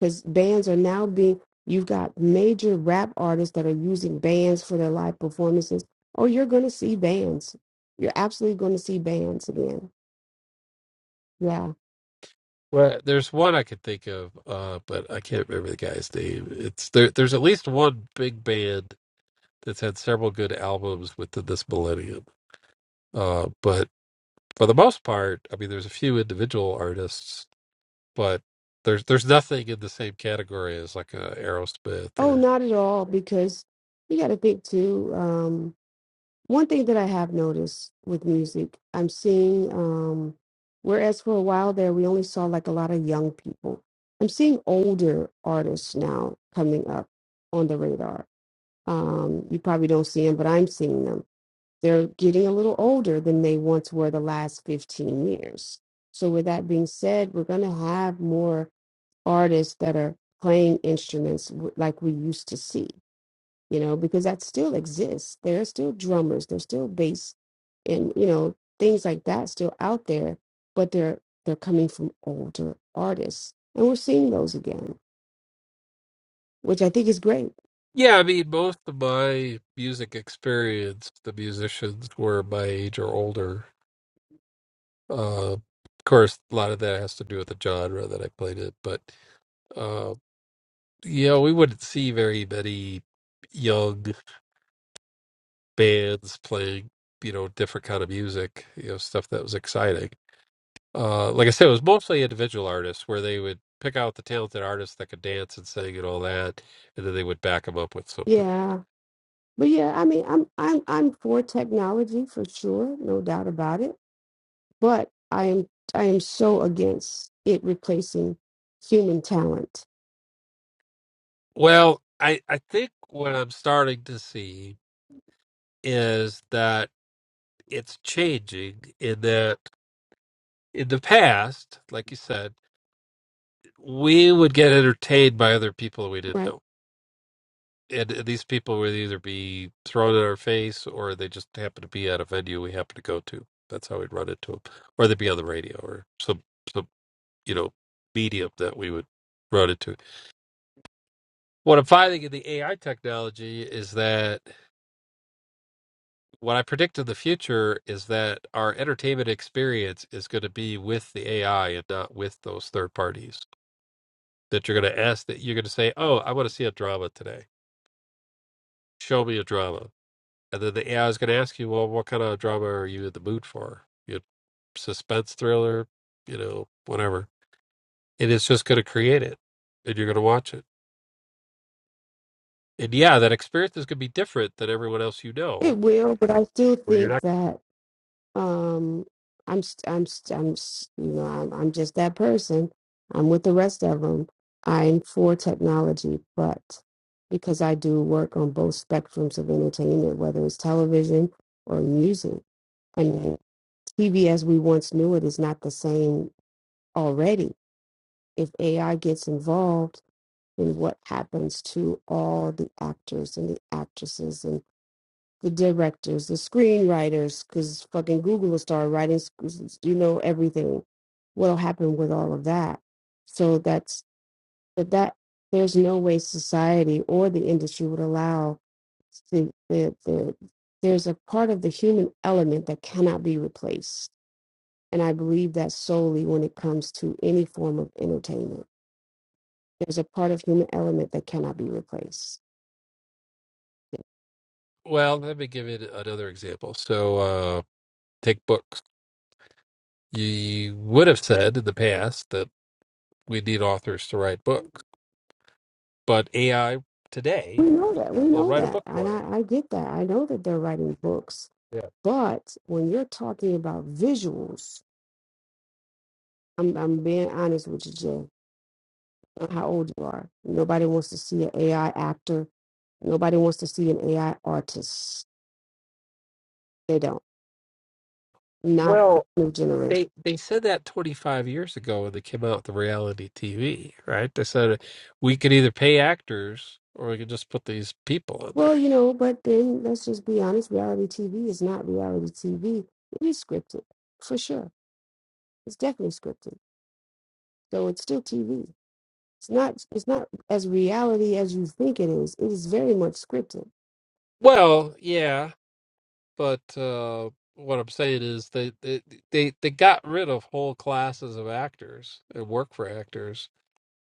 B: because bands are now being. You've got major rap artists that are using bands for their live performances, or you're going to see bands. You're absolutely going to see bands again. Yeah.
A: Well, there's one I could think of, uh, but I can't remember the guy's name. It's there. There's at least one big band that's had several good albums within this millennium Uh, but for the most part, I mean, there's a few individual artists, but there's there's nothing in the same category as like a Aerosmith
B: Oh,
A: or
B: not at all because you got to think too. Um, one thing that I have noticed with music, I'm seeing, um, whereas for a while there, we only saw like a lot of young people. I'm seeing older artists now coming up on the radar. Um, you probably don't see them, but I'm seeing them. They're getting a little older than they once were the last 15 years. So, with that being said, we're going to have more artists that are playing instruments w- like we used to see you know, because that still exists. There are still drummers, there's still bass and, you know, things like that still out there, but they're they're coming from older artists. And we're seeing those again, which I think is great.
A: yeah. I mean, most of my music experience, the musicians were my age or older. Uh, of course, a lot of that has to do with the genre that I played it, but uh, you know, we wouldn't see very many young bands playing you know different kind of music, you know, stuff that was exciting uh, like I said, it was mostly individual artists where they would pick out the talented artists that could dance and sing and all that, and then they would back them up with something.
B: Yeah. But yeah, I mean I'm I'm I'm for technology for sure, no doubt about it. But I am I am so against it replacing human talent.
A: Well, I, I think what I'm starting to see is that it's changing in that in the past, like you said, we would get entertained by other people we didn't
B: Right.
A: know. And these people would either be thrown in our face or they just happen to be at a venue we happen to go to. That's how we'd run into them. Or they'd be on the radio or some. you know medium that we would run into. What I'm finding in the AI technology is that what I predict in the future is that our entertainment experience is going to be with the AI and not with those third parties. That you're going to ask that you're going to say, "Oh, I want to see a drama today. Show me a drama," and then the AI is going to ask you, "Well, what kind of drama are you in the mood for? You know, suspense thriller, you know, whatever." And it's just going to create it, and you're going to watch it And yeah, that experience is going to be different than everyone else you know.
B: It will, but I still
A: Well, you're
B: think
A: not.
B: that um i'm st- i'm st- i'm s- you know I'm, I'm just that person i'm with the rest of them i'm for technology but because i do work on both spectrums of entertainment whether it's television or music and tv as we once knew it is not the same already if ai gets involved then what happens to all the actors and the actresses the directors, the screenwriters, because fucking Google will start writing, sc- you know, everything. What'll happen with all of that? So that's that. That there's no way society or the industry would allow the the, the there's a part of the human element that cannot be replaced, and I believe that solely when it comes to any form of entertainment. There's a part of human element that cannot be replaced.
A: Well, let me give it another example. So, uh, take books. You would have said in the past that we need authors to write books, but AI today
B: We know that. We
A: will
B: know
A: write a
B: that.
A: book
B: And
A: for
B: I, I get that. I know that they're writing books
A: you. Yeah.
B: But when you're talking about visuals, I'm I'm being honest with you, Jay. on How old you are? Nobody wants to see an AI actor. Nobody wants to see an AI artist. They don't. Not
A: Well,
B: new generation.
A: they they said that 25 years ago when they came out with the reality TV, right? They said we could either pay actors or we could just put these people on
B: Well,
A: there.
B: you know, but then let's just be honest. Reality TV is not reality TV. It is scripted, for sure. It's definitely scripted. So it's still TV. It's not. It's not as reality as you think it is. It is very much scripted.
A: Well, yeah, but uh, what I'm saying is they, they they they got rid of whole classes of actors and work for actors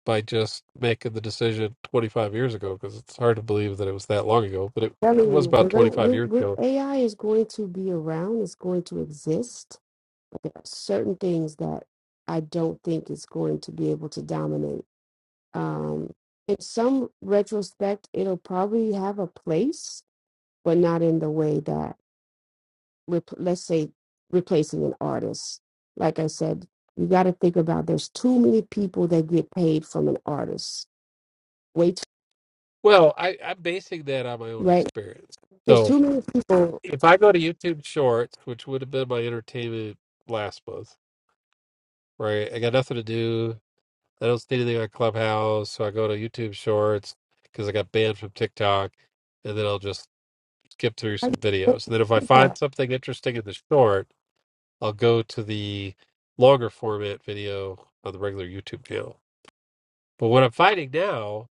A: by just making the decision 25 years ago because it's hard to believe that it was that long ago, but it, it
B: telling
A: was
B: you,
A: about
B: we're gonna
A: 25
B: we're,
A: years
B: we
A: ago.
B: AI is going to be around. It's going to exist. Certain things that I don't think it's going to be able to dominate. Um, in some retrospect, it'll probably have a place, but not in the way that rep- let's say replacing an artist. Like I said, you got to think about. There's too many people that get paid from an artist. Wait,
A: Well, I, I'm basing that on my own
B: right?
A: experience.
B: There's
A: So
B: too many people.
A: if I go to YouTube Shorts, which would have been my entertainment last month, right? I got nothing to do. I don't see anything on Clubhouse, so I go to YouTube Shorts because I got banned from TikTok and then I'll just skip through
B: I
A: some videos. And then if I find
B: get
A: something interesting in the short, I'll go to the longer format video on the regular YouTube channel. But what I'm finding now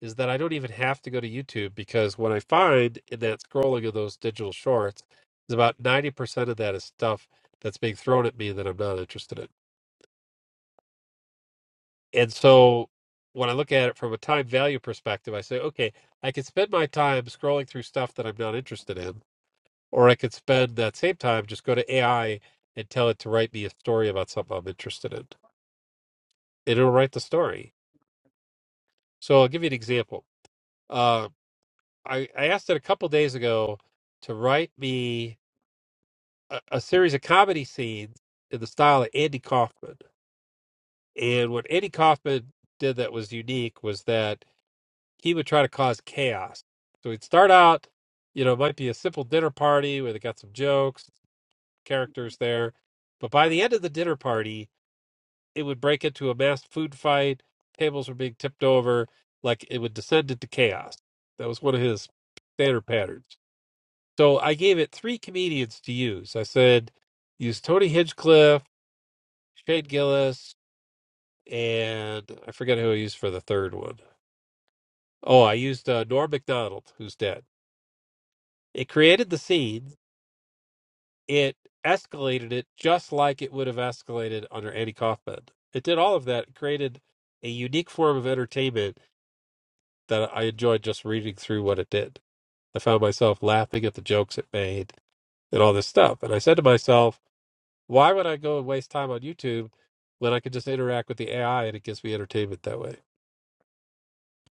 A: is that I don't even have to go to YouTube because what I find in that scrolling of those digital shorts is about 90% of that is stuff that's being thrown at me that I'm not interested in. And so when I look at it from a time value perspective, I say, okay, I can spend my time scrolling through stuff that I'm not interested in Or I could spend that same time just go to AI and tell it to write me a story about something I'm interested in. It'll write the story. So I'll give you an example. Uh, I, I asked it a couple days ago to write me a, a series of comedy scenes in the style of Andy Kaufman. And what Andy Kaufman did that was unique was that he would try to cause chaos. So he'd start out, you know, it might be a simple dinner party where they got some jokes, characters there. But by the end of the dinner party, it would break into a mass food fight. Tables were being tipped over. Like it would descend into chaos. That was one of his standard patterns. So I gave it three comedians to use. I said, use Tony Hinchcliffe, Shane Gillis, and I forget who I used for the third one. Oh, I used uh, Norm MacDonald, who's dead. It created the scene. It escalated it just like it would have escalated under Andy Kaufman. It did all of that. It created a unique form of entertainment that I enjoyed just reading through what it did. I found myself laughing at the jokes it made and all this stuff. And I said to myself, why would I go and waste time on YouTube when I could just interact with the AI and it gives me entertainment that way?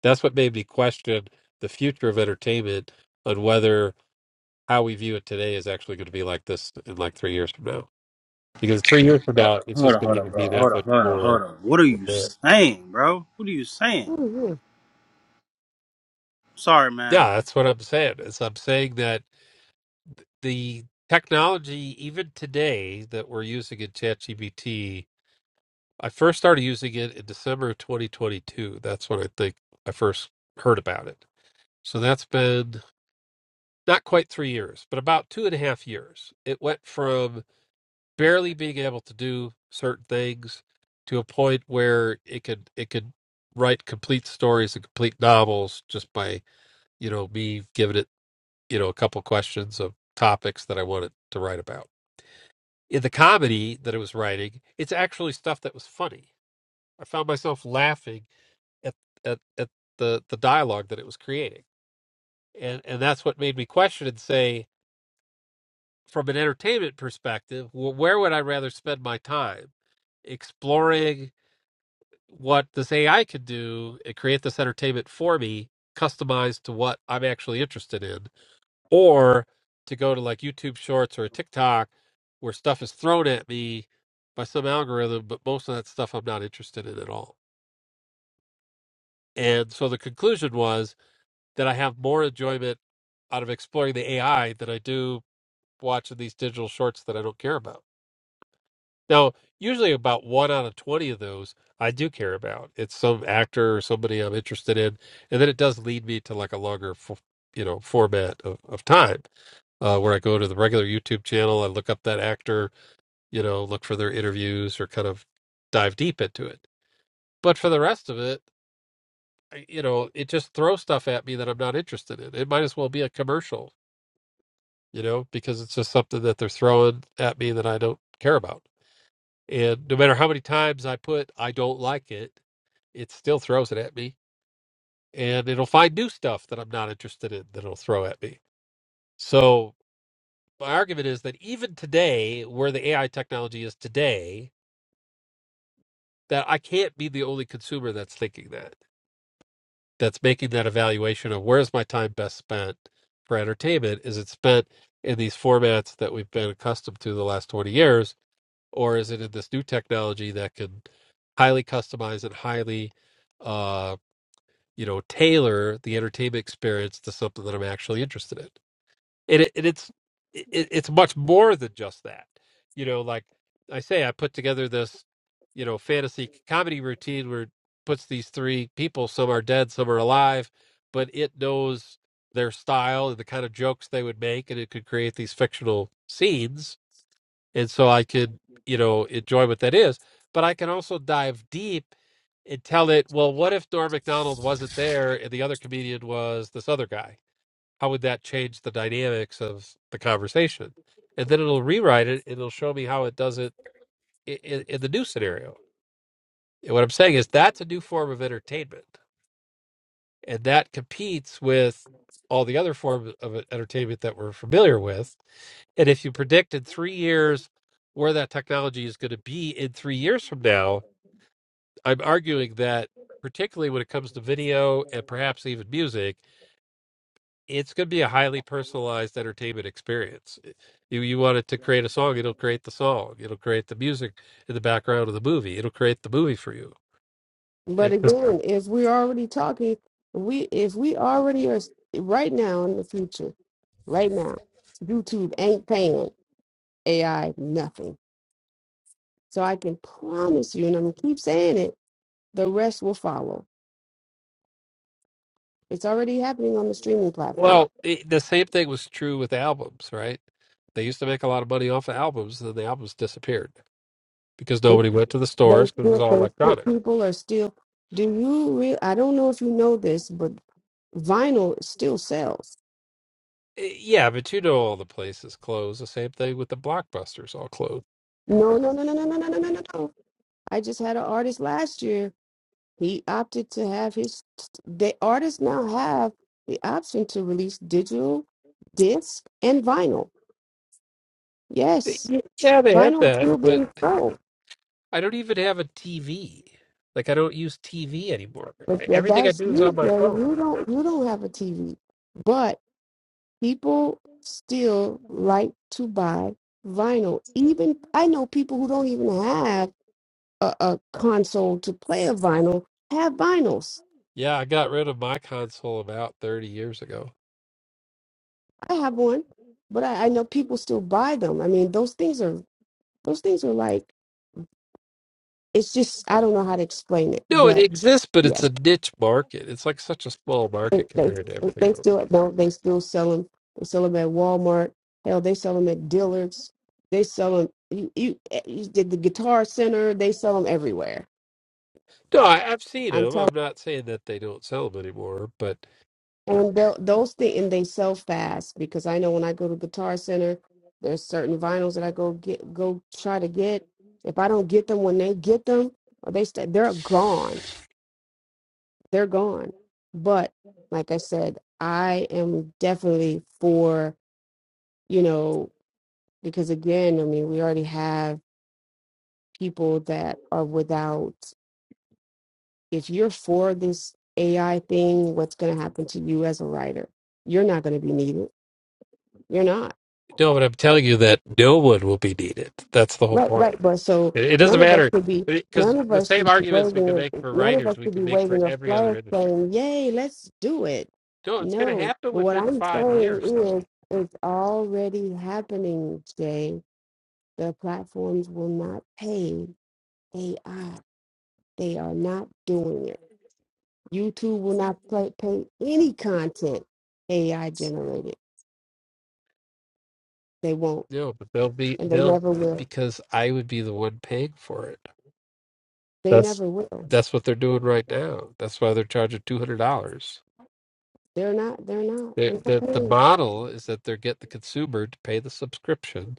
A: That's what made me question the future of entertainment on whether how we view it today is actually going to be like this in like three years from now. Because three years from
E: Bro,
A: now, it's
E: hold
A: just
E: on,
A: going to
E: hold
A: even
E: on,
A: be
E: bro. Hold
A: that
E: on,
A: much
E: hold on,
A: more
E: hold on. What are you
A: advanced.
E: saying, bro? What are you saying?
B: paid.
E: Sorry, man.
A: Yeah, that's what I'm saying. Is I'm saying that the technology even today that we're using in ChatGPT, I first started using it in December of 2022. That's when I think I first heard about it. So that's been not quite three years, but about two and a half years. It went from barely being able to do certain things to a point where it could it could write complete stories and complete novels just by you know me giving it you know a couple questions of topics that I wanted to write about in the comedy that I was writing, it's actually stuff that was funny. I found myself laughing at at, at the the dialogue that it was creating, and and that's what made me question and say, from an entertainment perspective, well, where would I rather spend my time exploring what this AI could do and create this entertainment for me, customized to what I'm actually interested in, or to go to like YouTube Shorts or a TikTok where stuff is thrown at me by some algorithm, but most of that stuff I'm not interested in at all. And so the conclusion was that I have more enjoyment out of exploring the AI than I do watching these digital shorts that I don't care about. Now, usually about one out of 20 of those I do care about. It's some actor or somebody I'm interested in. And then it does lead me to like a longer, f- you know, format of, of time uh, where I go to the regular YouTube channel. I look up that actor, you know, look for their interviews or kind of dive deep into it. But for the rest of it, I- you know, it just throws stuff at me that I'm not interested in. It might as well be a commercial, you know, because it's just something that they're throwing at me that I don't care about. And no matter how many times I put, I don't like it, it still throws it at me. And it'll find new stuff that I'm not interested in that it'll throw at me. So my argument is that even today, where the AI technology is today, that I can't be the only consumer that's thinking that, that's making that evaluation of where's my time best spent for entertainment? Is it spent in these formats that we've been accustomed to the last 20 years, or is it in this new technology that can highly customize and highly, uh, you know, tailor the entertainment experience to something that I'm actually interested in? it, it it's it, it's much more than just that you know like i say i put together this you know fantasy comedy routine where it puts these three people some are dead some are alive but it knows their style and the kind of jokes they would make and it could create these fictional scenes and so i could you know enjoy what that is but i can also dive deep and tell it well what if norm Macdonald wasn't there and the other comedian was this other guy how would that change the dynamics of the conversation? And then it'll rewrite it. And it'll show me how it does it in, in the new scenario. And what I'm saying is that's a new form of entertainment, and that competes with all the other forms of entertainment that we're familiar with. And if you predict in three years where that technology is going to be in three years from now, I'm arguing that particularly when it comes to video and perhaps even music it's going to be a highly personalized entertainment experience. You you want it to create a song, it'll create the song. It'll create the music in the background of the movie. It'll create the movie for you.
B: But
A: It just
B: again, if we're already talking, we if we already are s- right now in the future, right now, YouTube ain't paying AI nothing. So I can promise you, and I'm gonna keep saying it, the rest will follow. It's already happening on the streaming platform.
A: well, it, the same thing was true with albums, right? They used to make a lot of money off of albums, and then the albums disappeared because
B: They
A: nobody went to the
B: they
A: stores because it was
B: still-
A: all
B: they still-
A: electronic.
B: people are still. Do you real? I don't know if you know this, but vinyl still sells.
A: Eh, Yeah, but you know all the places closed. The same thing with the blockbusters all closed.
B: No, no, no, no, no, no, no, no, no, no. no. I just had an artist last year He opted to have his the artists now have the option to release digital, disc, and vinyl.
A: Eh,
B: Yes,
A: Yeah, they had
B: vinyl is
A: that,
B: still
A: but
B: being sold,
A: I don't even have a TV. Like I don't use TV anymore.
B: but yeah,
A: Everything I
B: that's
A: do is on
B: you,
A: my
B: Jay.
A: phone.
B: You don't you don't have a TV, but people still like to buy vinyl. Even I know people who don't even have a, a console to play a vinyl have vinyls.
A: Yeah, I got rid of my console about 30 years ago.
B: I have one, but I, I know people still buy them. I mean, those things are those things are like it's just I don't know how to explain it,
A: No, it
B: but
A: exists, but it's
B: yes,
A: a niche market. It's like such a small
B: they
A: market
B: they,
A: compared to everything
B: they
A: else.
B: still don't they still sell them. They sell them at Walmart. Hell, they sell them at Dillard's. They sell them. You, you, eh, you did the Guitar Center. They sell them everywhere.
A: No, I, I've seen
B: I'm
A: them.
B: telling.
A: I'm not saying that they don't sell them anymore, but
B: And they'll- those things, and they sell fast because I know when I go to Guitar Center, there's certain vinyls that I go get, go try to get. If I don't get them when they get them, or they st- they're gone they're gone. But like I said, I am definitely for, you know, because again, I mean, we already have people that are without. If you're for this AI thing, what's going to happen to you as a writer? You're not going to be needed. You're not.
A: no, but I'm telling you that no one will be needed. That's the whole
B: Right,
A: point.
B: right. But so
A: It, it doesn't
B: none of us
A: matter
B: could be,
A: because
B: none of
A: the
B: us
A: same
B: should be
A: arguments we can
B: waving,
A: make for
B: none of
A: writers,
B: us
A: we
B: should
A: can
B: be
A: make for
B: waving a
A: every other
B: flag
A: industry.
B: saying, "Yay, let's do it."
A: No, it's going to
B: No,
A: happen
B: but what
A: within
B: I'm
A: five
B: saying
A: years, though.
B: is, it's already happening, Jay. The platforms will not pay AI. They are not doing it. YouTube will not play, pay any content AI generated. They won't,
A: No, but they'll be
B: and they
A: they'll
B: never will.
A: because I would be the one paying for it.
B: They
A: That's
B: never will.
A: that's what they're doing right now. That's why they're charging two hundred dollars.
B: They're not. They're not.
A: The
B: They're not
A: the the
B: paying.
A: model is that they're getting the consumer to pay the subscription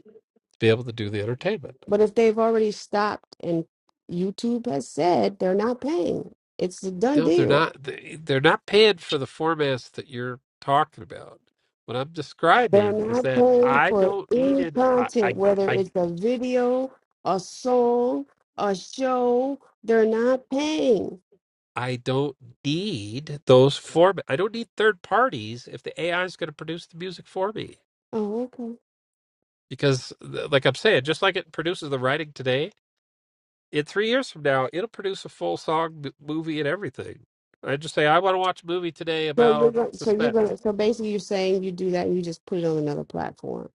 A: to be able to do the entertainment.
B: But if they've already stopped and YouTube has said they're not paying, it's a done
A: No, they're
B: deal.
A: not. they- They're not paying for the formats that you're talking about. What I'm
B: They're
A: describing is
B: not
A: that
B: paying
A: I
B: for
A: don't need
B: any
A: it. I I
B: content, whether
A: I
B: it's a video, a song, a show. They're not paying.
A: I don't need those format. I don't need third parties if the AI is going to produce the music for me.
B: Oh, okay.
A: because th- like i'm saying just like it produces the writing today in three years from now it'll produce a full song m- movie and everything i just say i want to watch a movie today
B: So you're
A: about
B: going. So you're going.
A: suspense
B: to So basically, you're saying you do that and you just put it on another platform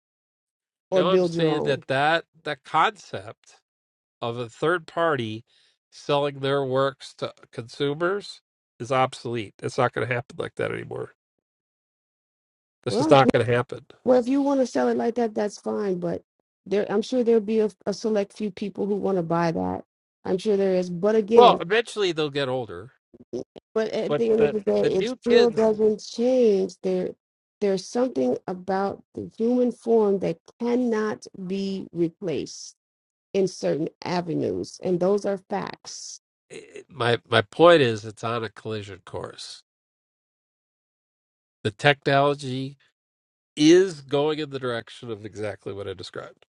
B: or
A: now i'm
B: build your
A: saying
B: own.
A: that that that concept of a third party selling their works to consumers is obsolete it's not going to happen like that anymore this is
B: Well,
A: not going to happen
B: well, if you want to sell it like that, that's fine. But there, I'm sure there'll be a, a select few people who want to buy that. I'm sure there is. But again,
A: well eventually they'll get older
B: But at
A: but
B: the end of
A: the
B: the day,
A: the
B: it
A: new
B: still
A: kids
B: doesn't change. There, there's something about the human form that cannot be replaced in certain avenues, and those are facts.
A: i- i- my my point is it's on a collision course the technology is going in the direction of exactly what I described.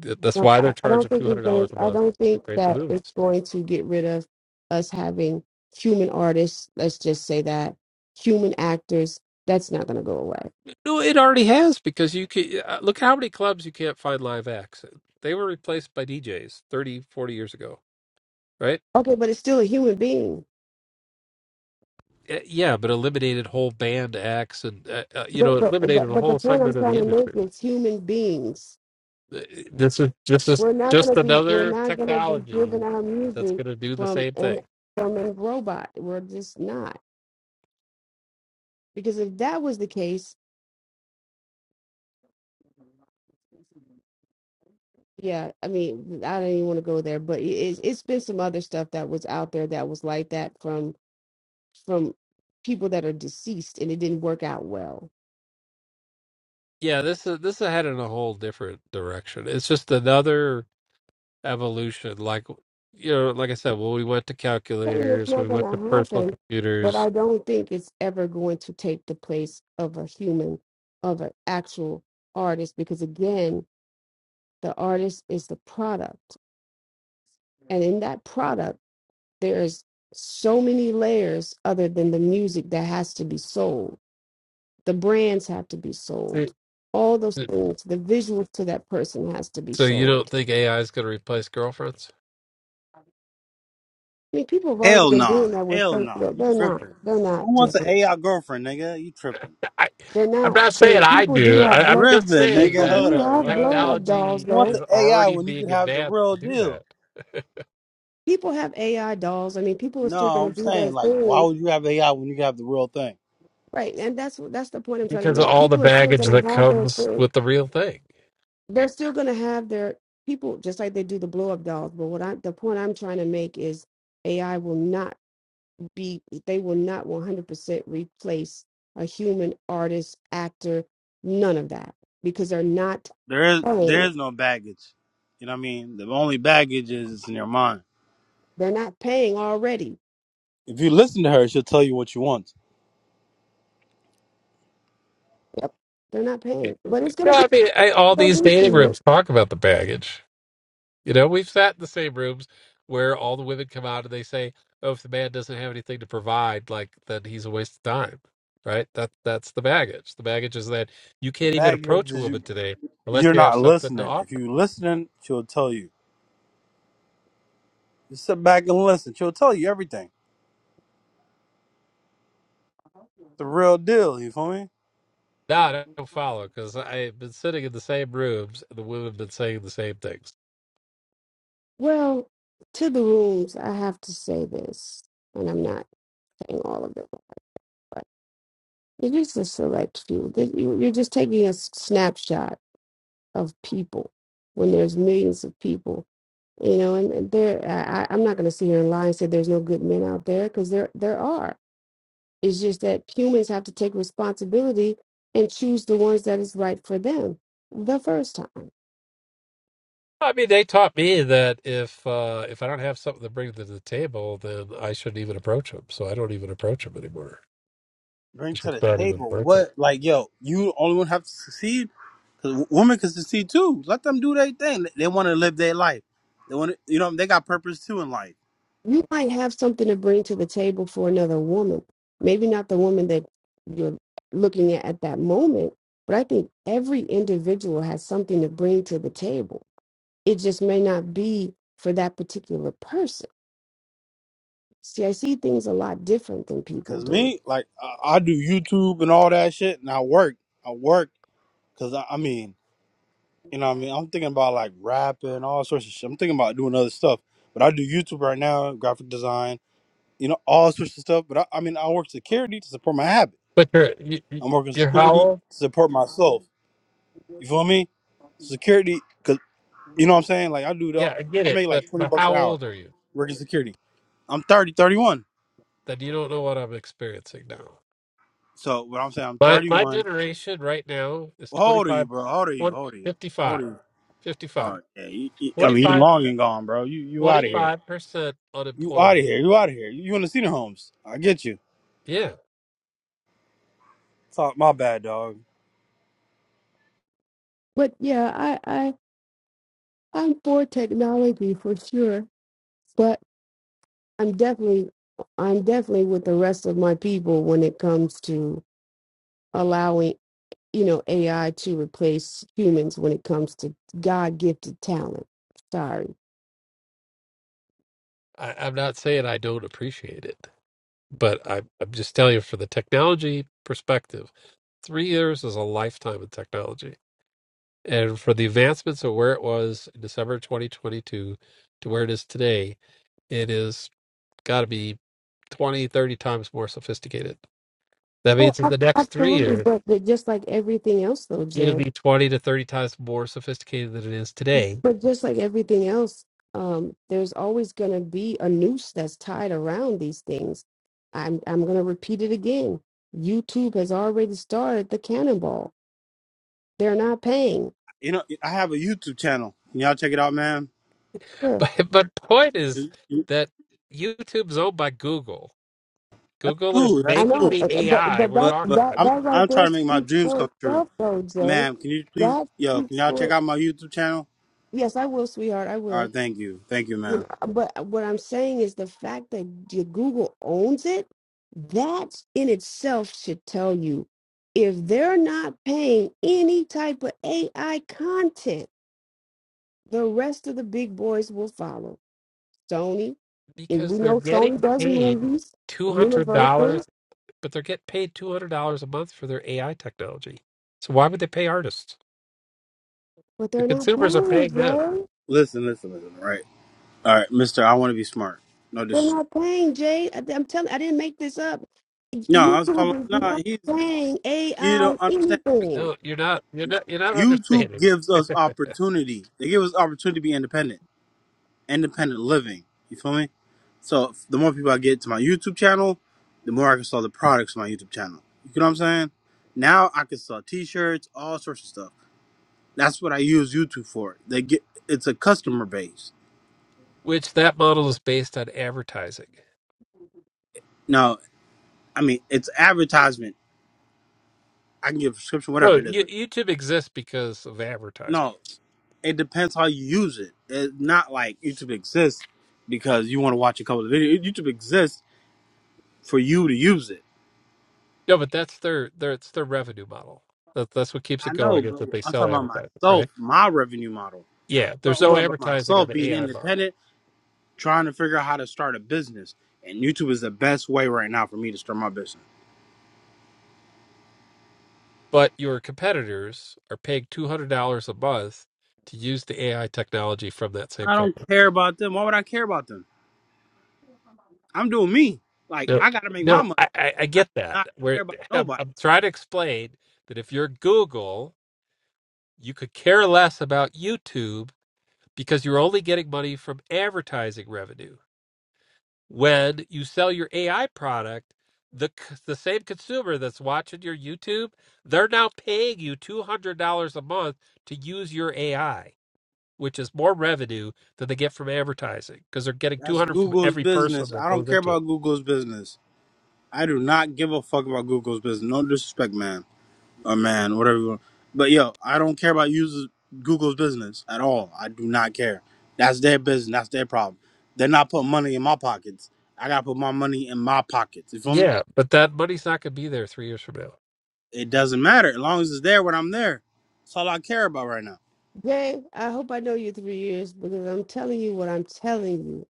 A: Th- That's
B: Now,
A: why they're
B: I I don't
A: charging
B: think
A: two hundred
B: it's going.
A: dollars a
B: I
A: month
B: don't
A: to
B: think
A: create the
B: that it's
A: movies.
B: going to get rid of us having human artists. Let's just say that human actors. That's not going to go away.
A: No, it already has because you can uh, look how many clubs you can't find live acts. They were replaced by DJs 30, 40 years ago, right?
B: Okay, but it's still a human being.
A: Uh, Yeah, but eliminated whole band acts and uh, uh, you know
B: But but
A: eliminated a
B: but the
A: whole
B: point I'm
A: segment of
B: trying
A: the
B: to make
A: industry.
B: is human beings
A: Uh, This is this is
B: We're not
A: just
B: gonna be we're
A: another
B: not gonna be giving
A: technology
B: our
A: that's
B: music
A: going to do the
B: from
A: same
B: an
A: thing
B: from a robot. We're just not. Because if that was the case, yeah, I mean, I don't even want to go there, but it, it's it's been some other stuff that was out there that was like that from from people that are deceased, and it didn't work out well.
A: Yeah, this is this is headed in a whole different direction. It's just another evolution. Like you know, like I said, well, we went to
B: I mean, it's
A: calculators, we
B: not going
A: went to
B: to
A: personal
B: happen, but
A: computers.
B: I don't think it's ever going to take the place of a human, of an actual artist, because again, the artist is the product and in that product there's so many layers other than the music that has to be sold the brands have to be
A: So
B: sold all those things the visuals to that person has to be
A: so you don't
B: sold
A: think AI is going to replace girlfriends?
B: i mean people have already
E: Hell
B: been
E: no.
B: doing that with
E: Hell
B: fake
E: no.
B: but
E: You
B: they're not
E: tripping.
B: they're
E: Who
B: not
E: wants an
B: different
E: AI girlfriend, nigga? You tripping.
A: I,
B: they're
A: I'm
B: not
A: not
B: i
A: saying
B: mean
A: I
B: people do
A: do.
E: You
B: have
A: I, I'm
B: blow
A: just
E: tripping,
A: saying
E: nigga.
B: people
A: that
E: Hold
B: do
A: the
E: up,
B: have
E: bro.
B: blow up dolls
A: technology
E: Who wants
B: though
E: an
A: is
E: AI
A: already
E: when you could
A: being
E: have the
A: advanced
E: real
A: to do
E: deal?
A: that
B: people have ai dolls i mean people are still
E: No,
B: going
E: I'm
B: to do their
E: saying, like, why
B: thing
E: would you have AI when you could have the real thing?
B: Right, and that's that's the point I'm trying to
A: because of
B: make.
A: all the
B: People are still
A: baggage
B: gonna
A: that
B: have their
A: comes
B: thing.
A: with the real thing.
B: they're still going to have their people just like they do the blow up dolls but what i the point i'm trying to make is ai will not be they will not 100% replace a human artist actor none of that because they're not
E: There is there
B: paying
E: is no baggage. You know what I mean? The only baggage is it's in your mind.
B: they're not paying already
E: If you listen to her, she'll tell you what you want.
B: yep they're not paying but it's going
A: No,
B: to be
A: I mean, I, all these dating rooms talk about the baggage. You know, we've sat in the same rooms where all the women come out and they say, "Oh, if the man doesn't have anything to provide, like then he's a waste of time." Right? That that's the baggage. The baggage is that you
E: The
A: can't even
E: baggage
A: approach a
E: is you
A: woman today unless
E: You're
A: you have
E: not
A: something to
E: listening. If
A: offer.
E: you're listening, she'll tell you. Just sit back and listen. She'll tell you everything. The real deal. You feel me?
A: No, I don't follow because I've been sitting in the same rooms and the women have been saying the same things.
B: well to the rooms i have to say this and i'm not saying all of them it's just a select few you- are just taking a snapshot of people when there's millions of people you know and and there I, I- i'm not going to sit here and lie and say there's no good men out there because there there are it's just that humans have to take responsibility and choose the ones that is right for them the first time
A: I mean, they taught me that if uh, if I don't have something to bring to the table, then I shouldn't even approach them. So I don't even approach them anymore.
E: Bring
A: It's
E: to
A: just
E: the
A: not even
E: table.
A: worth it.
E: What? Like, yo, you the only one have to succeed. Cause w- women can succeed too. Let them do their thing. They want to live their life. They want to, you know, they got purpose too in life.
B: you might have something to bring to the table for another woman maybe not the woman that you're looking at at that moment but i think every individual has something to bring to the table it just may not be for that particular person See, I see things a lot different than people
E: Cause
B: do.
E: me, like, I, I do YouTube and all that shit, and I work. I work. Cause I, I mean, you know, what I mean, I'm thinking about like rapping, all sorts of shit. I'm thinking about doing other stuff. But I do YouTube right now, graphic design you know, all sorts of stuff. But I, I mean, I work security to support my habit.
A: But you're you, you-
E: I'm working
A: you're how
E: security
A: old?
E: to support myself. You feel me? Security, cause you know what I'm saying. Like I do the,
A: Yeah, I get
E: I
A: it,
E: make
A: but
E: like 20
A: but
E: bucks
A: how
E: an hour
A: old are you
E: working security. I'm 30, 31.
A: that you don't know what I'm experiencing now?
E: So what I'm saying, I'm
A: My my
E: 31.
A: generation right now is
E: Well, how old are you,
A: 25,
E: bro? How old are you?
A: 20,
E: How old are you? How old are
A: fifty-five,
E: you?
A: fifty-five,
E: Oh yeah, you, you- I mean, you
A: twenty-five,
E: long and gone, bro. You you out of here.
A: twenty-five percent
E: You out of
A: unemployment.
E: here. You out of here. You, you in the senior homes. I get you.
A: Yeah,
E: Talk my bad, dog.
B: But yeah, I, I I'm for technology for sure. But I'm definitely I'm definitely with the rest of my people when it comes to allowing, you know, AI to replace humans when it comes to God gifted talent. Sorry.
A: I, I'm not saying I don't appreciate it, but I, am I'm just telling you for the technology perspective, three years is a lifetime of technology. And for the advancements of where it was in December 2022 to where it is today, it is. got to be 20, 30 times more sophisticated. That
B: Oh,
A: means in the
B: ab-
A: next three
B: absolutely.
A: years,
B: But, but just like everything else though,
A: it'll
B: Jay,
A: be 20 to 30 times more sophisticated than it is today.
B: But just like everything else, um, there's always going to be a noose that's tied around these things. I'm I'm going to repeat it again. YouTube has already started the cannonball. They're not paying.
E: You know, I have a YouTube channel. Can y'all check it out, man?
B: Huh.
A: But, but point is that YouTube's owned by Google.
E: That's
A: Google is
E: cool. That's
B: I
A: making
B: know,
E: cool.
A: the
B: uh, but
A: AI
B: but
A: we're
B: that
E: But
A: talking
E: but
A: about
B: that
E: I'm
B: that right
E: I'm
B: there
E: trying to make my
B: speaks
E: dreams
B: for
E: come true.
B: itself, though, Jay.
E: Ma'am, can you please
B: That
E: yo, can
B: speaks
E: y'all
B: for
E: check
B: it.
E: out my YouTube channel?
B: Yes, I will, sweetheart. I will.
E: Alright, thank you. Thank you,
B: But
E: ma'am.
B: but uh, what I'm saying is the fact that your Google owns it, that in itself should tell you if they're not paying any type of AI content, the rest of the big boys will follow. Sony, and we
A: because they're
B: know Sony
A: getting
B: does
A: paid
B: movies, Universal,
A: $200, but they're getting paid $200 a month for their AI technology. So why would they pay artists?
B: but
A: The
B: they're not
A: consumers are
B: paying,
A: paying them.
B: Jay.
E: Listen, listen, listen, All right? Alright, mister, I wanna be smart. No
B: They're
E: disrespect.
B: not paying, Jay. I- I'm telling, I didn't make this up.
E: No, I was calling
B: YouTube is
E: No,
B: not
E: he's
B: paying
E: he
B: AI
E: don't understand. Like
B: anything.
A: No, you're not. You're not. You're not
E: YouTube
A: understanding.
E: gives us opportunity. They give us opportunity to be independent. Independent living. You feel me? So the more people I get to my YouTube channel, the more I can sell the products on my YouTube channel. You know what I'm saying? Now I can sell t-shirts, all sorts of stuff. That's what I use YouTube for. They get it's a customer base.
A: which that model is based on advertising.
E: No, I mean it's advertisement. I can give a subscription,
A: No,
E: whatever it is.
A: Yo- YouTube exists because of advertisement.
E: No, it depends how you use it. It's not like YouTube exists because you want to watch a couple of videos. YouTube exists for you to use it.
A: No, but that's their, their it's their revenue model. That, that's what keeps it
E: I know,
A: going is
E: but
A: that they
E: I'm
A: sell
E: talking about
A: advertising,
E: myself,
A: right?
E: my revenue model.
A: Yeah, there's
E: I'm
A: no
E: more about
A: advertising on
E: myself
A: the
E: being
A: AI model,
E: independent, trying to figure out how to start a business. And YouTube is the best way right now for me to start my business.
A: but your competitors are paying two hundred dollars a month to use the AI technology from that same
E: I don't
A: company.
E: care about them. Why would I care about them? I'm doing me. Like
A: No,
E: I gotta make my
A: no,
E: money.
A: I, I, I
E: I do
A: get that.
E: not
A: Where
E: care about
A: I'm,
E: nobody.
A: I'm trying to explain that if you're Google, you could care less about YouTube because you're only getting money from advertising revenue. When you sell your AI product, the the same consumer that's watching your YouTube, they're now paying you $200 a month to use your AI, which is more revenue than they get from advertising because they're getting
E: That's
A: 200 from
E: Google's
A: every person
E: business.
A: that
E: I don't
A: goes
E: care
A: into
E: about
A: it.
E: Google's business. I do not give a fuck about Google's business. No disrespect, man. Or man, whatever you want. But yo, I don't care about users Google's business at all. I do not care. That's their business. That's their problem. They're not putting money in my pockets. I gotta put my money in my pockets. You feel me?
A: Yeah, but that money's not going to be there 3 years from now.
E: It doesn't matter. As long as it's there when I'm there. That's all I care about right now.
B: Jay, I hope I know you three years because I'm telling you what I'm telling you.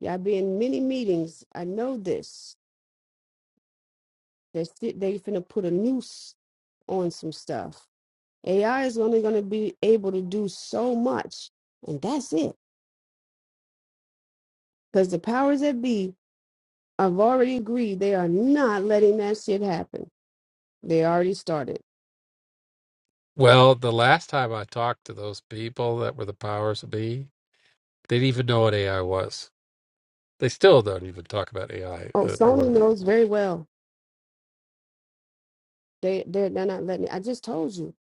B: Y'all be in many meetings. I know this. They sti- they finna put a noose on some stuff. AI is only gonna be able to do so much, and that's it. Because the powers that be have already agreed they are not letting that shit happen. They already started.
A: Well, the last time I talked to those people that were the powers that be, they didn't even know what AI was. They still don't even talk about
B: Oh,
A: AI.
B: Sony knows very well They they're, they're not letting me. I just told you,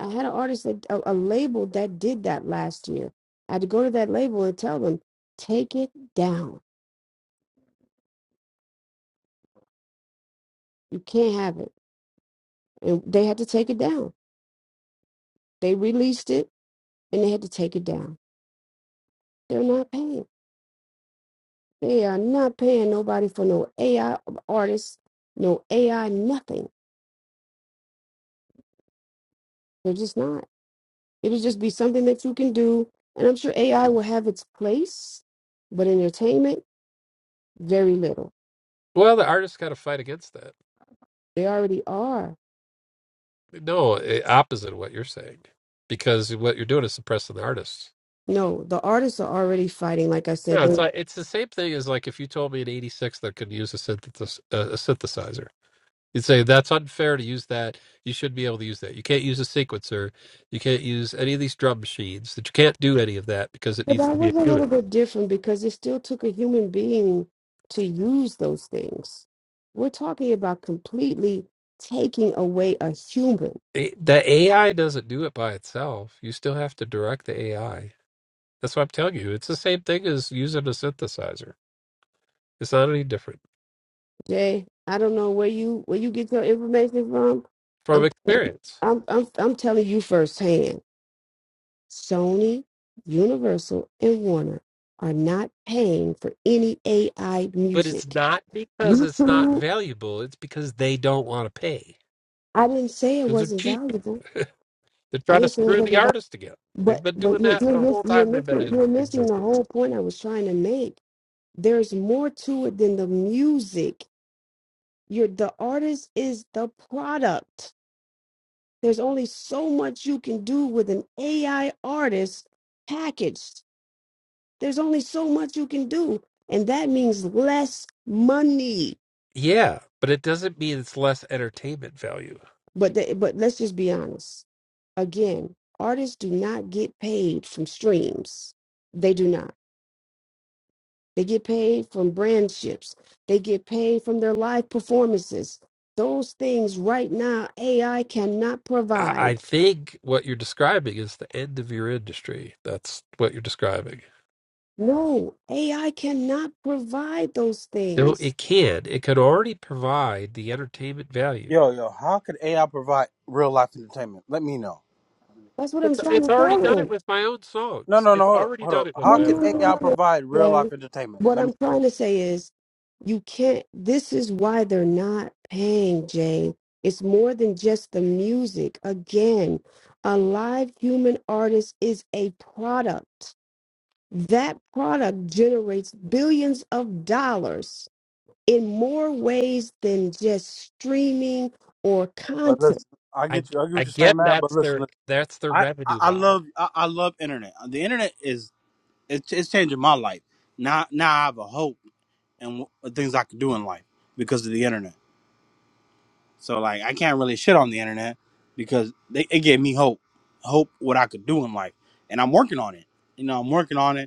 B: I had an artist that a, a label that did that last year. I had to go to that label and tell them, take it down. You can't have it, and they had to take it down. They released it and they had to take it down. They're not paying. They are not paying nobody for no AI artists, no AI nothing. They're just not. It'll just be something that you can do, and I'm sure AI will have its place, but entertainment, very little.
A: Well, the artist's got to fight against that.
B: They already are.
A: No, eh, opposite of what you're saying, because what you're doing is suppressing the artists.
B: No, the artists are already fighting. Like I said,
A: Yeah, it's
B: they,
A: like it's the same thing as like if you told me in '86 that I could use a, synthesis, uh, a synthesizer, you'd say that's unfair to use that. You shouldn't be able to use that. You can't use a sequencer. You can't use any of these drum machines. That you can't do any of that because it
B: but
A: needs
B: that
A: to be a
B: was a little
A: unit.
B: bit different because it still took a human being to use those things. We're talking about completely taking away a human.
A: Eh, The AI doesn't do it by itself. You still have to direct the AI. That's what I'm telling you. It's the same thing as using a synthesizer. It's not any different.
B: Jay, I don't know where you where you get your information from.
A: from
B: I'm
A: experience.
B: I'm I'm, I'm telling you firsthand. Sony, Universal, and Warner are not paying for any AI
A: But it's
B: music.
A: not because it's not
B: YouTube.
A: valuable, it's because they don't want to pay
B: I didn't say it
A: because they're
B: wasn't
A: cheap.
B: valuable.
A: they're
B: I
A: trying to
B: didn't say it
A: screw
B: wasn't
A: the
B: valuable
A: artist again. They've
B: But
A: been doing
B: but you're
A: that
B: you're,
A: the
B: miss,
A: whole
B: you're
A: time they've been
B: missing
A: in
B: you're missing the
A: existence.
B: whole point I was trying to make. There's more to it than the music. You're the artist is the product. There's only so much you can do with an AI artist packaged. There's only so much you can do, and that means less money.
A: Yeah, but it doesn't mean it's less entertainment value.
B: But the, but let's just be honest. Again, artists do not get paid from streams. They do not They get paid from brandships. They get paid from their live performances. Those things right now, AI cannot
A: I, I
B: provide.
A: think what you're describing is the end of your industry. That's what you're describing.
B: No, AI cannot provide those
A: No,
B: things.
A: it can. It could already provide the entertainment value.
E: Yo, yo, how could AI provide real life entertainment? Let me know.
B: That's what I'm
A: It's it's
B: trying to
A: already
B: tell
A: done it
B: them.
A: with my own
E: No,
A: songs.
E: no, no.
A: It's
E: Hold up,
A: already
E: hold up.
A: done it with
E: How
B: No,
A: my
E: could
B: no,
A: own
B: no, no,
A: songs.
B: no,
E: AI
B: no. no.
E: provide real life
B: Jay.
E: entertainment?
B: What
E: Let me.
B: I'm trying to say is, you can't. This is why they're not paying, Jay. It's more than just the music. Again, a live human artist is a product That product generates billions of dollars in more ways than just streaming or
E: But
B: content.
E: listen, I
A: I
E: get you. I get
A: I
E: what you're saying,
A: get
E: man. But
A: that's
E: listen,
A: their
E: listen.
A: that's their
E: I, I
A: revenue
E: I
A: model.
E: love I, I love internet. The internet is it's, it's changing my life. Now now I have a hope and w- things I can do in life because of the internet. So like I can't really shit on the internet because they, it gave me hope, hope what I could do in life, and I'm working on it. You know, I'm working on it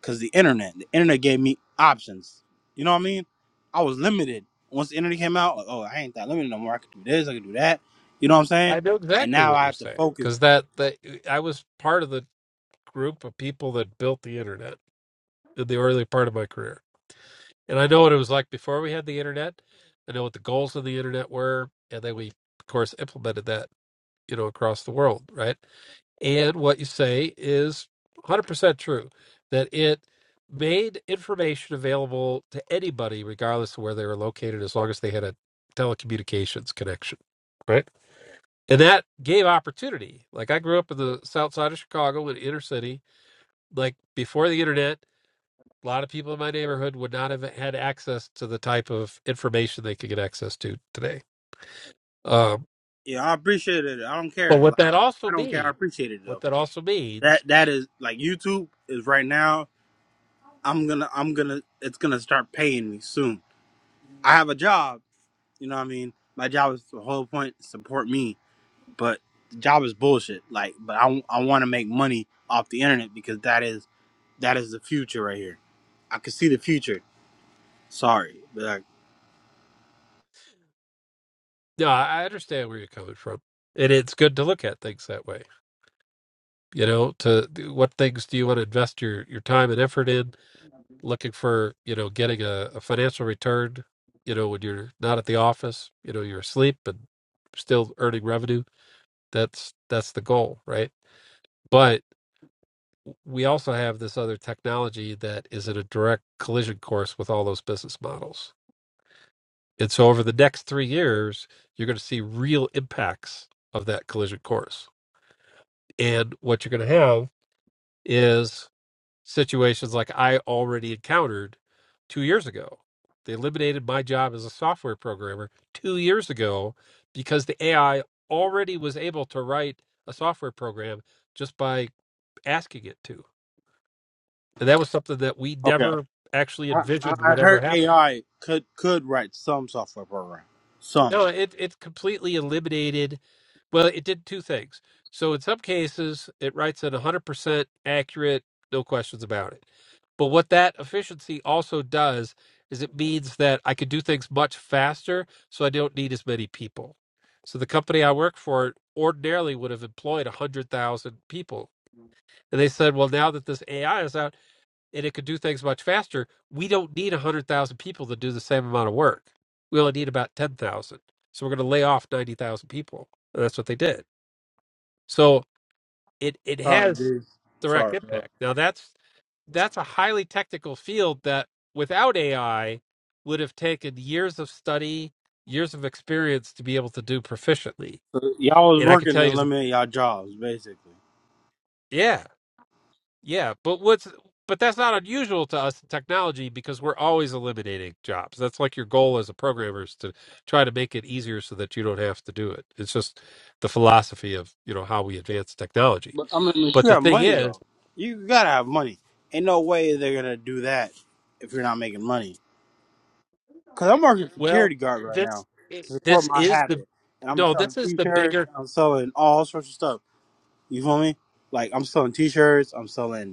E: because the internet, the internet gave me options. You know what I mean? I was limited. Once the internet came out, like, oh, I ain't that limited no more. I could do this, I could do that. You know what I'm saying?
A: I know
E: And
A: exactly
E: now
A: what
E: I
A: you're
E: have to
A: saying
E: focus.
A: because that that uh, I was part of the group of people that built the internet in the early part of my career, and I know what it was like before we had the internet. I know what the goals of the internet were, and then we of course implemented that you know across the world, right? And what you say is 100% true that it made information available to anybody, regardless of where they were located, as long as they had a telecommunications connection. Right. And that gave opportunity. Like I grew up in the south side of Chicago in inner city. Like before the internet, a lot of people in my neighborhood would not have had access to the type of information they could get access to today. Um,
E: Yeah, I appreciate it. I don't
A: but
E: care.
A: what
E: Like,
A: that
E: I
A: also
E: don't care. I
A: means,
E: appreciate it
A: what
E: though.
A: that also means
E: That that is like YouTube is right now. I'm gonna I'm gonna it's gonna start paying me soon. I have a job. You know what I mean? My job is the whole point support me, but the job is bullshit. Like, but I I want to make money off the internet because that is That is the future right here. I can see the future. Sorry, but I,
A: Yeah, I understand where you're coming from, and it's good to look at things that way. You know, to what things do you want to invest your your time and effort in? Looking for you know getting a, a financial return. You know, when you're not at the office, you know you're asleep and still earning revenue. That's that's the goal, right? But we also have this other technology that is in a direct collision course with all those business models. And so over the next three years, you're going to see real impacts of that collision course And what you're going to have is situations like I already encountered two years ago. They eliminated my job as a software programmer two years ago because the AI already was able to write a software program just by asking it to. And that was something that we
E: Okay.
A: never actually
E: I, I
A: envisioned
E: I
A: would ever
E: heard
A: happen.
E: AI could could write some software program. Some.
A: No, it it completely eliminated. Well, it did two things. So in some cases, it writes it 100% accurate, no questions about it. But what that efficiency also does is it means that I can do things much faster, so I don't need as many people. So the company I work for ordinarily would have employed 100,000 people. And they said, well, now that this AI is out, and it could do things much faster, we don't need 100,000 people to do the same amount of work. We only need about 10,000. So we're going to lay off 90,000 people. And that's what they did. So it, it
E: Sorry,
A: has
E: dude. I'm
A: direct
E: sorry, bro.
A: impact. Now, that's that's a highly technical field that without AI would have taken years of study, years of experience to be able to do proficiently.
E: So y'all was
A: And I could
E: working
A: tell
E: to
A: you, as a,
E: eliminate y'all jobs, basically.
A: yeah. Yeah, but what's but that's not unusual to us in technology because we're always eliminating jobs. That's like your goal as a programmer is to try to make it easier so that you don't have to do it. It's just the philosophy of, you know, how we advance technology.
E: But I mean, if
A: But
E: you
A: the
E: have
A: thing
E: money
A: is,
E: though, you gotta have money. Ain't no way they're gonna do that if you're not making money. Cause I'm working
A: well,
E: security guard right now
A: this
E: to support
A: this
E: my
A: is the
E: habit, and I'm
A: no,
E: selling
A: this is the
E: t-shirts.
A: bigger
E: I'm selling all sorts of stuff. You feel me? Like I'm selling t-shirts. I'm selling.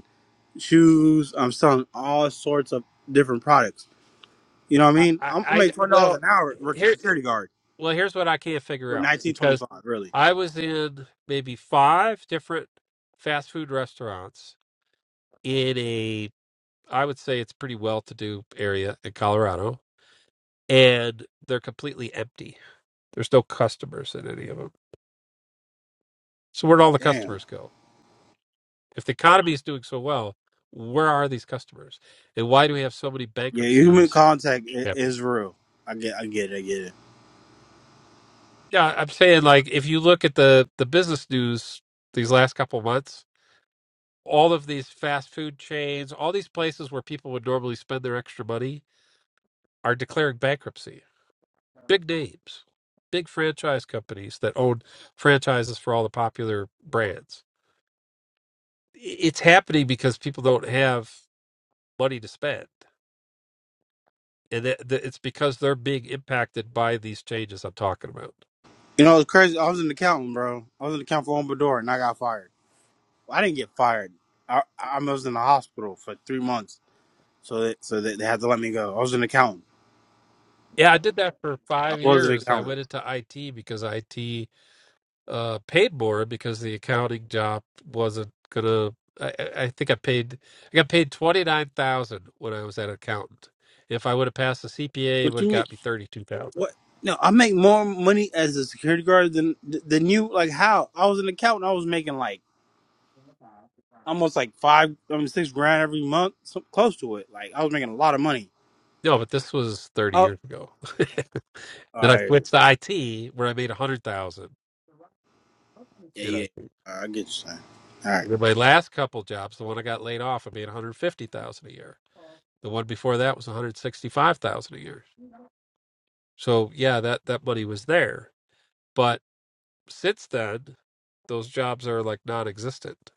E: shoes. I'm selling all sorts of different products. You know what I
A: I
E: mean?
A: I,
E: I'm, I
A: I
E: make twenty dollars
A: well,
E: an hour working
A: here
E: security guard
A: well, here's what I can't figure
E: with
A: out
E: nineteen twenty
A: because
E: five. Really?
A: I was in maybe five different fast food restaurants in a I would say it's pretty well-to-do area in Colorado, and they're completely empty. There's no customers in any of them. So where'd all the
E: Damn.
A: customers go? If the economy is doing so well, where are these customers, and why do we have so many
E: Yeah, human
A: bankruptcies
E: contact i-
A: happening?
E: is real. I get, I get it, I get it.
A: Yeah, I'm saying like if you look at the the business news these last couple of months, all of these fast food chains, all these places where people would normally spend their extra money, are declaring bankruptcy big names, big franchise companies that own franchises for all the popular brands. I- It's happening because people don't have money to spend. And it- th- it's because they're being impacted by these changes I'm talking about.
E: You know, it's crazy. I was an accountant, bro. I was an the account for Ombador, and I got fired. Well, I didn't get fired. I, I was in the hospital for three months, so they, so they, they had to let me go. I was an accountant.
A: Yeah, I did that for
E: I
A: five
E: was an
A: years. I
E: accountant.
A: went into IT because IT uh, paid more because the accounting job wasn't gonna. I, I I think I paid. I got paid twenty nine thousand when I was an accountant. If I would have passed the CPA, it
E: What
A: would have
E: you mean?
A: got me thirty two thousand.
E: What? No, I make more money as a security guard than than you. Like how? I was an accountant. I was making like almost like five, I mean six grand every month, so close to it. Like I was making a lot of money.
A: No, but this was 30
E: Oh, all
A: years ago. then I
E: right.
A: switched to IT where I made 100,000
E: Yeah,
A: in
E: yeah.
A: IT.
E: All right, I get you. Son. All right.
A: And then my last couple jobs, the one I got laid off, I made 150,000 a year. The one before that was 165,000 a year. So yeah, that that money was there. But since then, those jobs are like non-existent.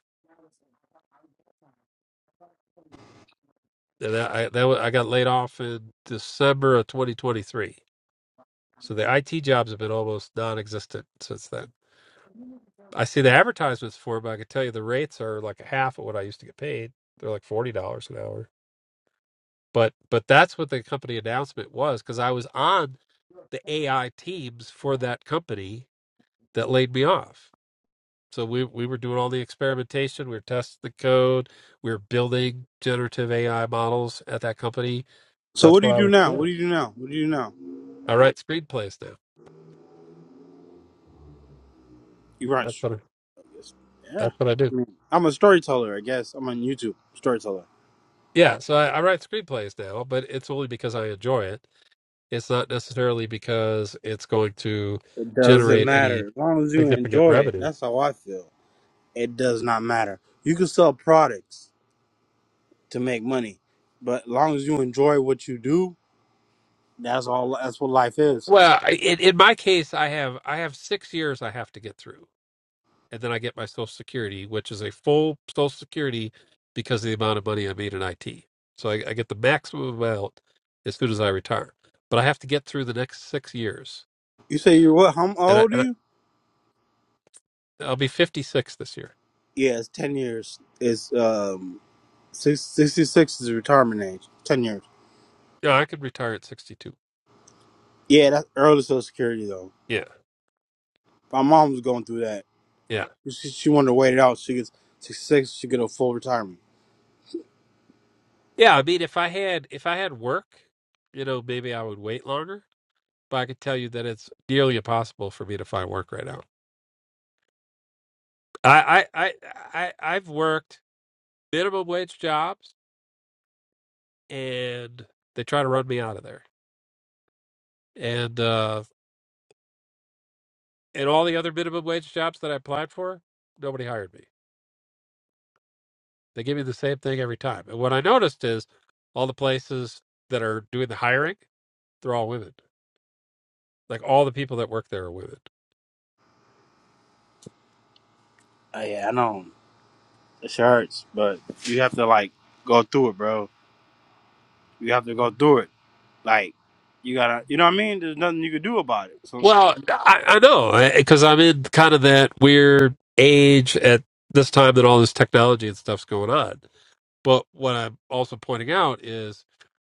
A: And that, I that, wa- I got laid off in December of 2023. So the IT jobs have been almost non-existent since then. I see the advertisements for it, but I can tell you the rates are like a half of what I used to get paid. They're like forty dollars an hour. But but that's what the company announcement was because I was on the AI teams for that company that laid me off. So we we were doing all the experimentation, we were testing the code, we were building generative AI models at that company.
E: So
A: That's
E: what do
A: what
E: you
A: I
E: do
A: was
E: now? What
A: doing.
E: do you do now? What do you do now?
A: I write screenplays now.
E: You run.
A: That's
E: sh-
A: what I,
E: Yes. Yeah.
A: that's what I do.
E: I mean, I'm a storyteller. I guess I'm on YouTube storyteller.
A: Yeah, so I, I write screenplays now, but it's only because I enjoy it It's not necessarily because it's going to
E: It doesn't
A: generate any
E: matter as long as you
A: significant
E: enjoy it.
A: revenue.
E: That's how I feel. It does not matter. You can sell products. to make money. But as long as you enjoy what you do, that's all. That's what life is.
A: Well, I- in, in my case, I have I have six years I have to get through, and then I get my Social Security, which is a full Social Security because of the amount of money I made in IT. So I, I get the maximum amount as soon as I retire, but I have to get through the next six years,
E: You say you're what? How
A: and, I,
E: old are
A: and I,
E: you?
A: I'll be fifty six this year.
E: Yeah, it's ten years. It's um, six, 66 is the retirement age. Ten years.
A: Yeah, I could retire at sixty two.
E: Yeah, that's early Social Security though.
A: Yeah,
E: My mom was going through that.
A: yeah.
E: She, she wanted to wait it out. She gets sixty six. She get a full retirement.
A: Yeah, I mean, if I had if I had work, you know, maybe I would wait longer. But I could tell you that it's nearly impossible for me to find work right now. I I I, I I've worked minimum wage jobs, and they try to run me out of there. And uh, and all the other minimum wage jobs that I applied for, nobody hired me. They give me the same thing every time. And what I noticed is all the places that are doing the hiring, they're all women. Like all the people that work there are women.
E: Uh, yeah, I know. It sure hurts, but you have to like go through it, bro. You have to go through it. Like you gotta, you know what I mean? There's nothing you can do about it. So.
A: Well, I, I know because I'm in kind of that weird age at this time that all this technology and stuff's going on. But what I'm also pointing out is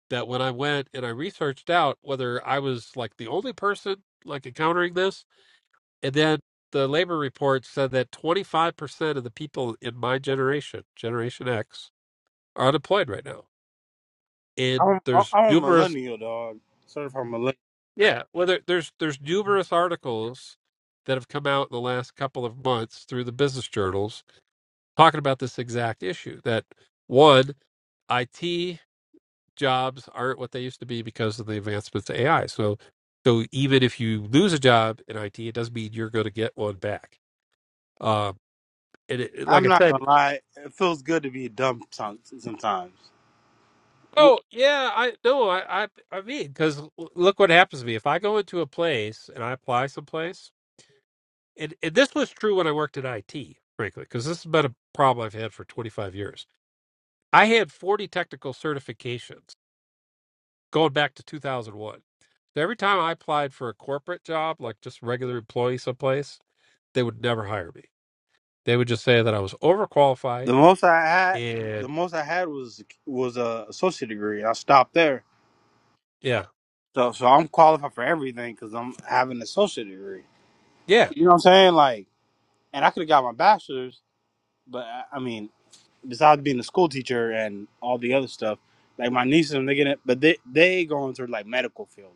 A: that when I went and I researched out whether I was like the only person like encountering this, and then the labor report said that 25% of the people in my generation, Generation X, are unemployed right now. And
E: I'm
A: there's
E: I'm a
A: numerous
E: millennial dog. Certified millennial.
A: Yeah, well, there, there's there's numerous articles that have come out in the last couple of months through the business journals talking about this exact issue. That one, IT jobs aren't what they used to be because of the advancements of AI. So, so even if you lose a job in IT, it doesn't mean you're going to get one back. Um, and it, it- like
E: I'm
A: I
E: not
A: said,
E: gonna lie. It feels good to be dumb some- sometimes. Well,
A: oh yeah, I no, I I, I mean, because look what happens to me if I go into a place and I apply someplace. and, and this was true when I worked at IT, frankly, because this has been a problem I've had for 25 years. I had 40 technical certifications going back to 2001. So every time I applied for a corporate job, like just regular employee someplace, they would never hire me. They would just say that I was overqualified.
E: The most I had,
A: And
E: the most I had was was a associate degree. I stopped there,
A: yeah,
E: so so I'm qualified for everything because I'm having an associate degree.
A: yeah,
E: You know what I'm saying? Like, and I could have got my bachelor's, but I I mean, besides being a school teacher and all the other stuff, like my nieces and they get it, but they they go into like medical field.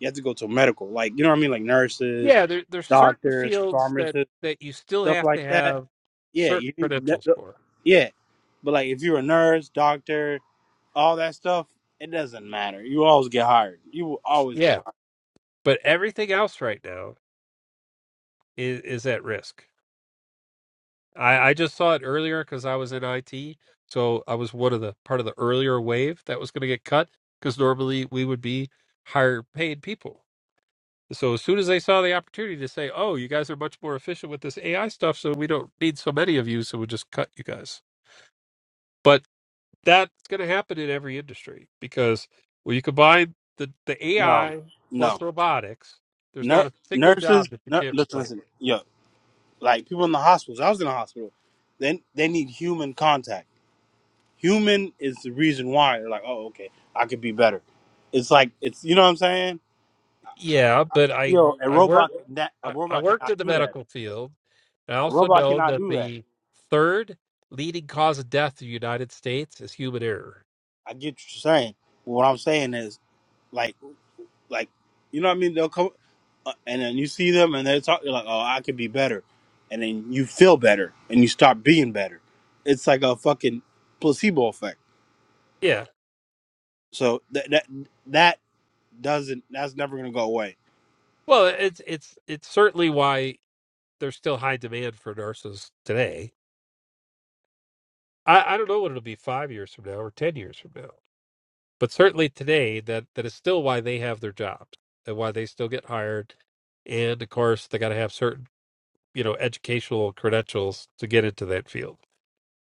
E: You have to go to medical, like you know what I mean, like nurses
A: yeah. There, there's certain
E: doctors,
A: fields that
E: pharmacists,
A: that you still
E: stuff
A: have
E: like
A: to
E: that.
A: have
E: Yeah,
A: certain
E: you that,
A: credentials
E: that-
A: for.
E: yeah. But like if you're a nurse, doctor, all that stuff, it doesn't matter. You always get hired. You will always get
A: Yeah,
E: hired.
A: but everything else right now is is at risk. I, I just saw it earlier because I was in IT, so I was one of the part of the earlier wave that was going to get cut because normally we would be higher paid people. So as soon as they saw the opportunity to say, "Oh, you guys are much more efficient with this AI stuff, so we don't need so many of you, so we'll just cut you guys," but that's going to happen in every industry because when you combine the the
E: No.
A: AI
E: No.
A: plus robotics, there's not
E: Nur-
A: a single
E: nurses,
A: job that you
E: nur-
A: can't
E: listen,
A: replace.
E: listen. Yo, like people in the hospitals. I was in the hospital. Then they need human contact. Human is the reason why they're like, "Oh, okay. I could be better." It's like it's you know what I'm saying?
A: Yeah, but I
E: Yo, a
A: I work
E: robot can- that a
A: I, I
E: robot
A: worked
E: cannot
A: in the
E: do that.
A: medical field. And I
E: A
A: also
E: robot
A: know
E: cannot
A: that
E: do that.
A: the third leading cause of death in the United States is human error.
E: I get what you're saying. What I'm saying is, like, like, you know what I mean? They'll come, uh, and then you see them, and they're talking like, "Oh, I could be better," and then you feel better, and you start being better. It's like a fucking placebo effect.
A: Yeah.
E: So that that that doesn't that's never gonna go away.
A: Well, it's it's it's certainly why there's still high demand for nurses today. I, I don't know what it'll be five years from now or ten years from now. But certainly today that, that is still why they have their jobs and why they still get hired. And of course they gotta have certain, you know, educational credentials to get into that field.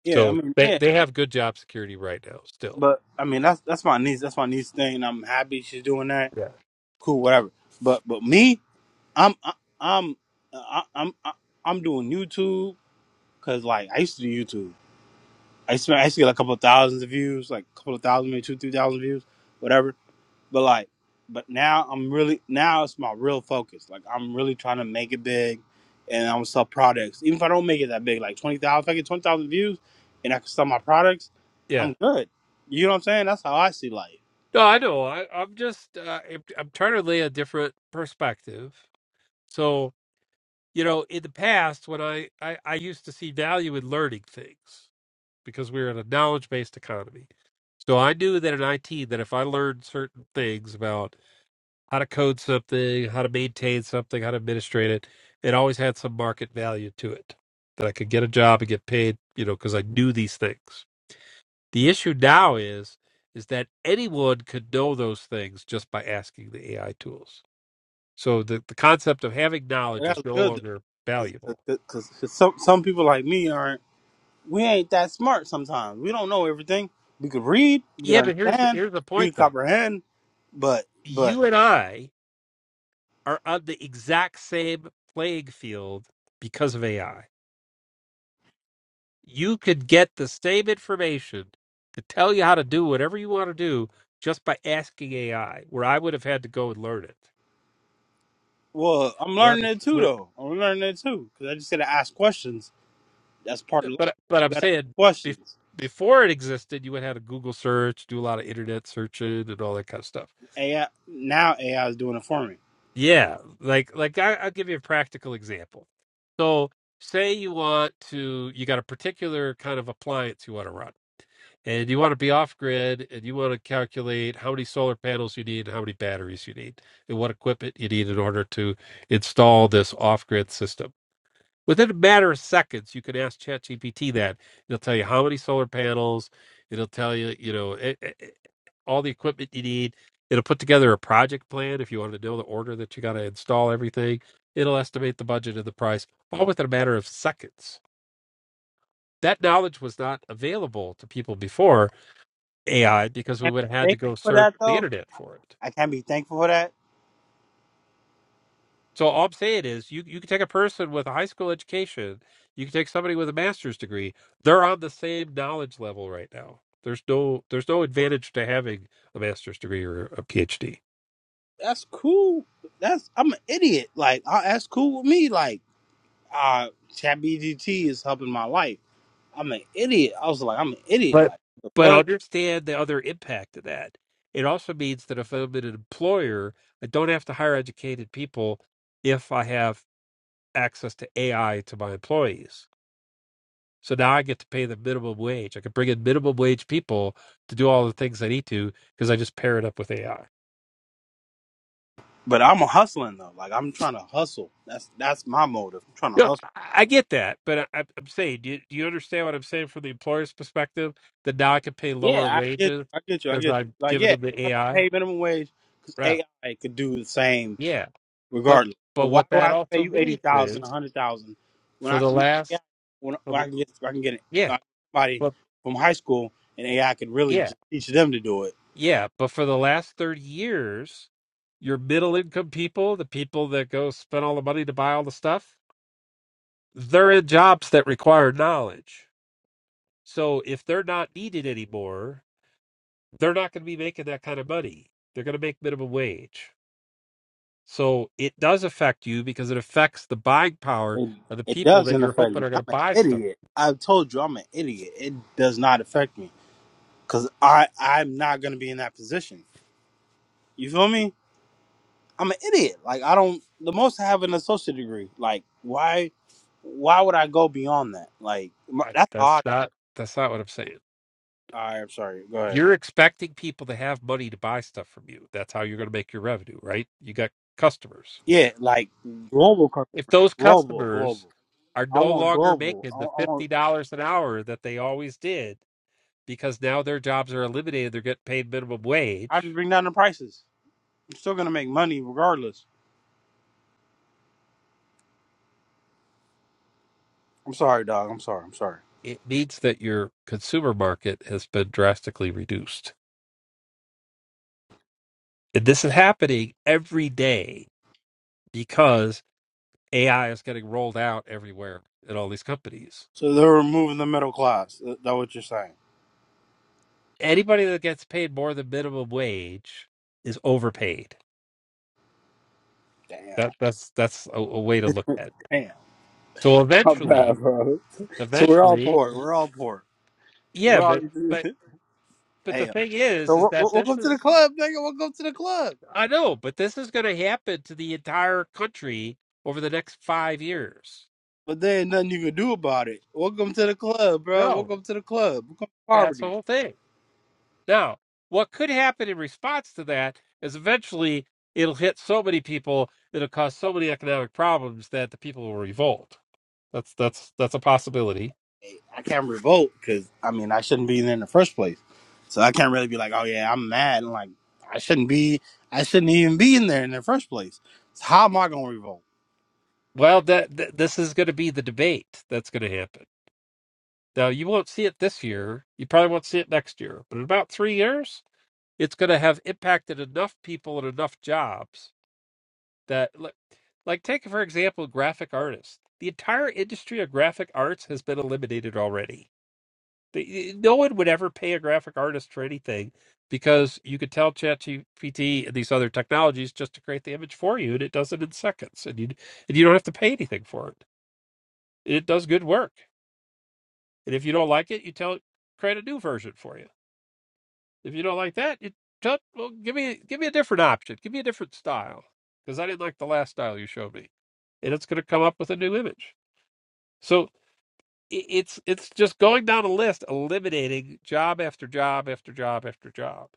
E: Yeah, I
A: So
E: mean,
A: they
E: yeah,
A: they have good job security right now still.
E: but I mean that's that's my niece. That's my niece thing, and I'm happy she's doing that.
A: Yeah.
E: Cool, whatever. But but me, I'm I, I'm uh, I, I'm I, I'm doing YouTube because like I used to do YouTube I used to, I used to get like a couple of thousands of views, like a couple of thousand, maybe two, three thousand views, whatever. But like, but now I'm really now it's my real focus. Like I'm really trying to make it big, and I'm gonna sell products. Even if I don't make it that big, like twenty thousand, if I get twenty thousand views, and I can sell my products,
A: Yeah.
E: I'm good. You know what I'm saying? That's how I see life.
A: No, I know. I, I'm just uh, I'm, I'm trying to lay a different perspective. So you know, in the past, when I, I I used to see value in learning things because we were in a knowledge based economy. So I knew that in IT that if I learned certain things about how to code something, how to maintain something, how to administrate it, it always had some market value to it that I could get a job and get paid. You know, because I knew these things The issue now is is that anyone could know those things just by asking the AI tools. So the, the concept of having knowledge
E: And That's
A: is no
E: good
A: longer
E: though,
A: valuable.
E: because some some people like me aren't. We ain't that smart sometimes. We don't know everything. We could read, we could
A: Yeah, but here's the,
E: understand,
A: here's the
E: we
A: point
E: could
A: though.
E: comprehend, but but
A: You and I are on the exact same playing field because of AI. You could get the same information to tell you how to do whatever you want to do just by asking AI, where I would have had to go and learn it.
E: Well, I'm
A: We're on
E: learning
A: the,
E: it too,
A: we're,
E: though. I'm learning it too because I just gotta ask questions. That's part of life.
A: but uh, but I'm
E: You gotta
A: saying
E: ask
A: bef-
E: questions.
A: before it existed, you would have to Google search, do a lot of internet searching, and all that kind of stuff.
E: AI now AI is doing it for me.
A: Yeah, like like I, I'll give you a practical example. So say you want to, you got a particular kind of appliance you want to run, and you want to be off grid, and you want to calculate how many solar panels you need, and how many batteries you need, and what equipment you need in order to install this off grid system within a matter of seconds you can ask ChatGPT that it'll tell you how many solar panels it'll tell you you know e- e- e- all the equipment you need it'll put together a project plan if you want to know the order that you got to install everything it'll estimate the budget and the price all within a matter of seconds that knowledge was not available to people before AI because we
E: Can't
A: would have
E: be
A: had to
E: thankful
A: go
E: for
A: search
E: that
A: the
E: though.
A: internet for it
E: I can't be thankful for that.
A: So all I'm saying is you you can take a person with a high school education, you can take somebody with a master's degree, they're on the same knowledge level right now. There's no there's no advantage to having a master's degree or a PhD.
E: That's cool. That's I'm an idiot. Like I, that's cool with me. Like uh, ChatGPT is helping my life. I'm an idiot. I was like, I'm an idiot.
A: But
E: Like the
A: But
E: fuck.
A: understand the other impact of that. It also means that if I'm an employer, I don't have to hire educated people if I have access to AI to my employees So now I get to pay the minimum wage. I can bring in minimum wage people to do all the things I need to because I just pair it up with AI.
E: But I'm a hustling though. Like I'm trying to hustle. That's that's my motive. I'm trying to
A: Yeah,
E: hustle.
A: I I get that, but I, I'm I'm saying, do you, do you understand what I'm saying from the employer's perspective? That now I can pay lower
E: Yeah, I get
A: wages
E: you. I get you. I
A: because
E: get you.
A: I'm
E: Like,
A: giving
E: yeah,
A: them
E: you
A: the
E: have to
A: AI.
E: pay minimum wage because
A: Right?
E: AI could do the same
A: Yeah, but
E: regardless. But
A: but
E: why
A: what
E: do I
A: that
E: have to pay
A: also
E: you eighty
A: means
E: thousand, a
A: is
E: hundred thousand when
A: for
E: I
A: the
E: when AI
A: last,
E: when,
A: for
E: when I
A: the-
E: can get I can get
A: yeah,
E: uh, somebody
A: but
E: from high school and AI could really
A: yeah,
E: just teach them to do it.
A: yeah, but for the last thirty years, your middle income people, the people that go spend all the money to buy all the stuff, they're in jobs that require knowledge. So if they're not needed anymore, they're not going to be making that kind of money. They're going to make minimum wage. So it does affect you because it affects the buying power
E: It
A: of the
E: it
A: people that
E: doesn't
A: you're
E: affect
A: hoping
E: me.
A: are going
E: I'm
A: to
E: an
A: buy stuff.
E: idiot. I've told you I'm an idiot. It does not affect me because I I'm not gonna be in that position. You feel me? I'm an idiot. Like I don't the most I have an associate degree. Like why why would I go beyond that? Like m-
A: I,
E: that's how
A: that's
E: I thought.
A: not that's not what I'm saying.
E: All right, I'm sorry. Go ahead.
A: You're expecting people to have money to buy stuff from you. That's how you're going to make your revenue, right? You got customers.
E: Yeah, like global, cur-
A: If those
E: global,
A: customers
E: global.
A: are
E: I
A: no
E: want
A: longer
E: global.
A: making
E: I, I
A: the
E: want.
A: $50 an hour that they always did, because now their jobs are eliminated, they're getting paid minimum
E: I
A: wage,
E: just bring down the prices. I'm still gonna make money regardless. I'm sorry, dog. I'm sorry. I'm sorry.
A: it means that your consumer market has been drastically reduced. And this is happening every day because AI is getting rolled out everywhere at all these companies.
E: So they're removing the middle class. Th- That what you're saying?
A: Anybody that gets paid more than minimum wage is overpaid.
E: Damn.
A: That that's that's a, a way to look at it.
E: Damn.
A: So
E: How bad,
A: eventually,
E: bro. So we're all
A: eventually,
E: poor. We're all poor.
A: yeah,
E: We're all.
A: but but but the
E: Damn.
A: thing is,
E: So
A: is
E: wel-
A: that
E: wel-
A: this
E: welcome
A: is
E: to the club, nigga. Welcome to the club.
A: I know, but this is going to happen to the entire country over the next five years.
E: But there ain't nothing you can do about it. Welcome to the club, bro.
A: No,
E: Welcome to the club. Welcome to
A: that's the
E: poverty.
A: whole thing. Now, what could happen in response to that is eventually it'll hit so many people, it'll cause so many economic problems that the people will revolt. That's that's that's a possibility.
E: I can't revolt because I mean I shouldn't be there in the first place. So I can't really be like, oh yeah, I'm mad. And like I shouldn't be. I shouldn't even be in there in the first place. So how am I gonna revolt?
A: Well, that th- this is going to be the debate that's going to happen. Now, you won't see it this year. You probably won't see it next year, but in about three years, it's going to have impacted enough people and enough jobs that like, like take for example graphic artists the entire industry of graphic arts has been eliminated already The- no one would ever pay a graphic artist for anything because you could tell ChatGPT and these other technologies just to create the image for you, and it does it in seconds, and you and you don't have to pay anything for it. It does good work, and if you don't like it, you tell it create a new version for you. If you don't like that, you tut, well, give me give me a different option. Give me a different style because I didn't like the last style you showed me, and it's going to come up with a new image. So i- it's it's just going down a list, eliminating job after job after job after job.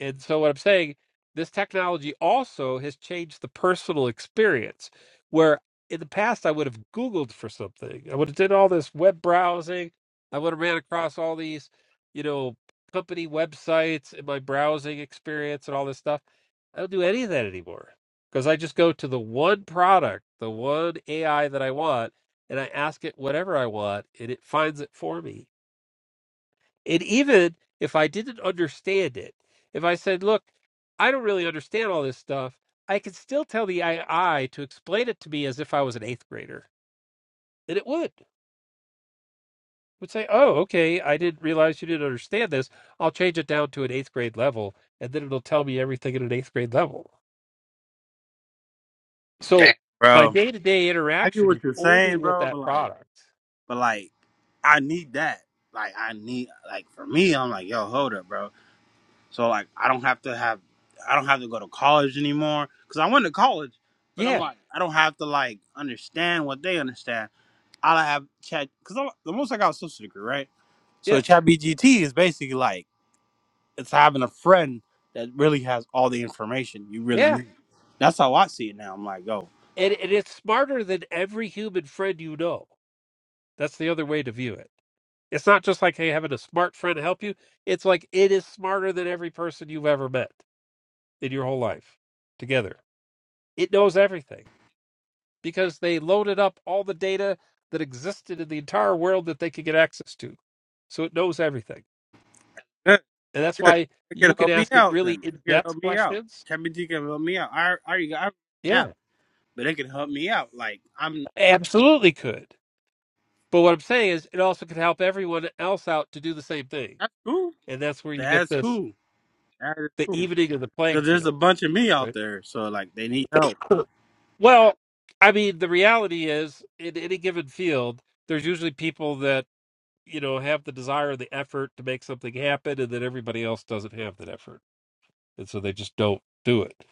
A: And so, what I'm saying, this technology also has changed the personal experience. Where in the past I would have Googled for something, I would have did all this web browsing, I would have ran across all these, you know, company websites in my browsing experience and all this stuff. I don't do any of that anymore because I just go to the one product, the one AI that I want, and I ask it whatever I want, and it finds it for me and even if I didn't understand it, if I said, look, I don't really understand all this stuff, I could still tell the AI to explain it to me as if I was an eighth grader. And it would. It would say, oh, okay, I didn't realize you didn't understand this. I'll change it down to an eighth grade level, and then it'll tell me everything at an eighth grade level. So
E: Damn,
A: my
E: bro.
A: day to day
E: I get
A: interaction
E: what
A: is
E: you're
A: only
E: saying,
A: with
E: bro.
A: that
E: But like,
A: product.
E: but like, I need that. Like I need like for me, I'm like, yo, hold up, bro So like I don't have to have I don't have to go to college anymore cuz I went to college, but I'm
A: Yeah,
E: like I don't have to like understand what they understand. All I have chat cuz the most I got a social degree, right? So
A: yeah,
E: chat BGT is basically like it's having a friend that really has all the information you really
A: yeah.
E: need. That's how I see it now. I'm like, yo,
A: And, and it's smarter than every human friend you know. That's the other way to view it It's not just like, hey, having a smart friend help you. It's like it is smarter than every person you've ever met in your whole life together. It knows everything because they loaded up all the data that existed in the entire world that they could get access to. So it knows everything.
E: good,
A: And that's
E: good.
A: why
E: It
A: you
E: can
A: can
E: help me
A: ask it
E: out
A: really
E: then.
A: in
E: It can
A: depth
E: help me out.
A: questions.
E: ChatBGT can help me out. I, I already got an app,
A: Yeah,
E: but it can help me out. Like I'm
A: absolutely could. But what I'm saying is it also can help everyone else out to do the same thing.
E: that's cool.
A: And that's where you get
E: That's
A: this
E: cool. That is
A: the
E: cool.
A: evening of the playing
E: because there's a
A: field,
E: bunch of me out
A: right?
E: there, so like they need help.
A: Well, I mean, the reality is, in any given field, there's usually people that you know have the desire and the effort to make something happen, and then everybody else doesn't have that effort, and so they just don't do it.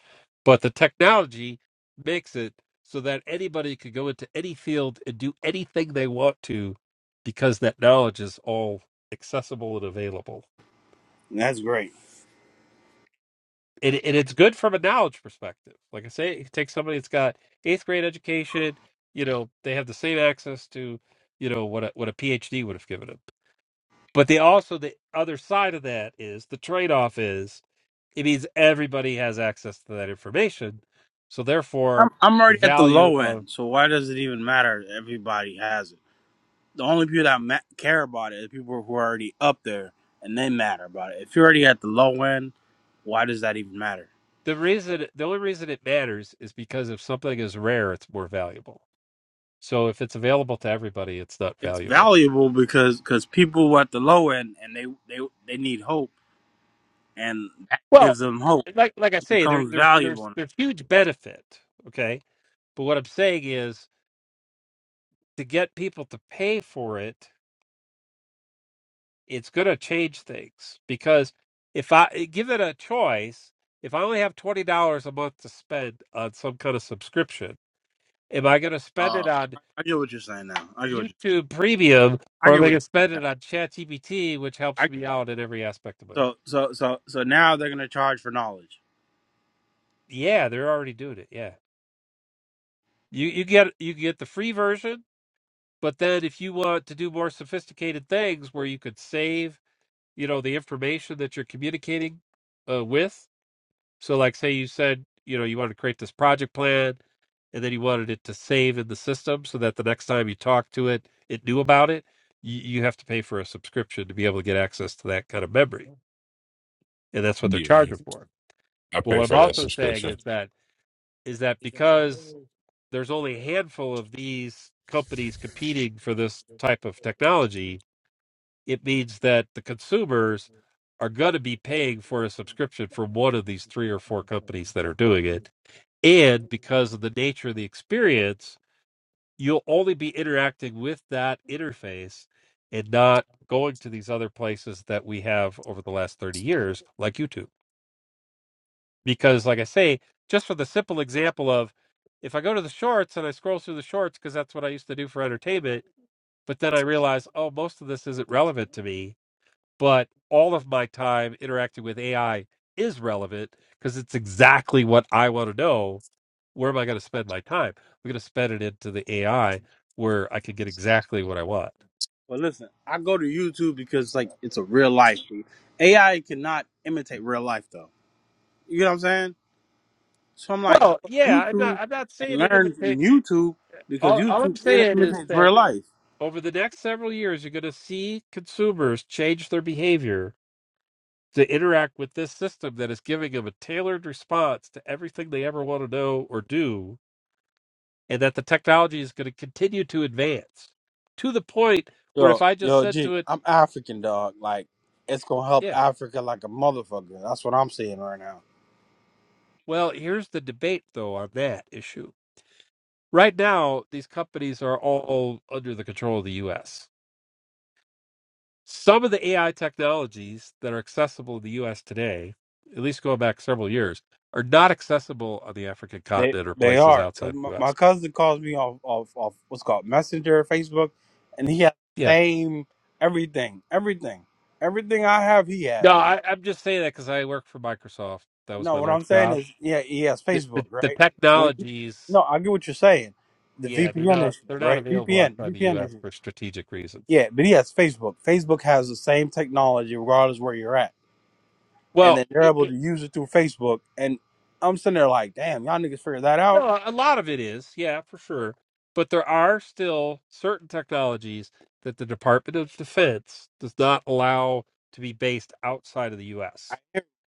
A: But the technology makes it so that anybody could go into any field and do anything they want to, because that knowledge is all accessible and available.
E: That's great.
A: and, and it's good from a knowledge perspective. Like I say, take somebody that's got eighth grade education. You know, they have the same access to, you know, what a, what a PhD would have given them. But they also the other side of that is the trade off is it means everybody has access to that information. So
E: I'm
A: therefore,
E: I'm
A: the
E: already at the
A: value
E: low
A: of
E: end, so why does it even matter? Everybody has it. The only people that ma- care about it is people who are already up there, and they matter about it. If you're already at the low end, why does that even matter?
A: the reason the only reason it matters is because if something is rare, it's more valuable. So if it's available to everybody, it's not
E: It's
A: valuable.
E: valuable because because people at the low end and they they they need hope, and that
A: Well,
E: gives them hope.
A: like like I
E: It
A: say, there,
E: becomes
A: there's there's
E: valuable.
A: there's huge benefit. Okay, but what I'm saying is to get people to pay for it, it's going to change things because if I eh, give it a choice, if I only have twenty dollars a month to spend on some kind of subscription, am I going to spend it
E: Uh,
A: on
E: I get what you're saying now. I get what you,
A: YouTube Premium
E: I
A: or am
E: get
A: I going
E: what
A: to
E: you're saying
A: spend it
E: now.
A: on ChatGPT, which helps me out in every aspect of my life?
E: So so so so now they're gonna charge for knowledge.
A: Yeah, they're already doing it. Yeah, you you get you get the free version But then if you want to do more sophisticated things where you could save, you know, the information that you're communicating uh, with. So like say you said, you know, you wanted to create this project plan and then you wanted it to save in the system so that the next time you talk to it, it knew about it. You, you have to pay for a subscription to be able to get access to that kind of memory. And that's what they're
C: Yeah,
A: charging for.
C: I
A: But
C: pay
A: what I'm
C: for that
A: also saying
C: subscription.
A: is that is that because there's only a handful of these companies competing for this type of technology, it means that the consumers are going to be paying for a subscription from one of these three or four companies that are doing it. And because of the nature of the experience, you'll only be interacting with that interface and not going to these other places that we have over the last 30 years, like YouTube. Because, like I say, just for the simple example of if I go to the shorts and I scroll through the shorts because that's what I used to do for entertainment, but then I realize, oh, most of this isn't relevant to me but all of my time interacting with AI is relevant because it's exactly what I want to know. Where am I going to spend my time? I'm going to spend it into the AI where I can get exactly what I want.
E: Well, listen, I go to YouTube because like it's a real life. dude. AI cannot imitate real life though. You know what I'm saying? So I'm like, I
A: Well,
E: go to
A: yeah, I'm not.
E: YouTube
A: I'm not
E: and
A: saying it
E: learn from
A: imitate.
E: YouTube because
A: All, all
E: YouTube
A: I'm saying is
E: imitates
A: that
E: real life.
A: over the next several years, you're going to see consumers change their behavior to interact with this system that is giving them a tailored response to everything they ever want to know or do and that the technology is going to continue to advance to the point where
E: Yo
A: if I just
E: yo,
A: said
E: G,
A: to it,
E: I'm African dog. Like it's gonna help
A: yeah,
E: Africa like a motherfucker. That's what I'm saying right now.
A: well, here's the debate though on that issue. Right now, these companies are all under the control of the US. Some of the AI technologies that are accessible in the US today, at least going back several years, are not accessible on the African
E: They
A: continent or
E: they
A: places
E: are because
A: outside
E: my,
A: the
E: my
A: US.
E: cousin calls me off off off what's called Messenger, Facebook, and he has the
A: Yeah.
E: same everything, everything, everything I have. He has.
A: No, I, I'm just saying that because I work for Microsoft. That was
E: No,
A: my
E: what I'm
A: last
E: saying
A: job.
E: is, yeah, he has
A: The,
E: Facebook,
A: the, the
E: right? When
A: technologies
E: no, I get what you're saying. The
A: yeah, they're
E: VPN
A: not
E: issue,
A: they're not
E: right?
A: available
E: VPN,
A: outside the
E: VPN
A: U.S.
E: issue.
A: for strategic reasons.
E: Yeah, but he has Facebook. Facebook has the same technology regardless where you're at, and
A: Well,
E: then they're
A: it,
E: able to
A: it,
E: use it through Facebook. And I'm sitting there like, damn, y'all niggas figure that out.
A: no, a lot of it is, yeah, for sure. But there are still certain technologies that the Department of Defense does not allow to be based outside of the U.S.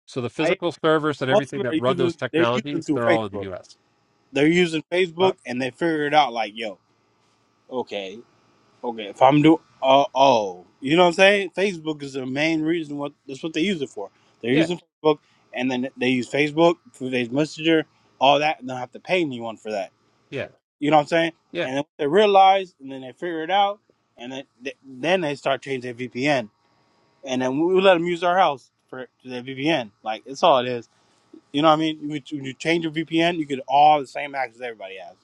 A: So the
E: I
A: physical
E: but
A: servers and
E: most
A: everything
E: of it
A: that
E: are
A: run
E: using
A: those
E: they're using
A: technologies,
E: through
A: they're all in the
E: Facebook.
A: U.S.
E: They're using
A: Huh?
E: Facebook and they figure it out like, yo, okay, okay, if I'm doing uh, oh, you know what I'm saying? Facebook is the main reason what that's what they use it for. They're
A: Yeah,
E: using Facebook and then they use Facebook, through their Messenger, all that, and they'll have to pay anyone for that.
A: yeah,
E: You know what I'm saying?
A: yeah,
E: And then they realize and then they figure it out and then they, then they start changing their VPN. And then we let them use our house for their VPN. Like it's all it is. You know what I mean? When you, when you change your VPN, you get all the same access everybody has.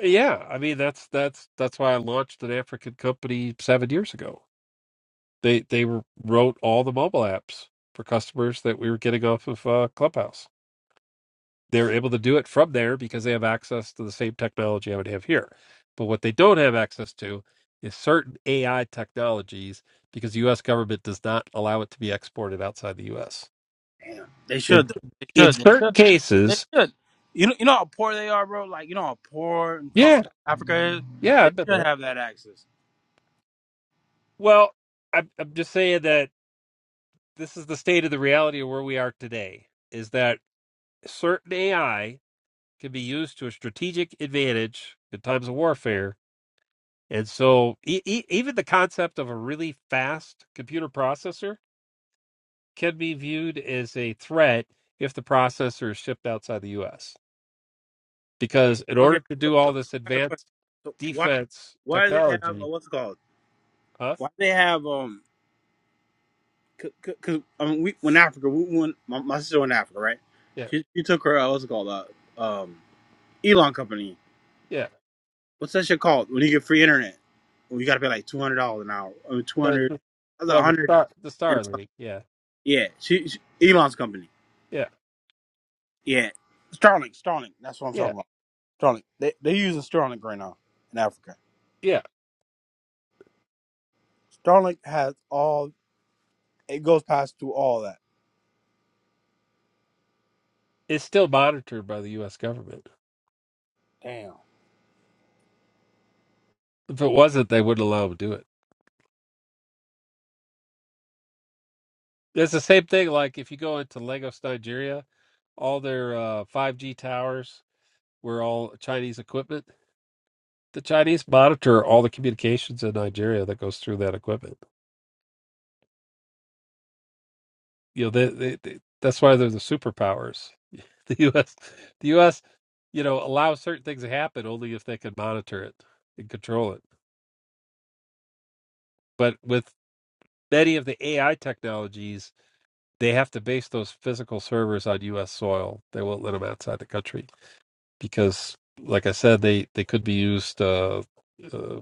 A: yeah. I mean, that's that's that's why I launched an African company seven years ago. They they wrote all the mobile apps for customers that we were getting off of uh, Clubhouse. They're able to do it from there because they have access to the same technology I would have here. But what they don't have access to is certain AI technologies because the U.S. government does not allow it to be exported outside the U.S.
E: They
A: In
E: should. though. They
A: in
E: should. They
A: certain
E: should. They
A: cases,
E: should. You know, you know how poor they are, bro. Like you know how poor and
A: yeah,
E: fucked up Africa is.
A: yeah,
E: They
A: I've been
E: should
A: there.
E: have that access.
A: Well, I'm I'm just saying that this is the state of the reality of where we are today. Is that certain AI can be used to a strategic advantage in times of warfare. And so, e- e- even the concept of a really fast computer processor can be viewed as a threat if the processor is shipped outside the U.S. Because in
E: Okay,
A: order to
E: so,
A: do
E: so
A: all this
E: I got a question.
A: advanced
E: So why
A: defense
E: why do they have uh,
A: technology,
E: what's it called?
A: huh?
E: Why do they have um? Because I mean, we when Africa, we when my, my sister went to Africa, right?
A: Yeah,
E: She she took her uh, what's it called? Uh, um, Elon company.
A: yeah.
E: what's that shit called when you get free internet? Well, you got to pay like two hundred dollars an hour. I mean, two
A: The,
E: hundred.
A: the,
E: That's a
A: well, the
E: hundred
A: star, the
E: and something.
A: Starlink, yeah,
E: Yeah, she, she Elon's company.
A: yeah,
E: Yeah, Starlink. Starlink. That's what I'm
A: yeah,
E: talking about. Starlink. They they using Starlink right now in Africa.
A: yeah.
E: Starlink has all. It goes past through all that.
A: It's still monitored by the U.S. government.
E: Damn.
A: If it wasn't, they wouldn't allow them to do it. It's the same thing. Like if you go into Lagos, Nigeria, all their uh, 5G towers were all Chinese equipment. The Chinese monitor all the communications in Nigeria that goes through that equipment. You know, they, they, they, that's why they're the superpowers. The U.S. The U.S. You know allows certain things to happen only if they can monitor it and control it. But with many of the AI technologies, they have to base those physical servers on U.S. soil. They won't let them outside the country. because, like I said, they they could be used uh, uh,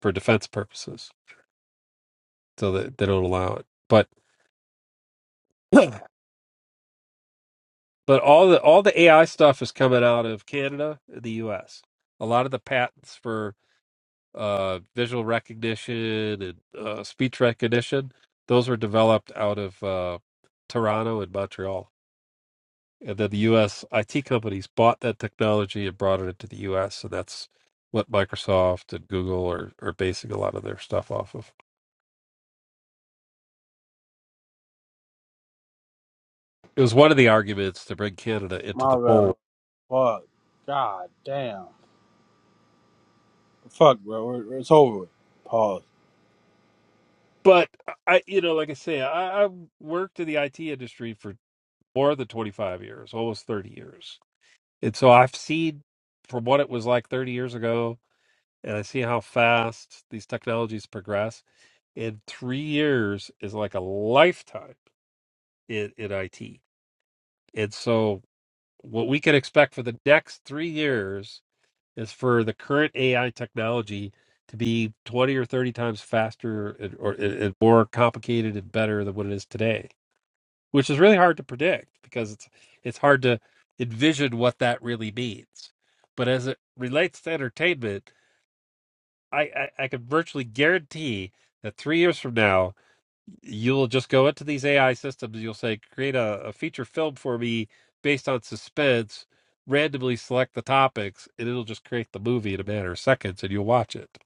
A: for defense purposes, so that they don't allow it. But but all the all the AI stuff is coming out of Canada, and the U.S. A lot of the patents for uh, visual recognition and uh, speech recognition, those were developed out of uh, Toronto and Montreal. And then the U.S. IT companies bought that technology and brought it into the U.S. And that's what Microsoft and Google are, are basing a lot of their stuff off of. It was one of the arguments to bring Canada into
E: My
A: the
E: bad,
A: fold.
E: bro. Fuck. God damn. Fuck, bro. We're, it's over. With. Pause.
A: But I, you know, like I say, I, I worked in the IT industry for more than 25 years, almost 30 years. And so I've seen from what it was like 30 years ago, and I see how fast these technologies progress. And three years is like a lifetime in, in IT And so, what we can expect for the next three years is for the current AI technology to be 20 or 30 times faster and, or and and more complicated and better than what it is today, which is really hard to predict because it's it's hard to envision what that really means. But as it relates to entertainment, I, I, I can virtually guarantee that three years from now, you'll just go into these AI systems. You'll say, create a, a feature film for me based on suspense. Randomly select the topics, and it'll just create the movie in a matter of seconds, and you'll watch it.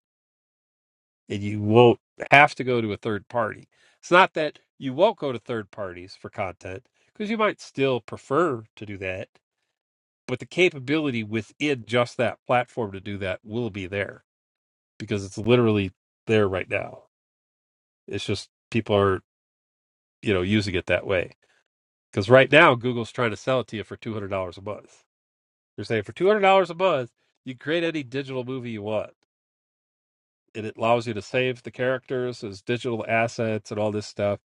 A: And you won't have to go to a third party. It's not that you won't go to third parties for content because you might still prefer to do that, but the capability within just that platform to do that will be there because it's literally there right now. It's just people are, you know, using it that way. Because right now, Google's trying to sell it to you for two hundred dollars a month. They're saying for two hundred dollars a month, you create any digital movie you want, and it allows you to save the characters as digital assets and all this stuff.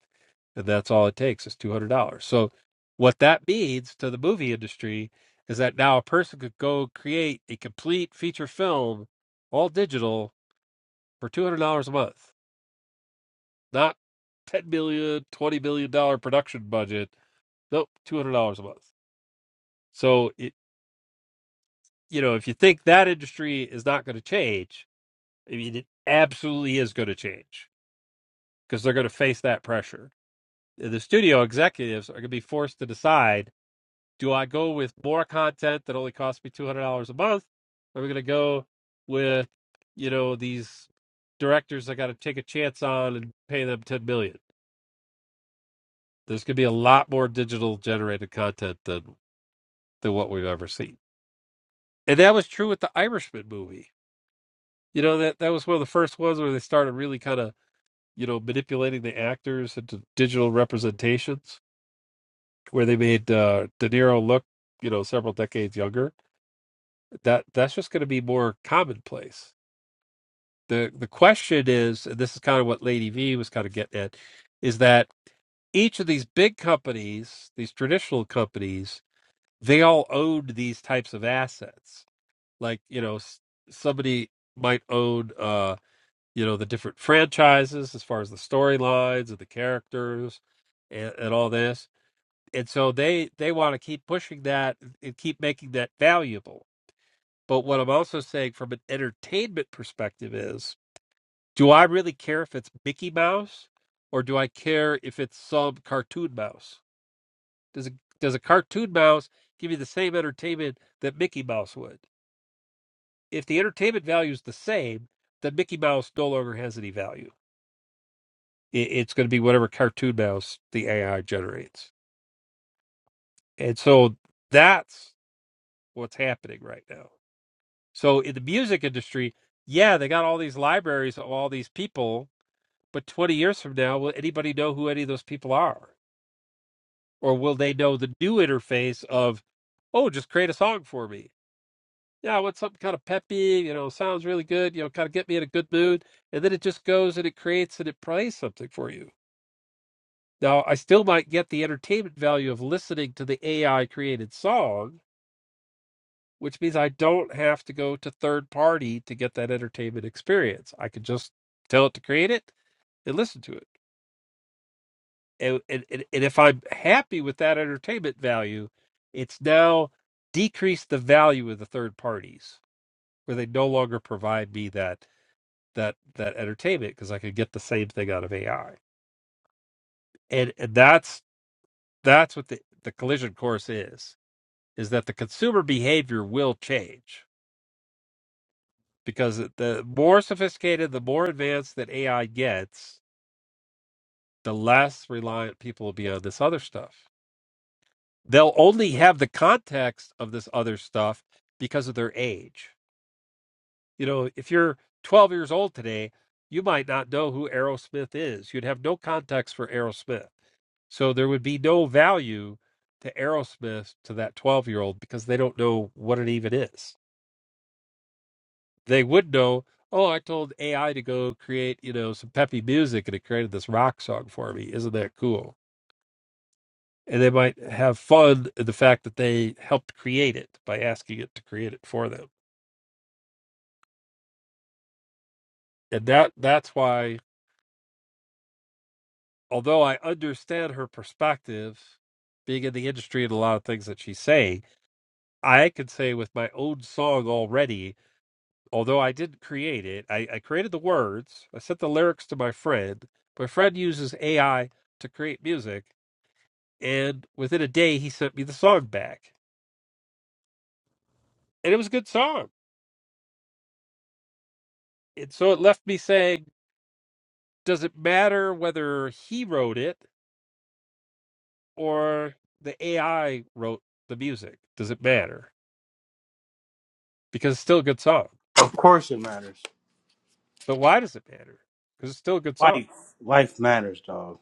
A: And that's all it takes is two hundred dollars. So, what that means to the movie industry is that now a person could go create a complete feature film, all digital, for two hundred dollars a month. Not $10 million twenty million dollar production budget. Nope, $200 a month. So it, you know, if you think that industry is not going to change, I mean, it absolutely is going to change because they're going to face that pressure. The studio executives are going to be forced to decide do I go with more content that only costs me $200 a month? Or am I going to go with, you know, these directors I got to take a chance on and pay them $10 million? dollars? There's going to be a lot more digital generated content than, than what we've ever seen. And that was true with the Irishman movie You know that that was one of the first ones where they started really kind of you know manipulating the actors into digital representations, where they made uh, De Niro look you know several decades younger. That that's just going to be more commonplace. the The question is, and this is kind of what Lady V was kind of getting at, is that each of these big companies, these traditional companies, they all owned these types of assets. Like you know, s- somebody might own. uh you know the different franchises as far as the storylines and the characters and, and all this and so they they want to keep pushing that and keep making that valuable but what i'm also saying from an entertainment perspective is do i really care if it's mickey mouse or do i care if it's some cartoon mouse does a, does a cartoon mouse give you the same entertainment that mickey mouse would if the entertainment value is the same then mickey mouse no longer has any value It, it's going to be whatever cartoon mouse the AI generates. And so that's what's happening right now. So in the music industry, yeah, they got all these libraries of all these people, but 20 years from now, will anybody know who any of those people are? Or will they know the new interface of, oh, just create a song for me? Yeah, I want something kind of peppy, you know, sounds really good, you know, kind of get me in a good mood. And then it just goes and it creates and it plays something for you Now, I still might get the entertainment value of listening to the AI created song, which means I don't have to go to third party to get that entertainment experience. I can just tell it to create it and listen to it. And, and, and and if I'm happy with that entertainment value, it's now decreased the value of the third parties where they no longer provide me that that that entertainment because I could get the same thing out of AI. And, and that's that's what the, the collision course is is that the consumer behavior will change because the more sophisticated, the more advanced that AI gets, the less reliant people will be on this other stuff. They'll only have the context of this other stuff because of their age. You know, if you're 12 years old today, you might not know who Aerosmith is. You'd have no context for Aerosmith. So there would be no value to Aerosmith to that 12 year old because they don't know what it even is they would know, oh, I told AI to go create, you know, some peppy music and it created this rock song for me. Isn't that cool? And they might have fun in the fact that they helped create it by asking it to create it for them. And that that's why, although I understand her perspective, being in the industry and a lot of things that she's saying, I can say with my own song already, although I didn't create it, I, I created the words, I sent the lyrics to my friend. My friend uses AI to create music and within a day he sent me the song back and it was a good song and so it left me saying does it matter whether he wrote it or the ai wrote the music does it matter because it's still a good song
E: Of course it matters.
A: but why does it matter because it's still a good song
E: Life. Life matters, dog.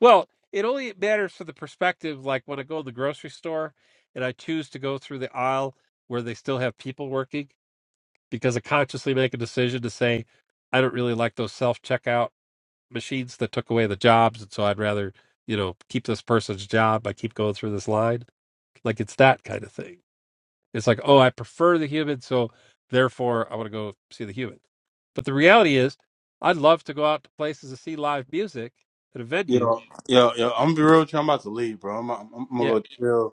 A: well it only matters from the perspective like when i go to the grocery store and i choose to go through the aisle where they still have people working because i consciously make a decision to say i don't really like those self-checkout machines that took away the jobs, and so I'd rather you know keep this person's job. I keep going through this line, like it's that kind of thing. It's like, oh, I prefer the human, so therefore I want to go see the human. But the reality is, I'd love to go out to places to see live music at a venue.
E: Yo, yo, yo! I'm gonna be real. With you. I'm about to leave, bro. I'm, I'm, I'm gonna
A: Yeah.
E: go chill.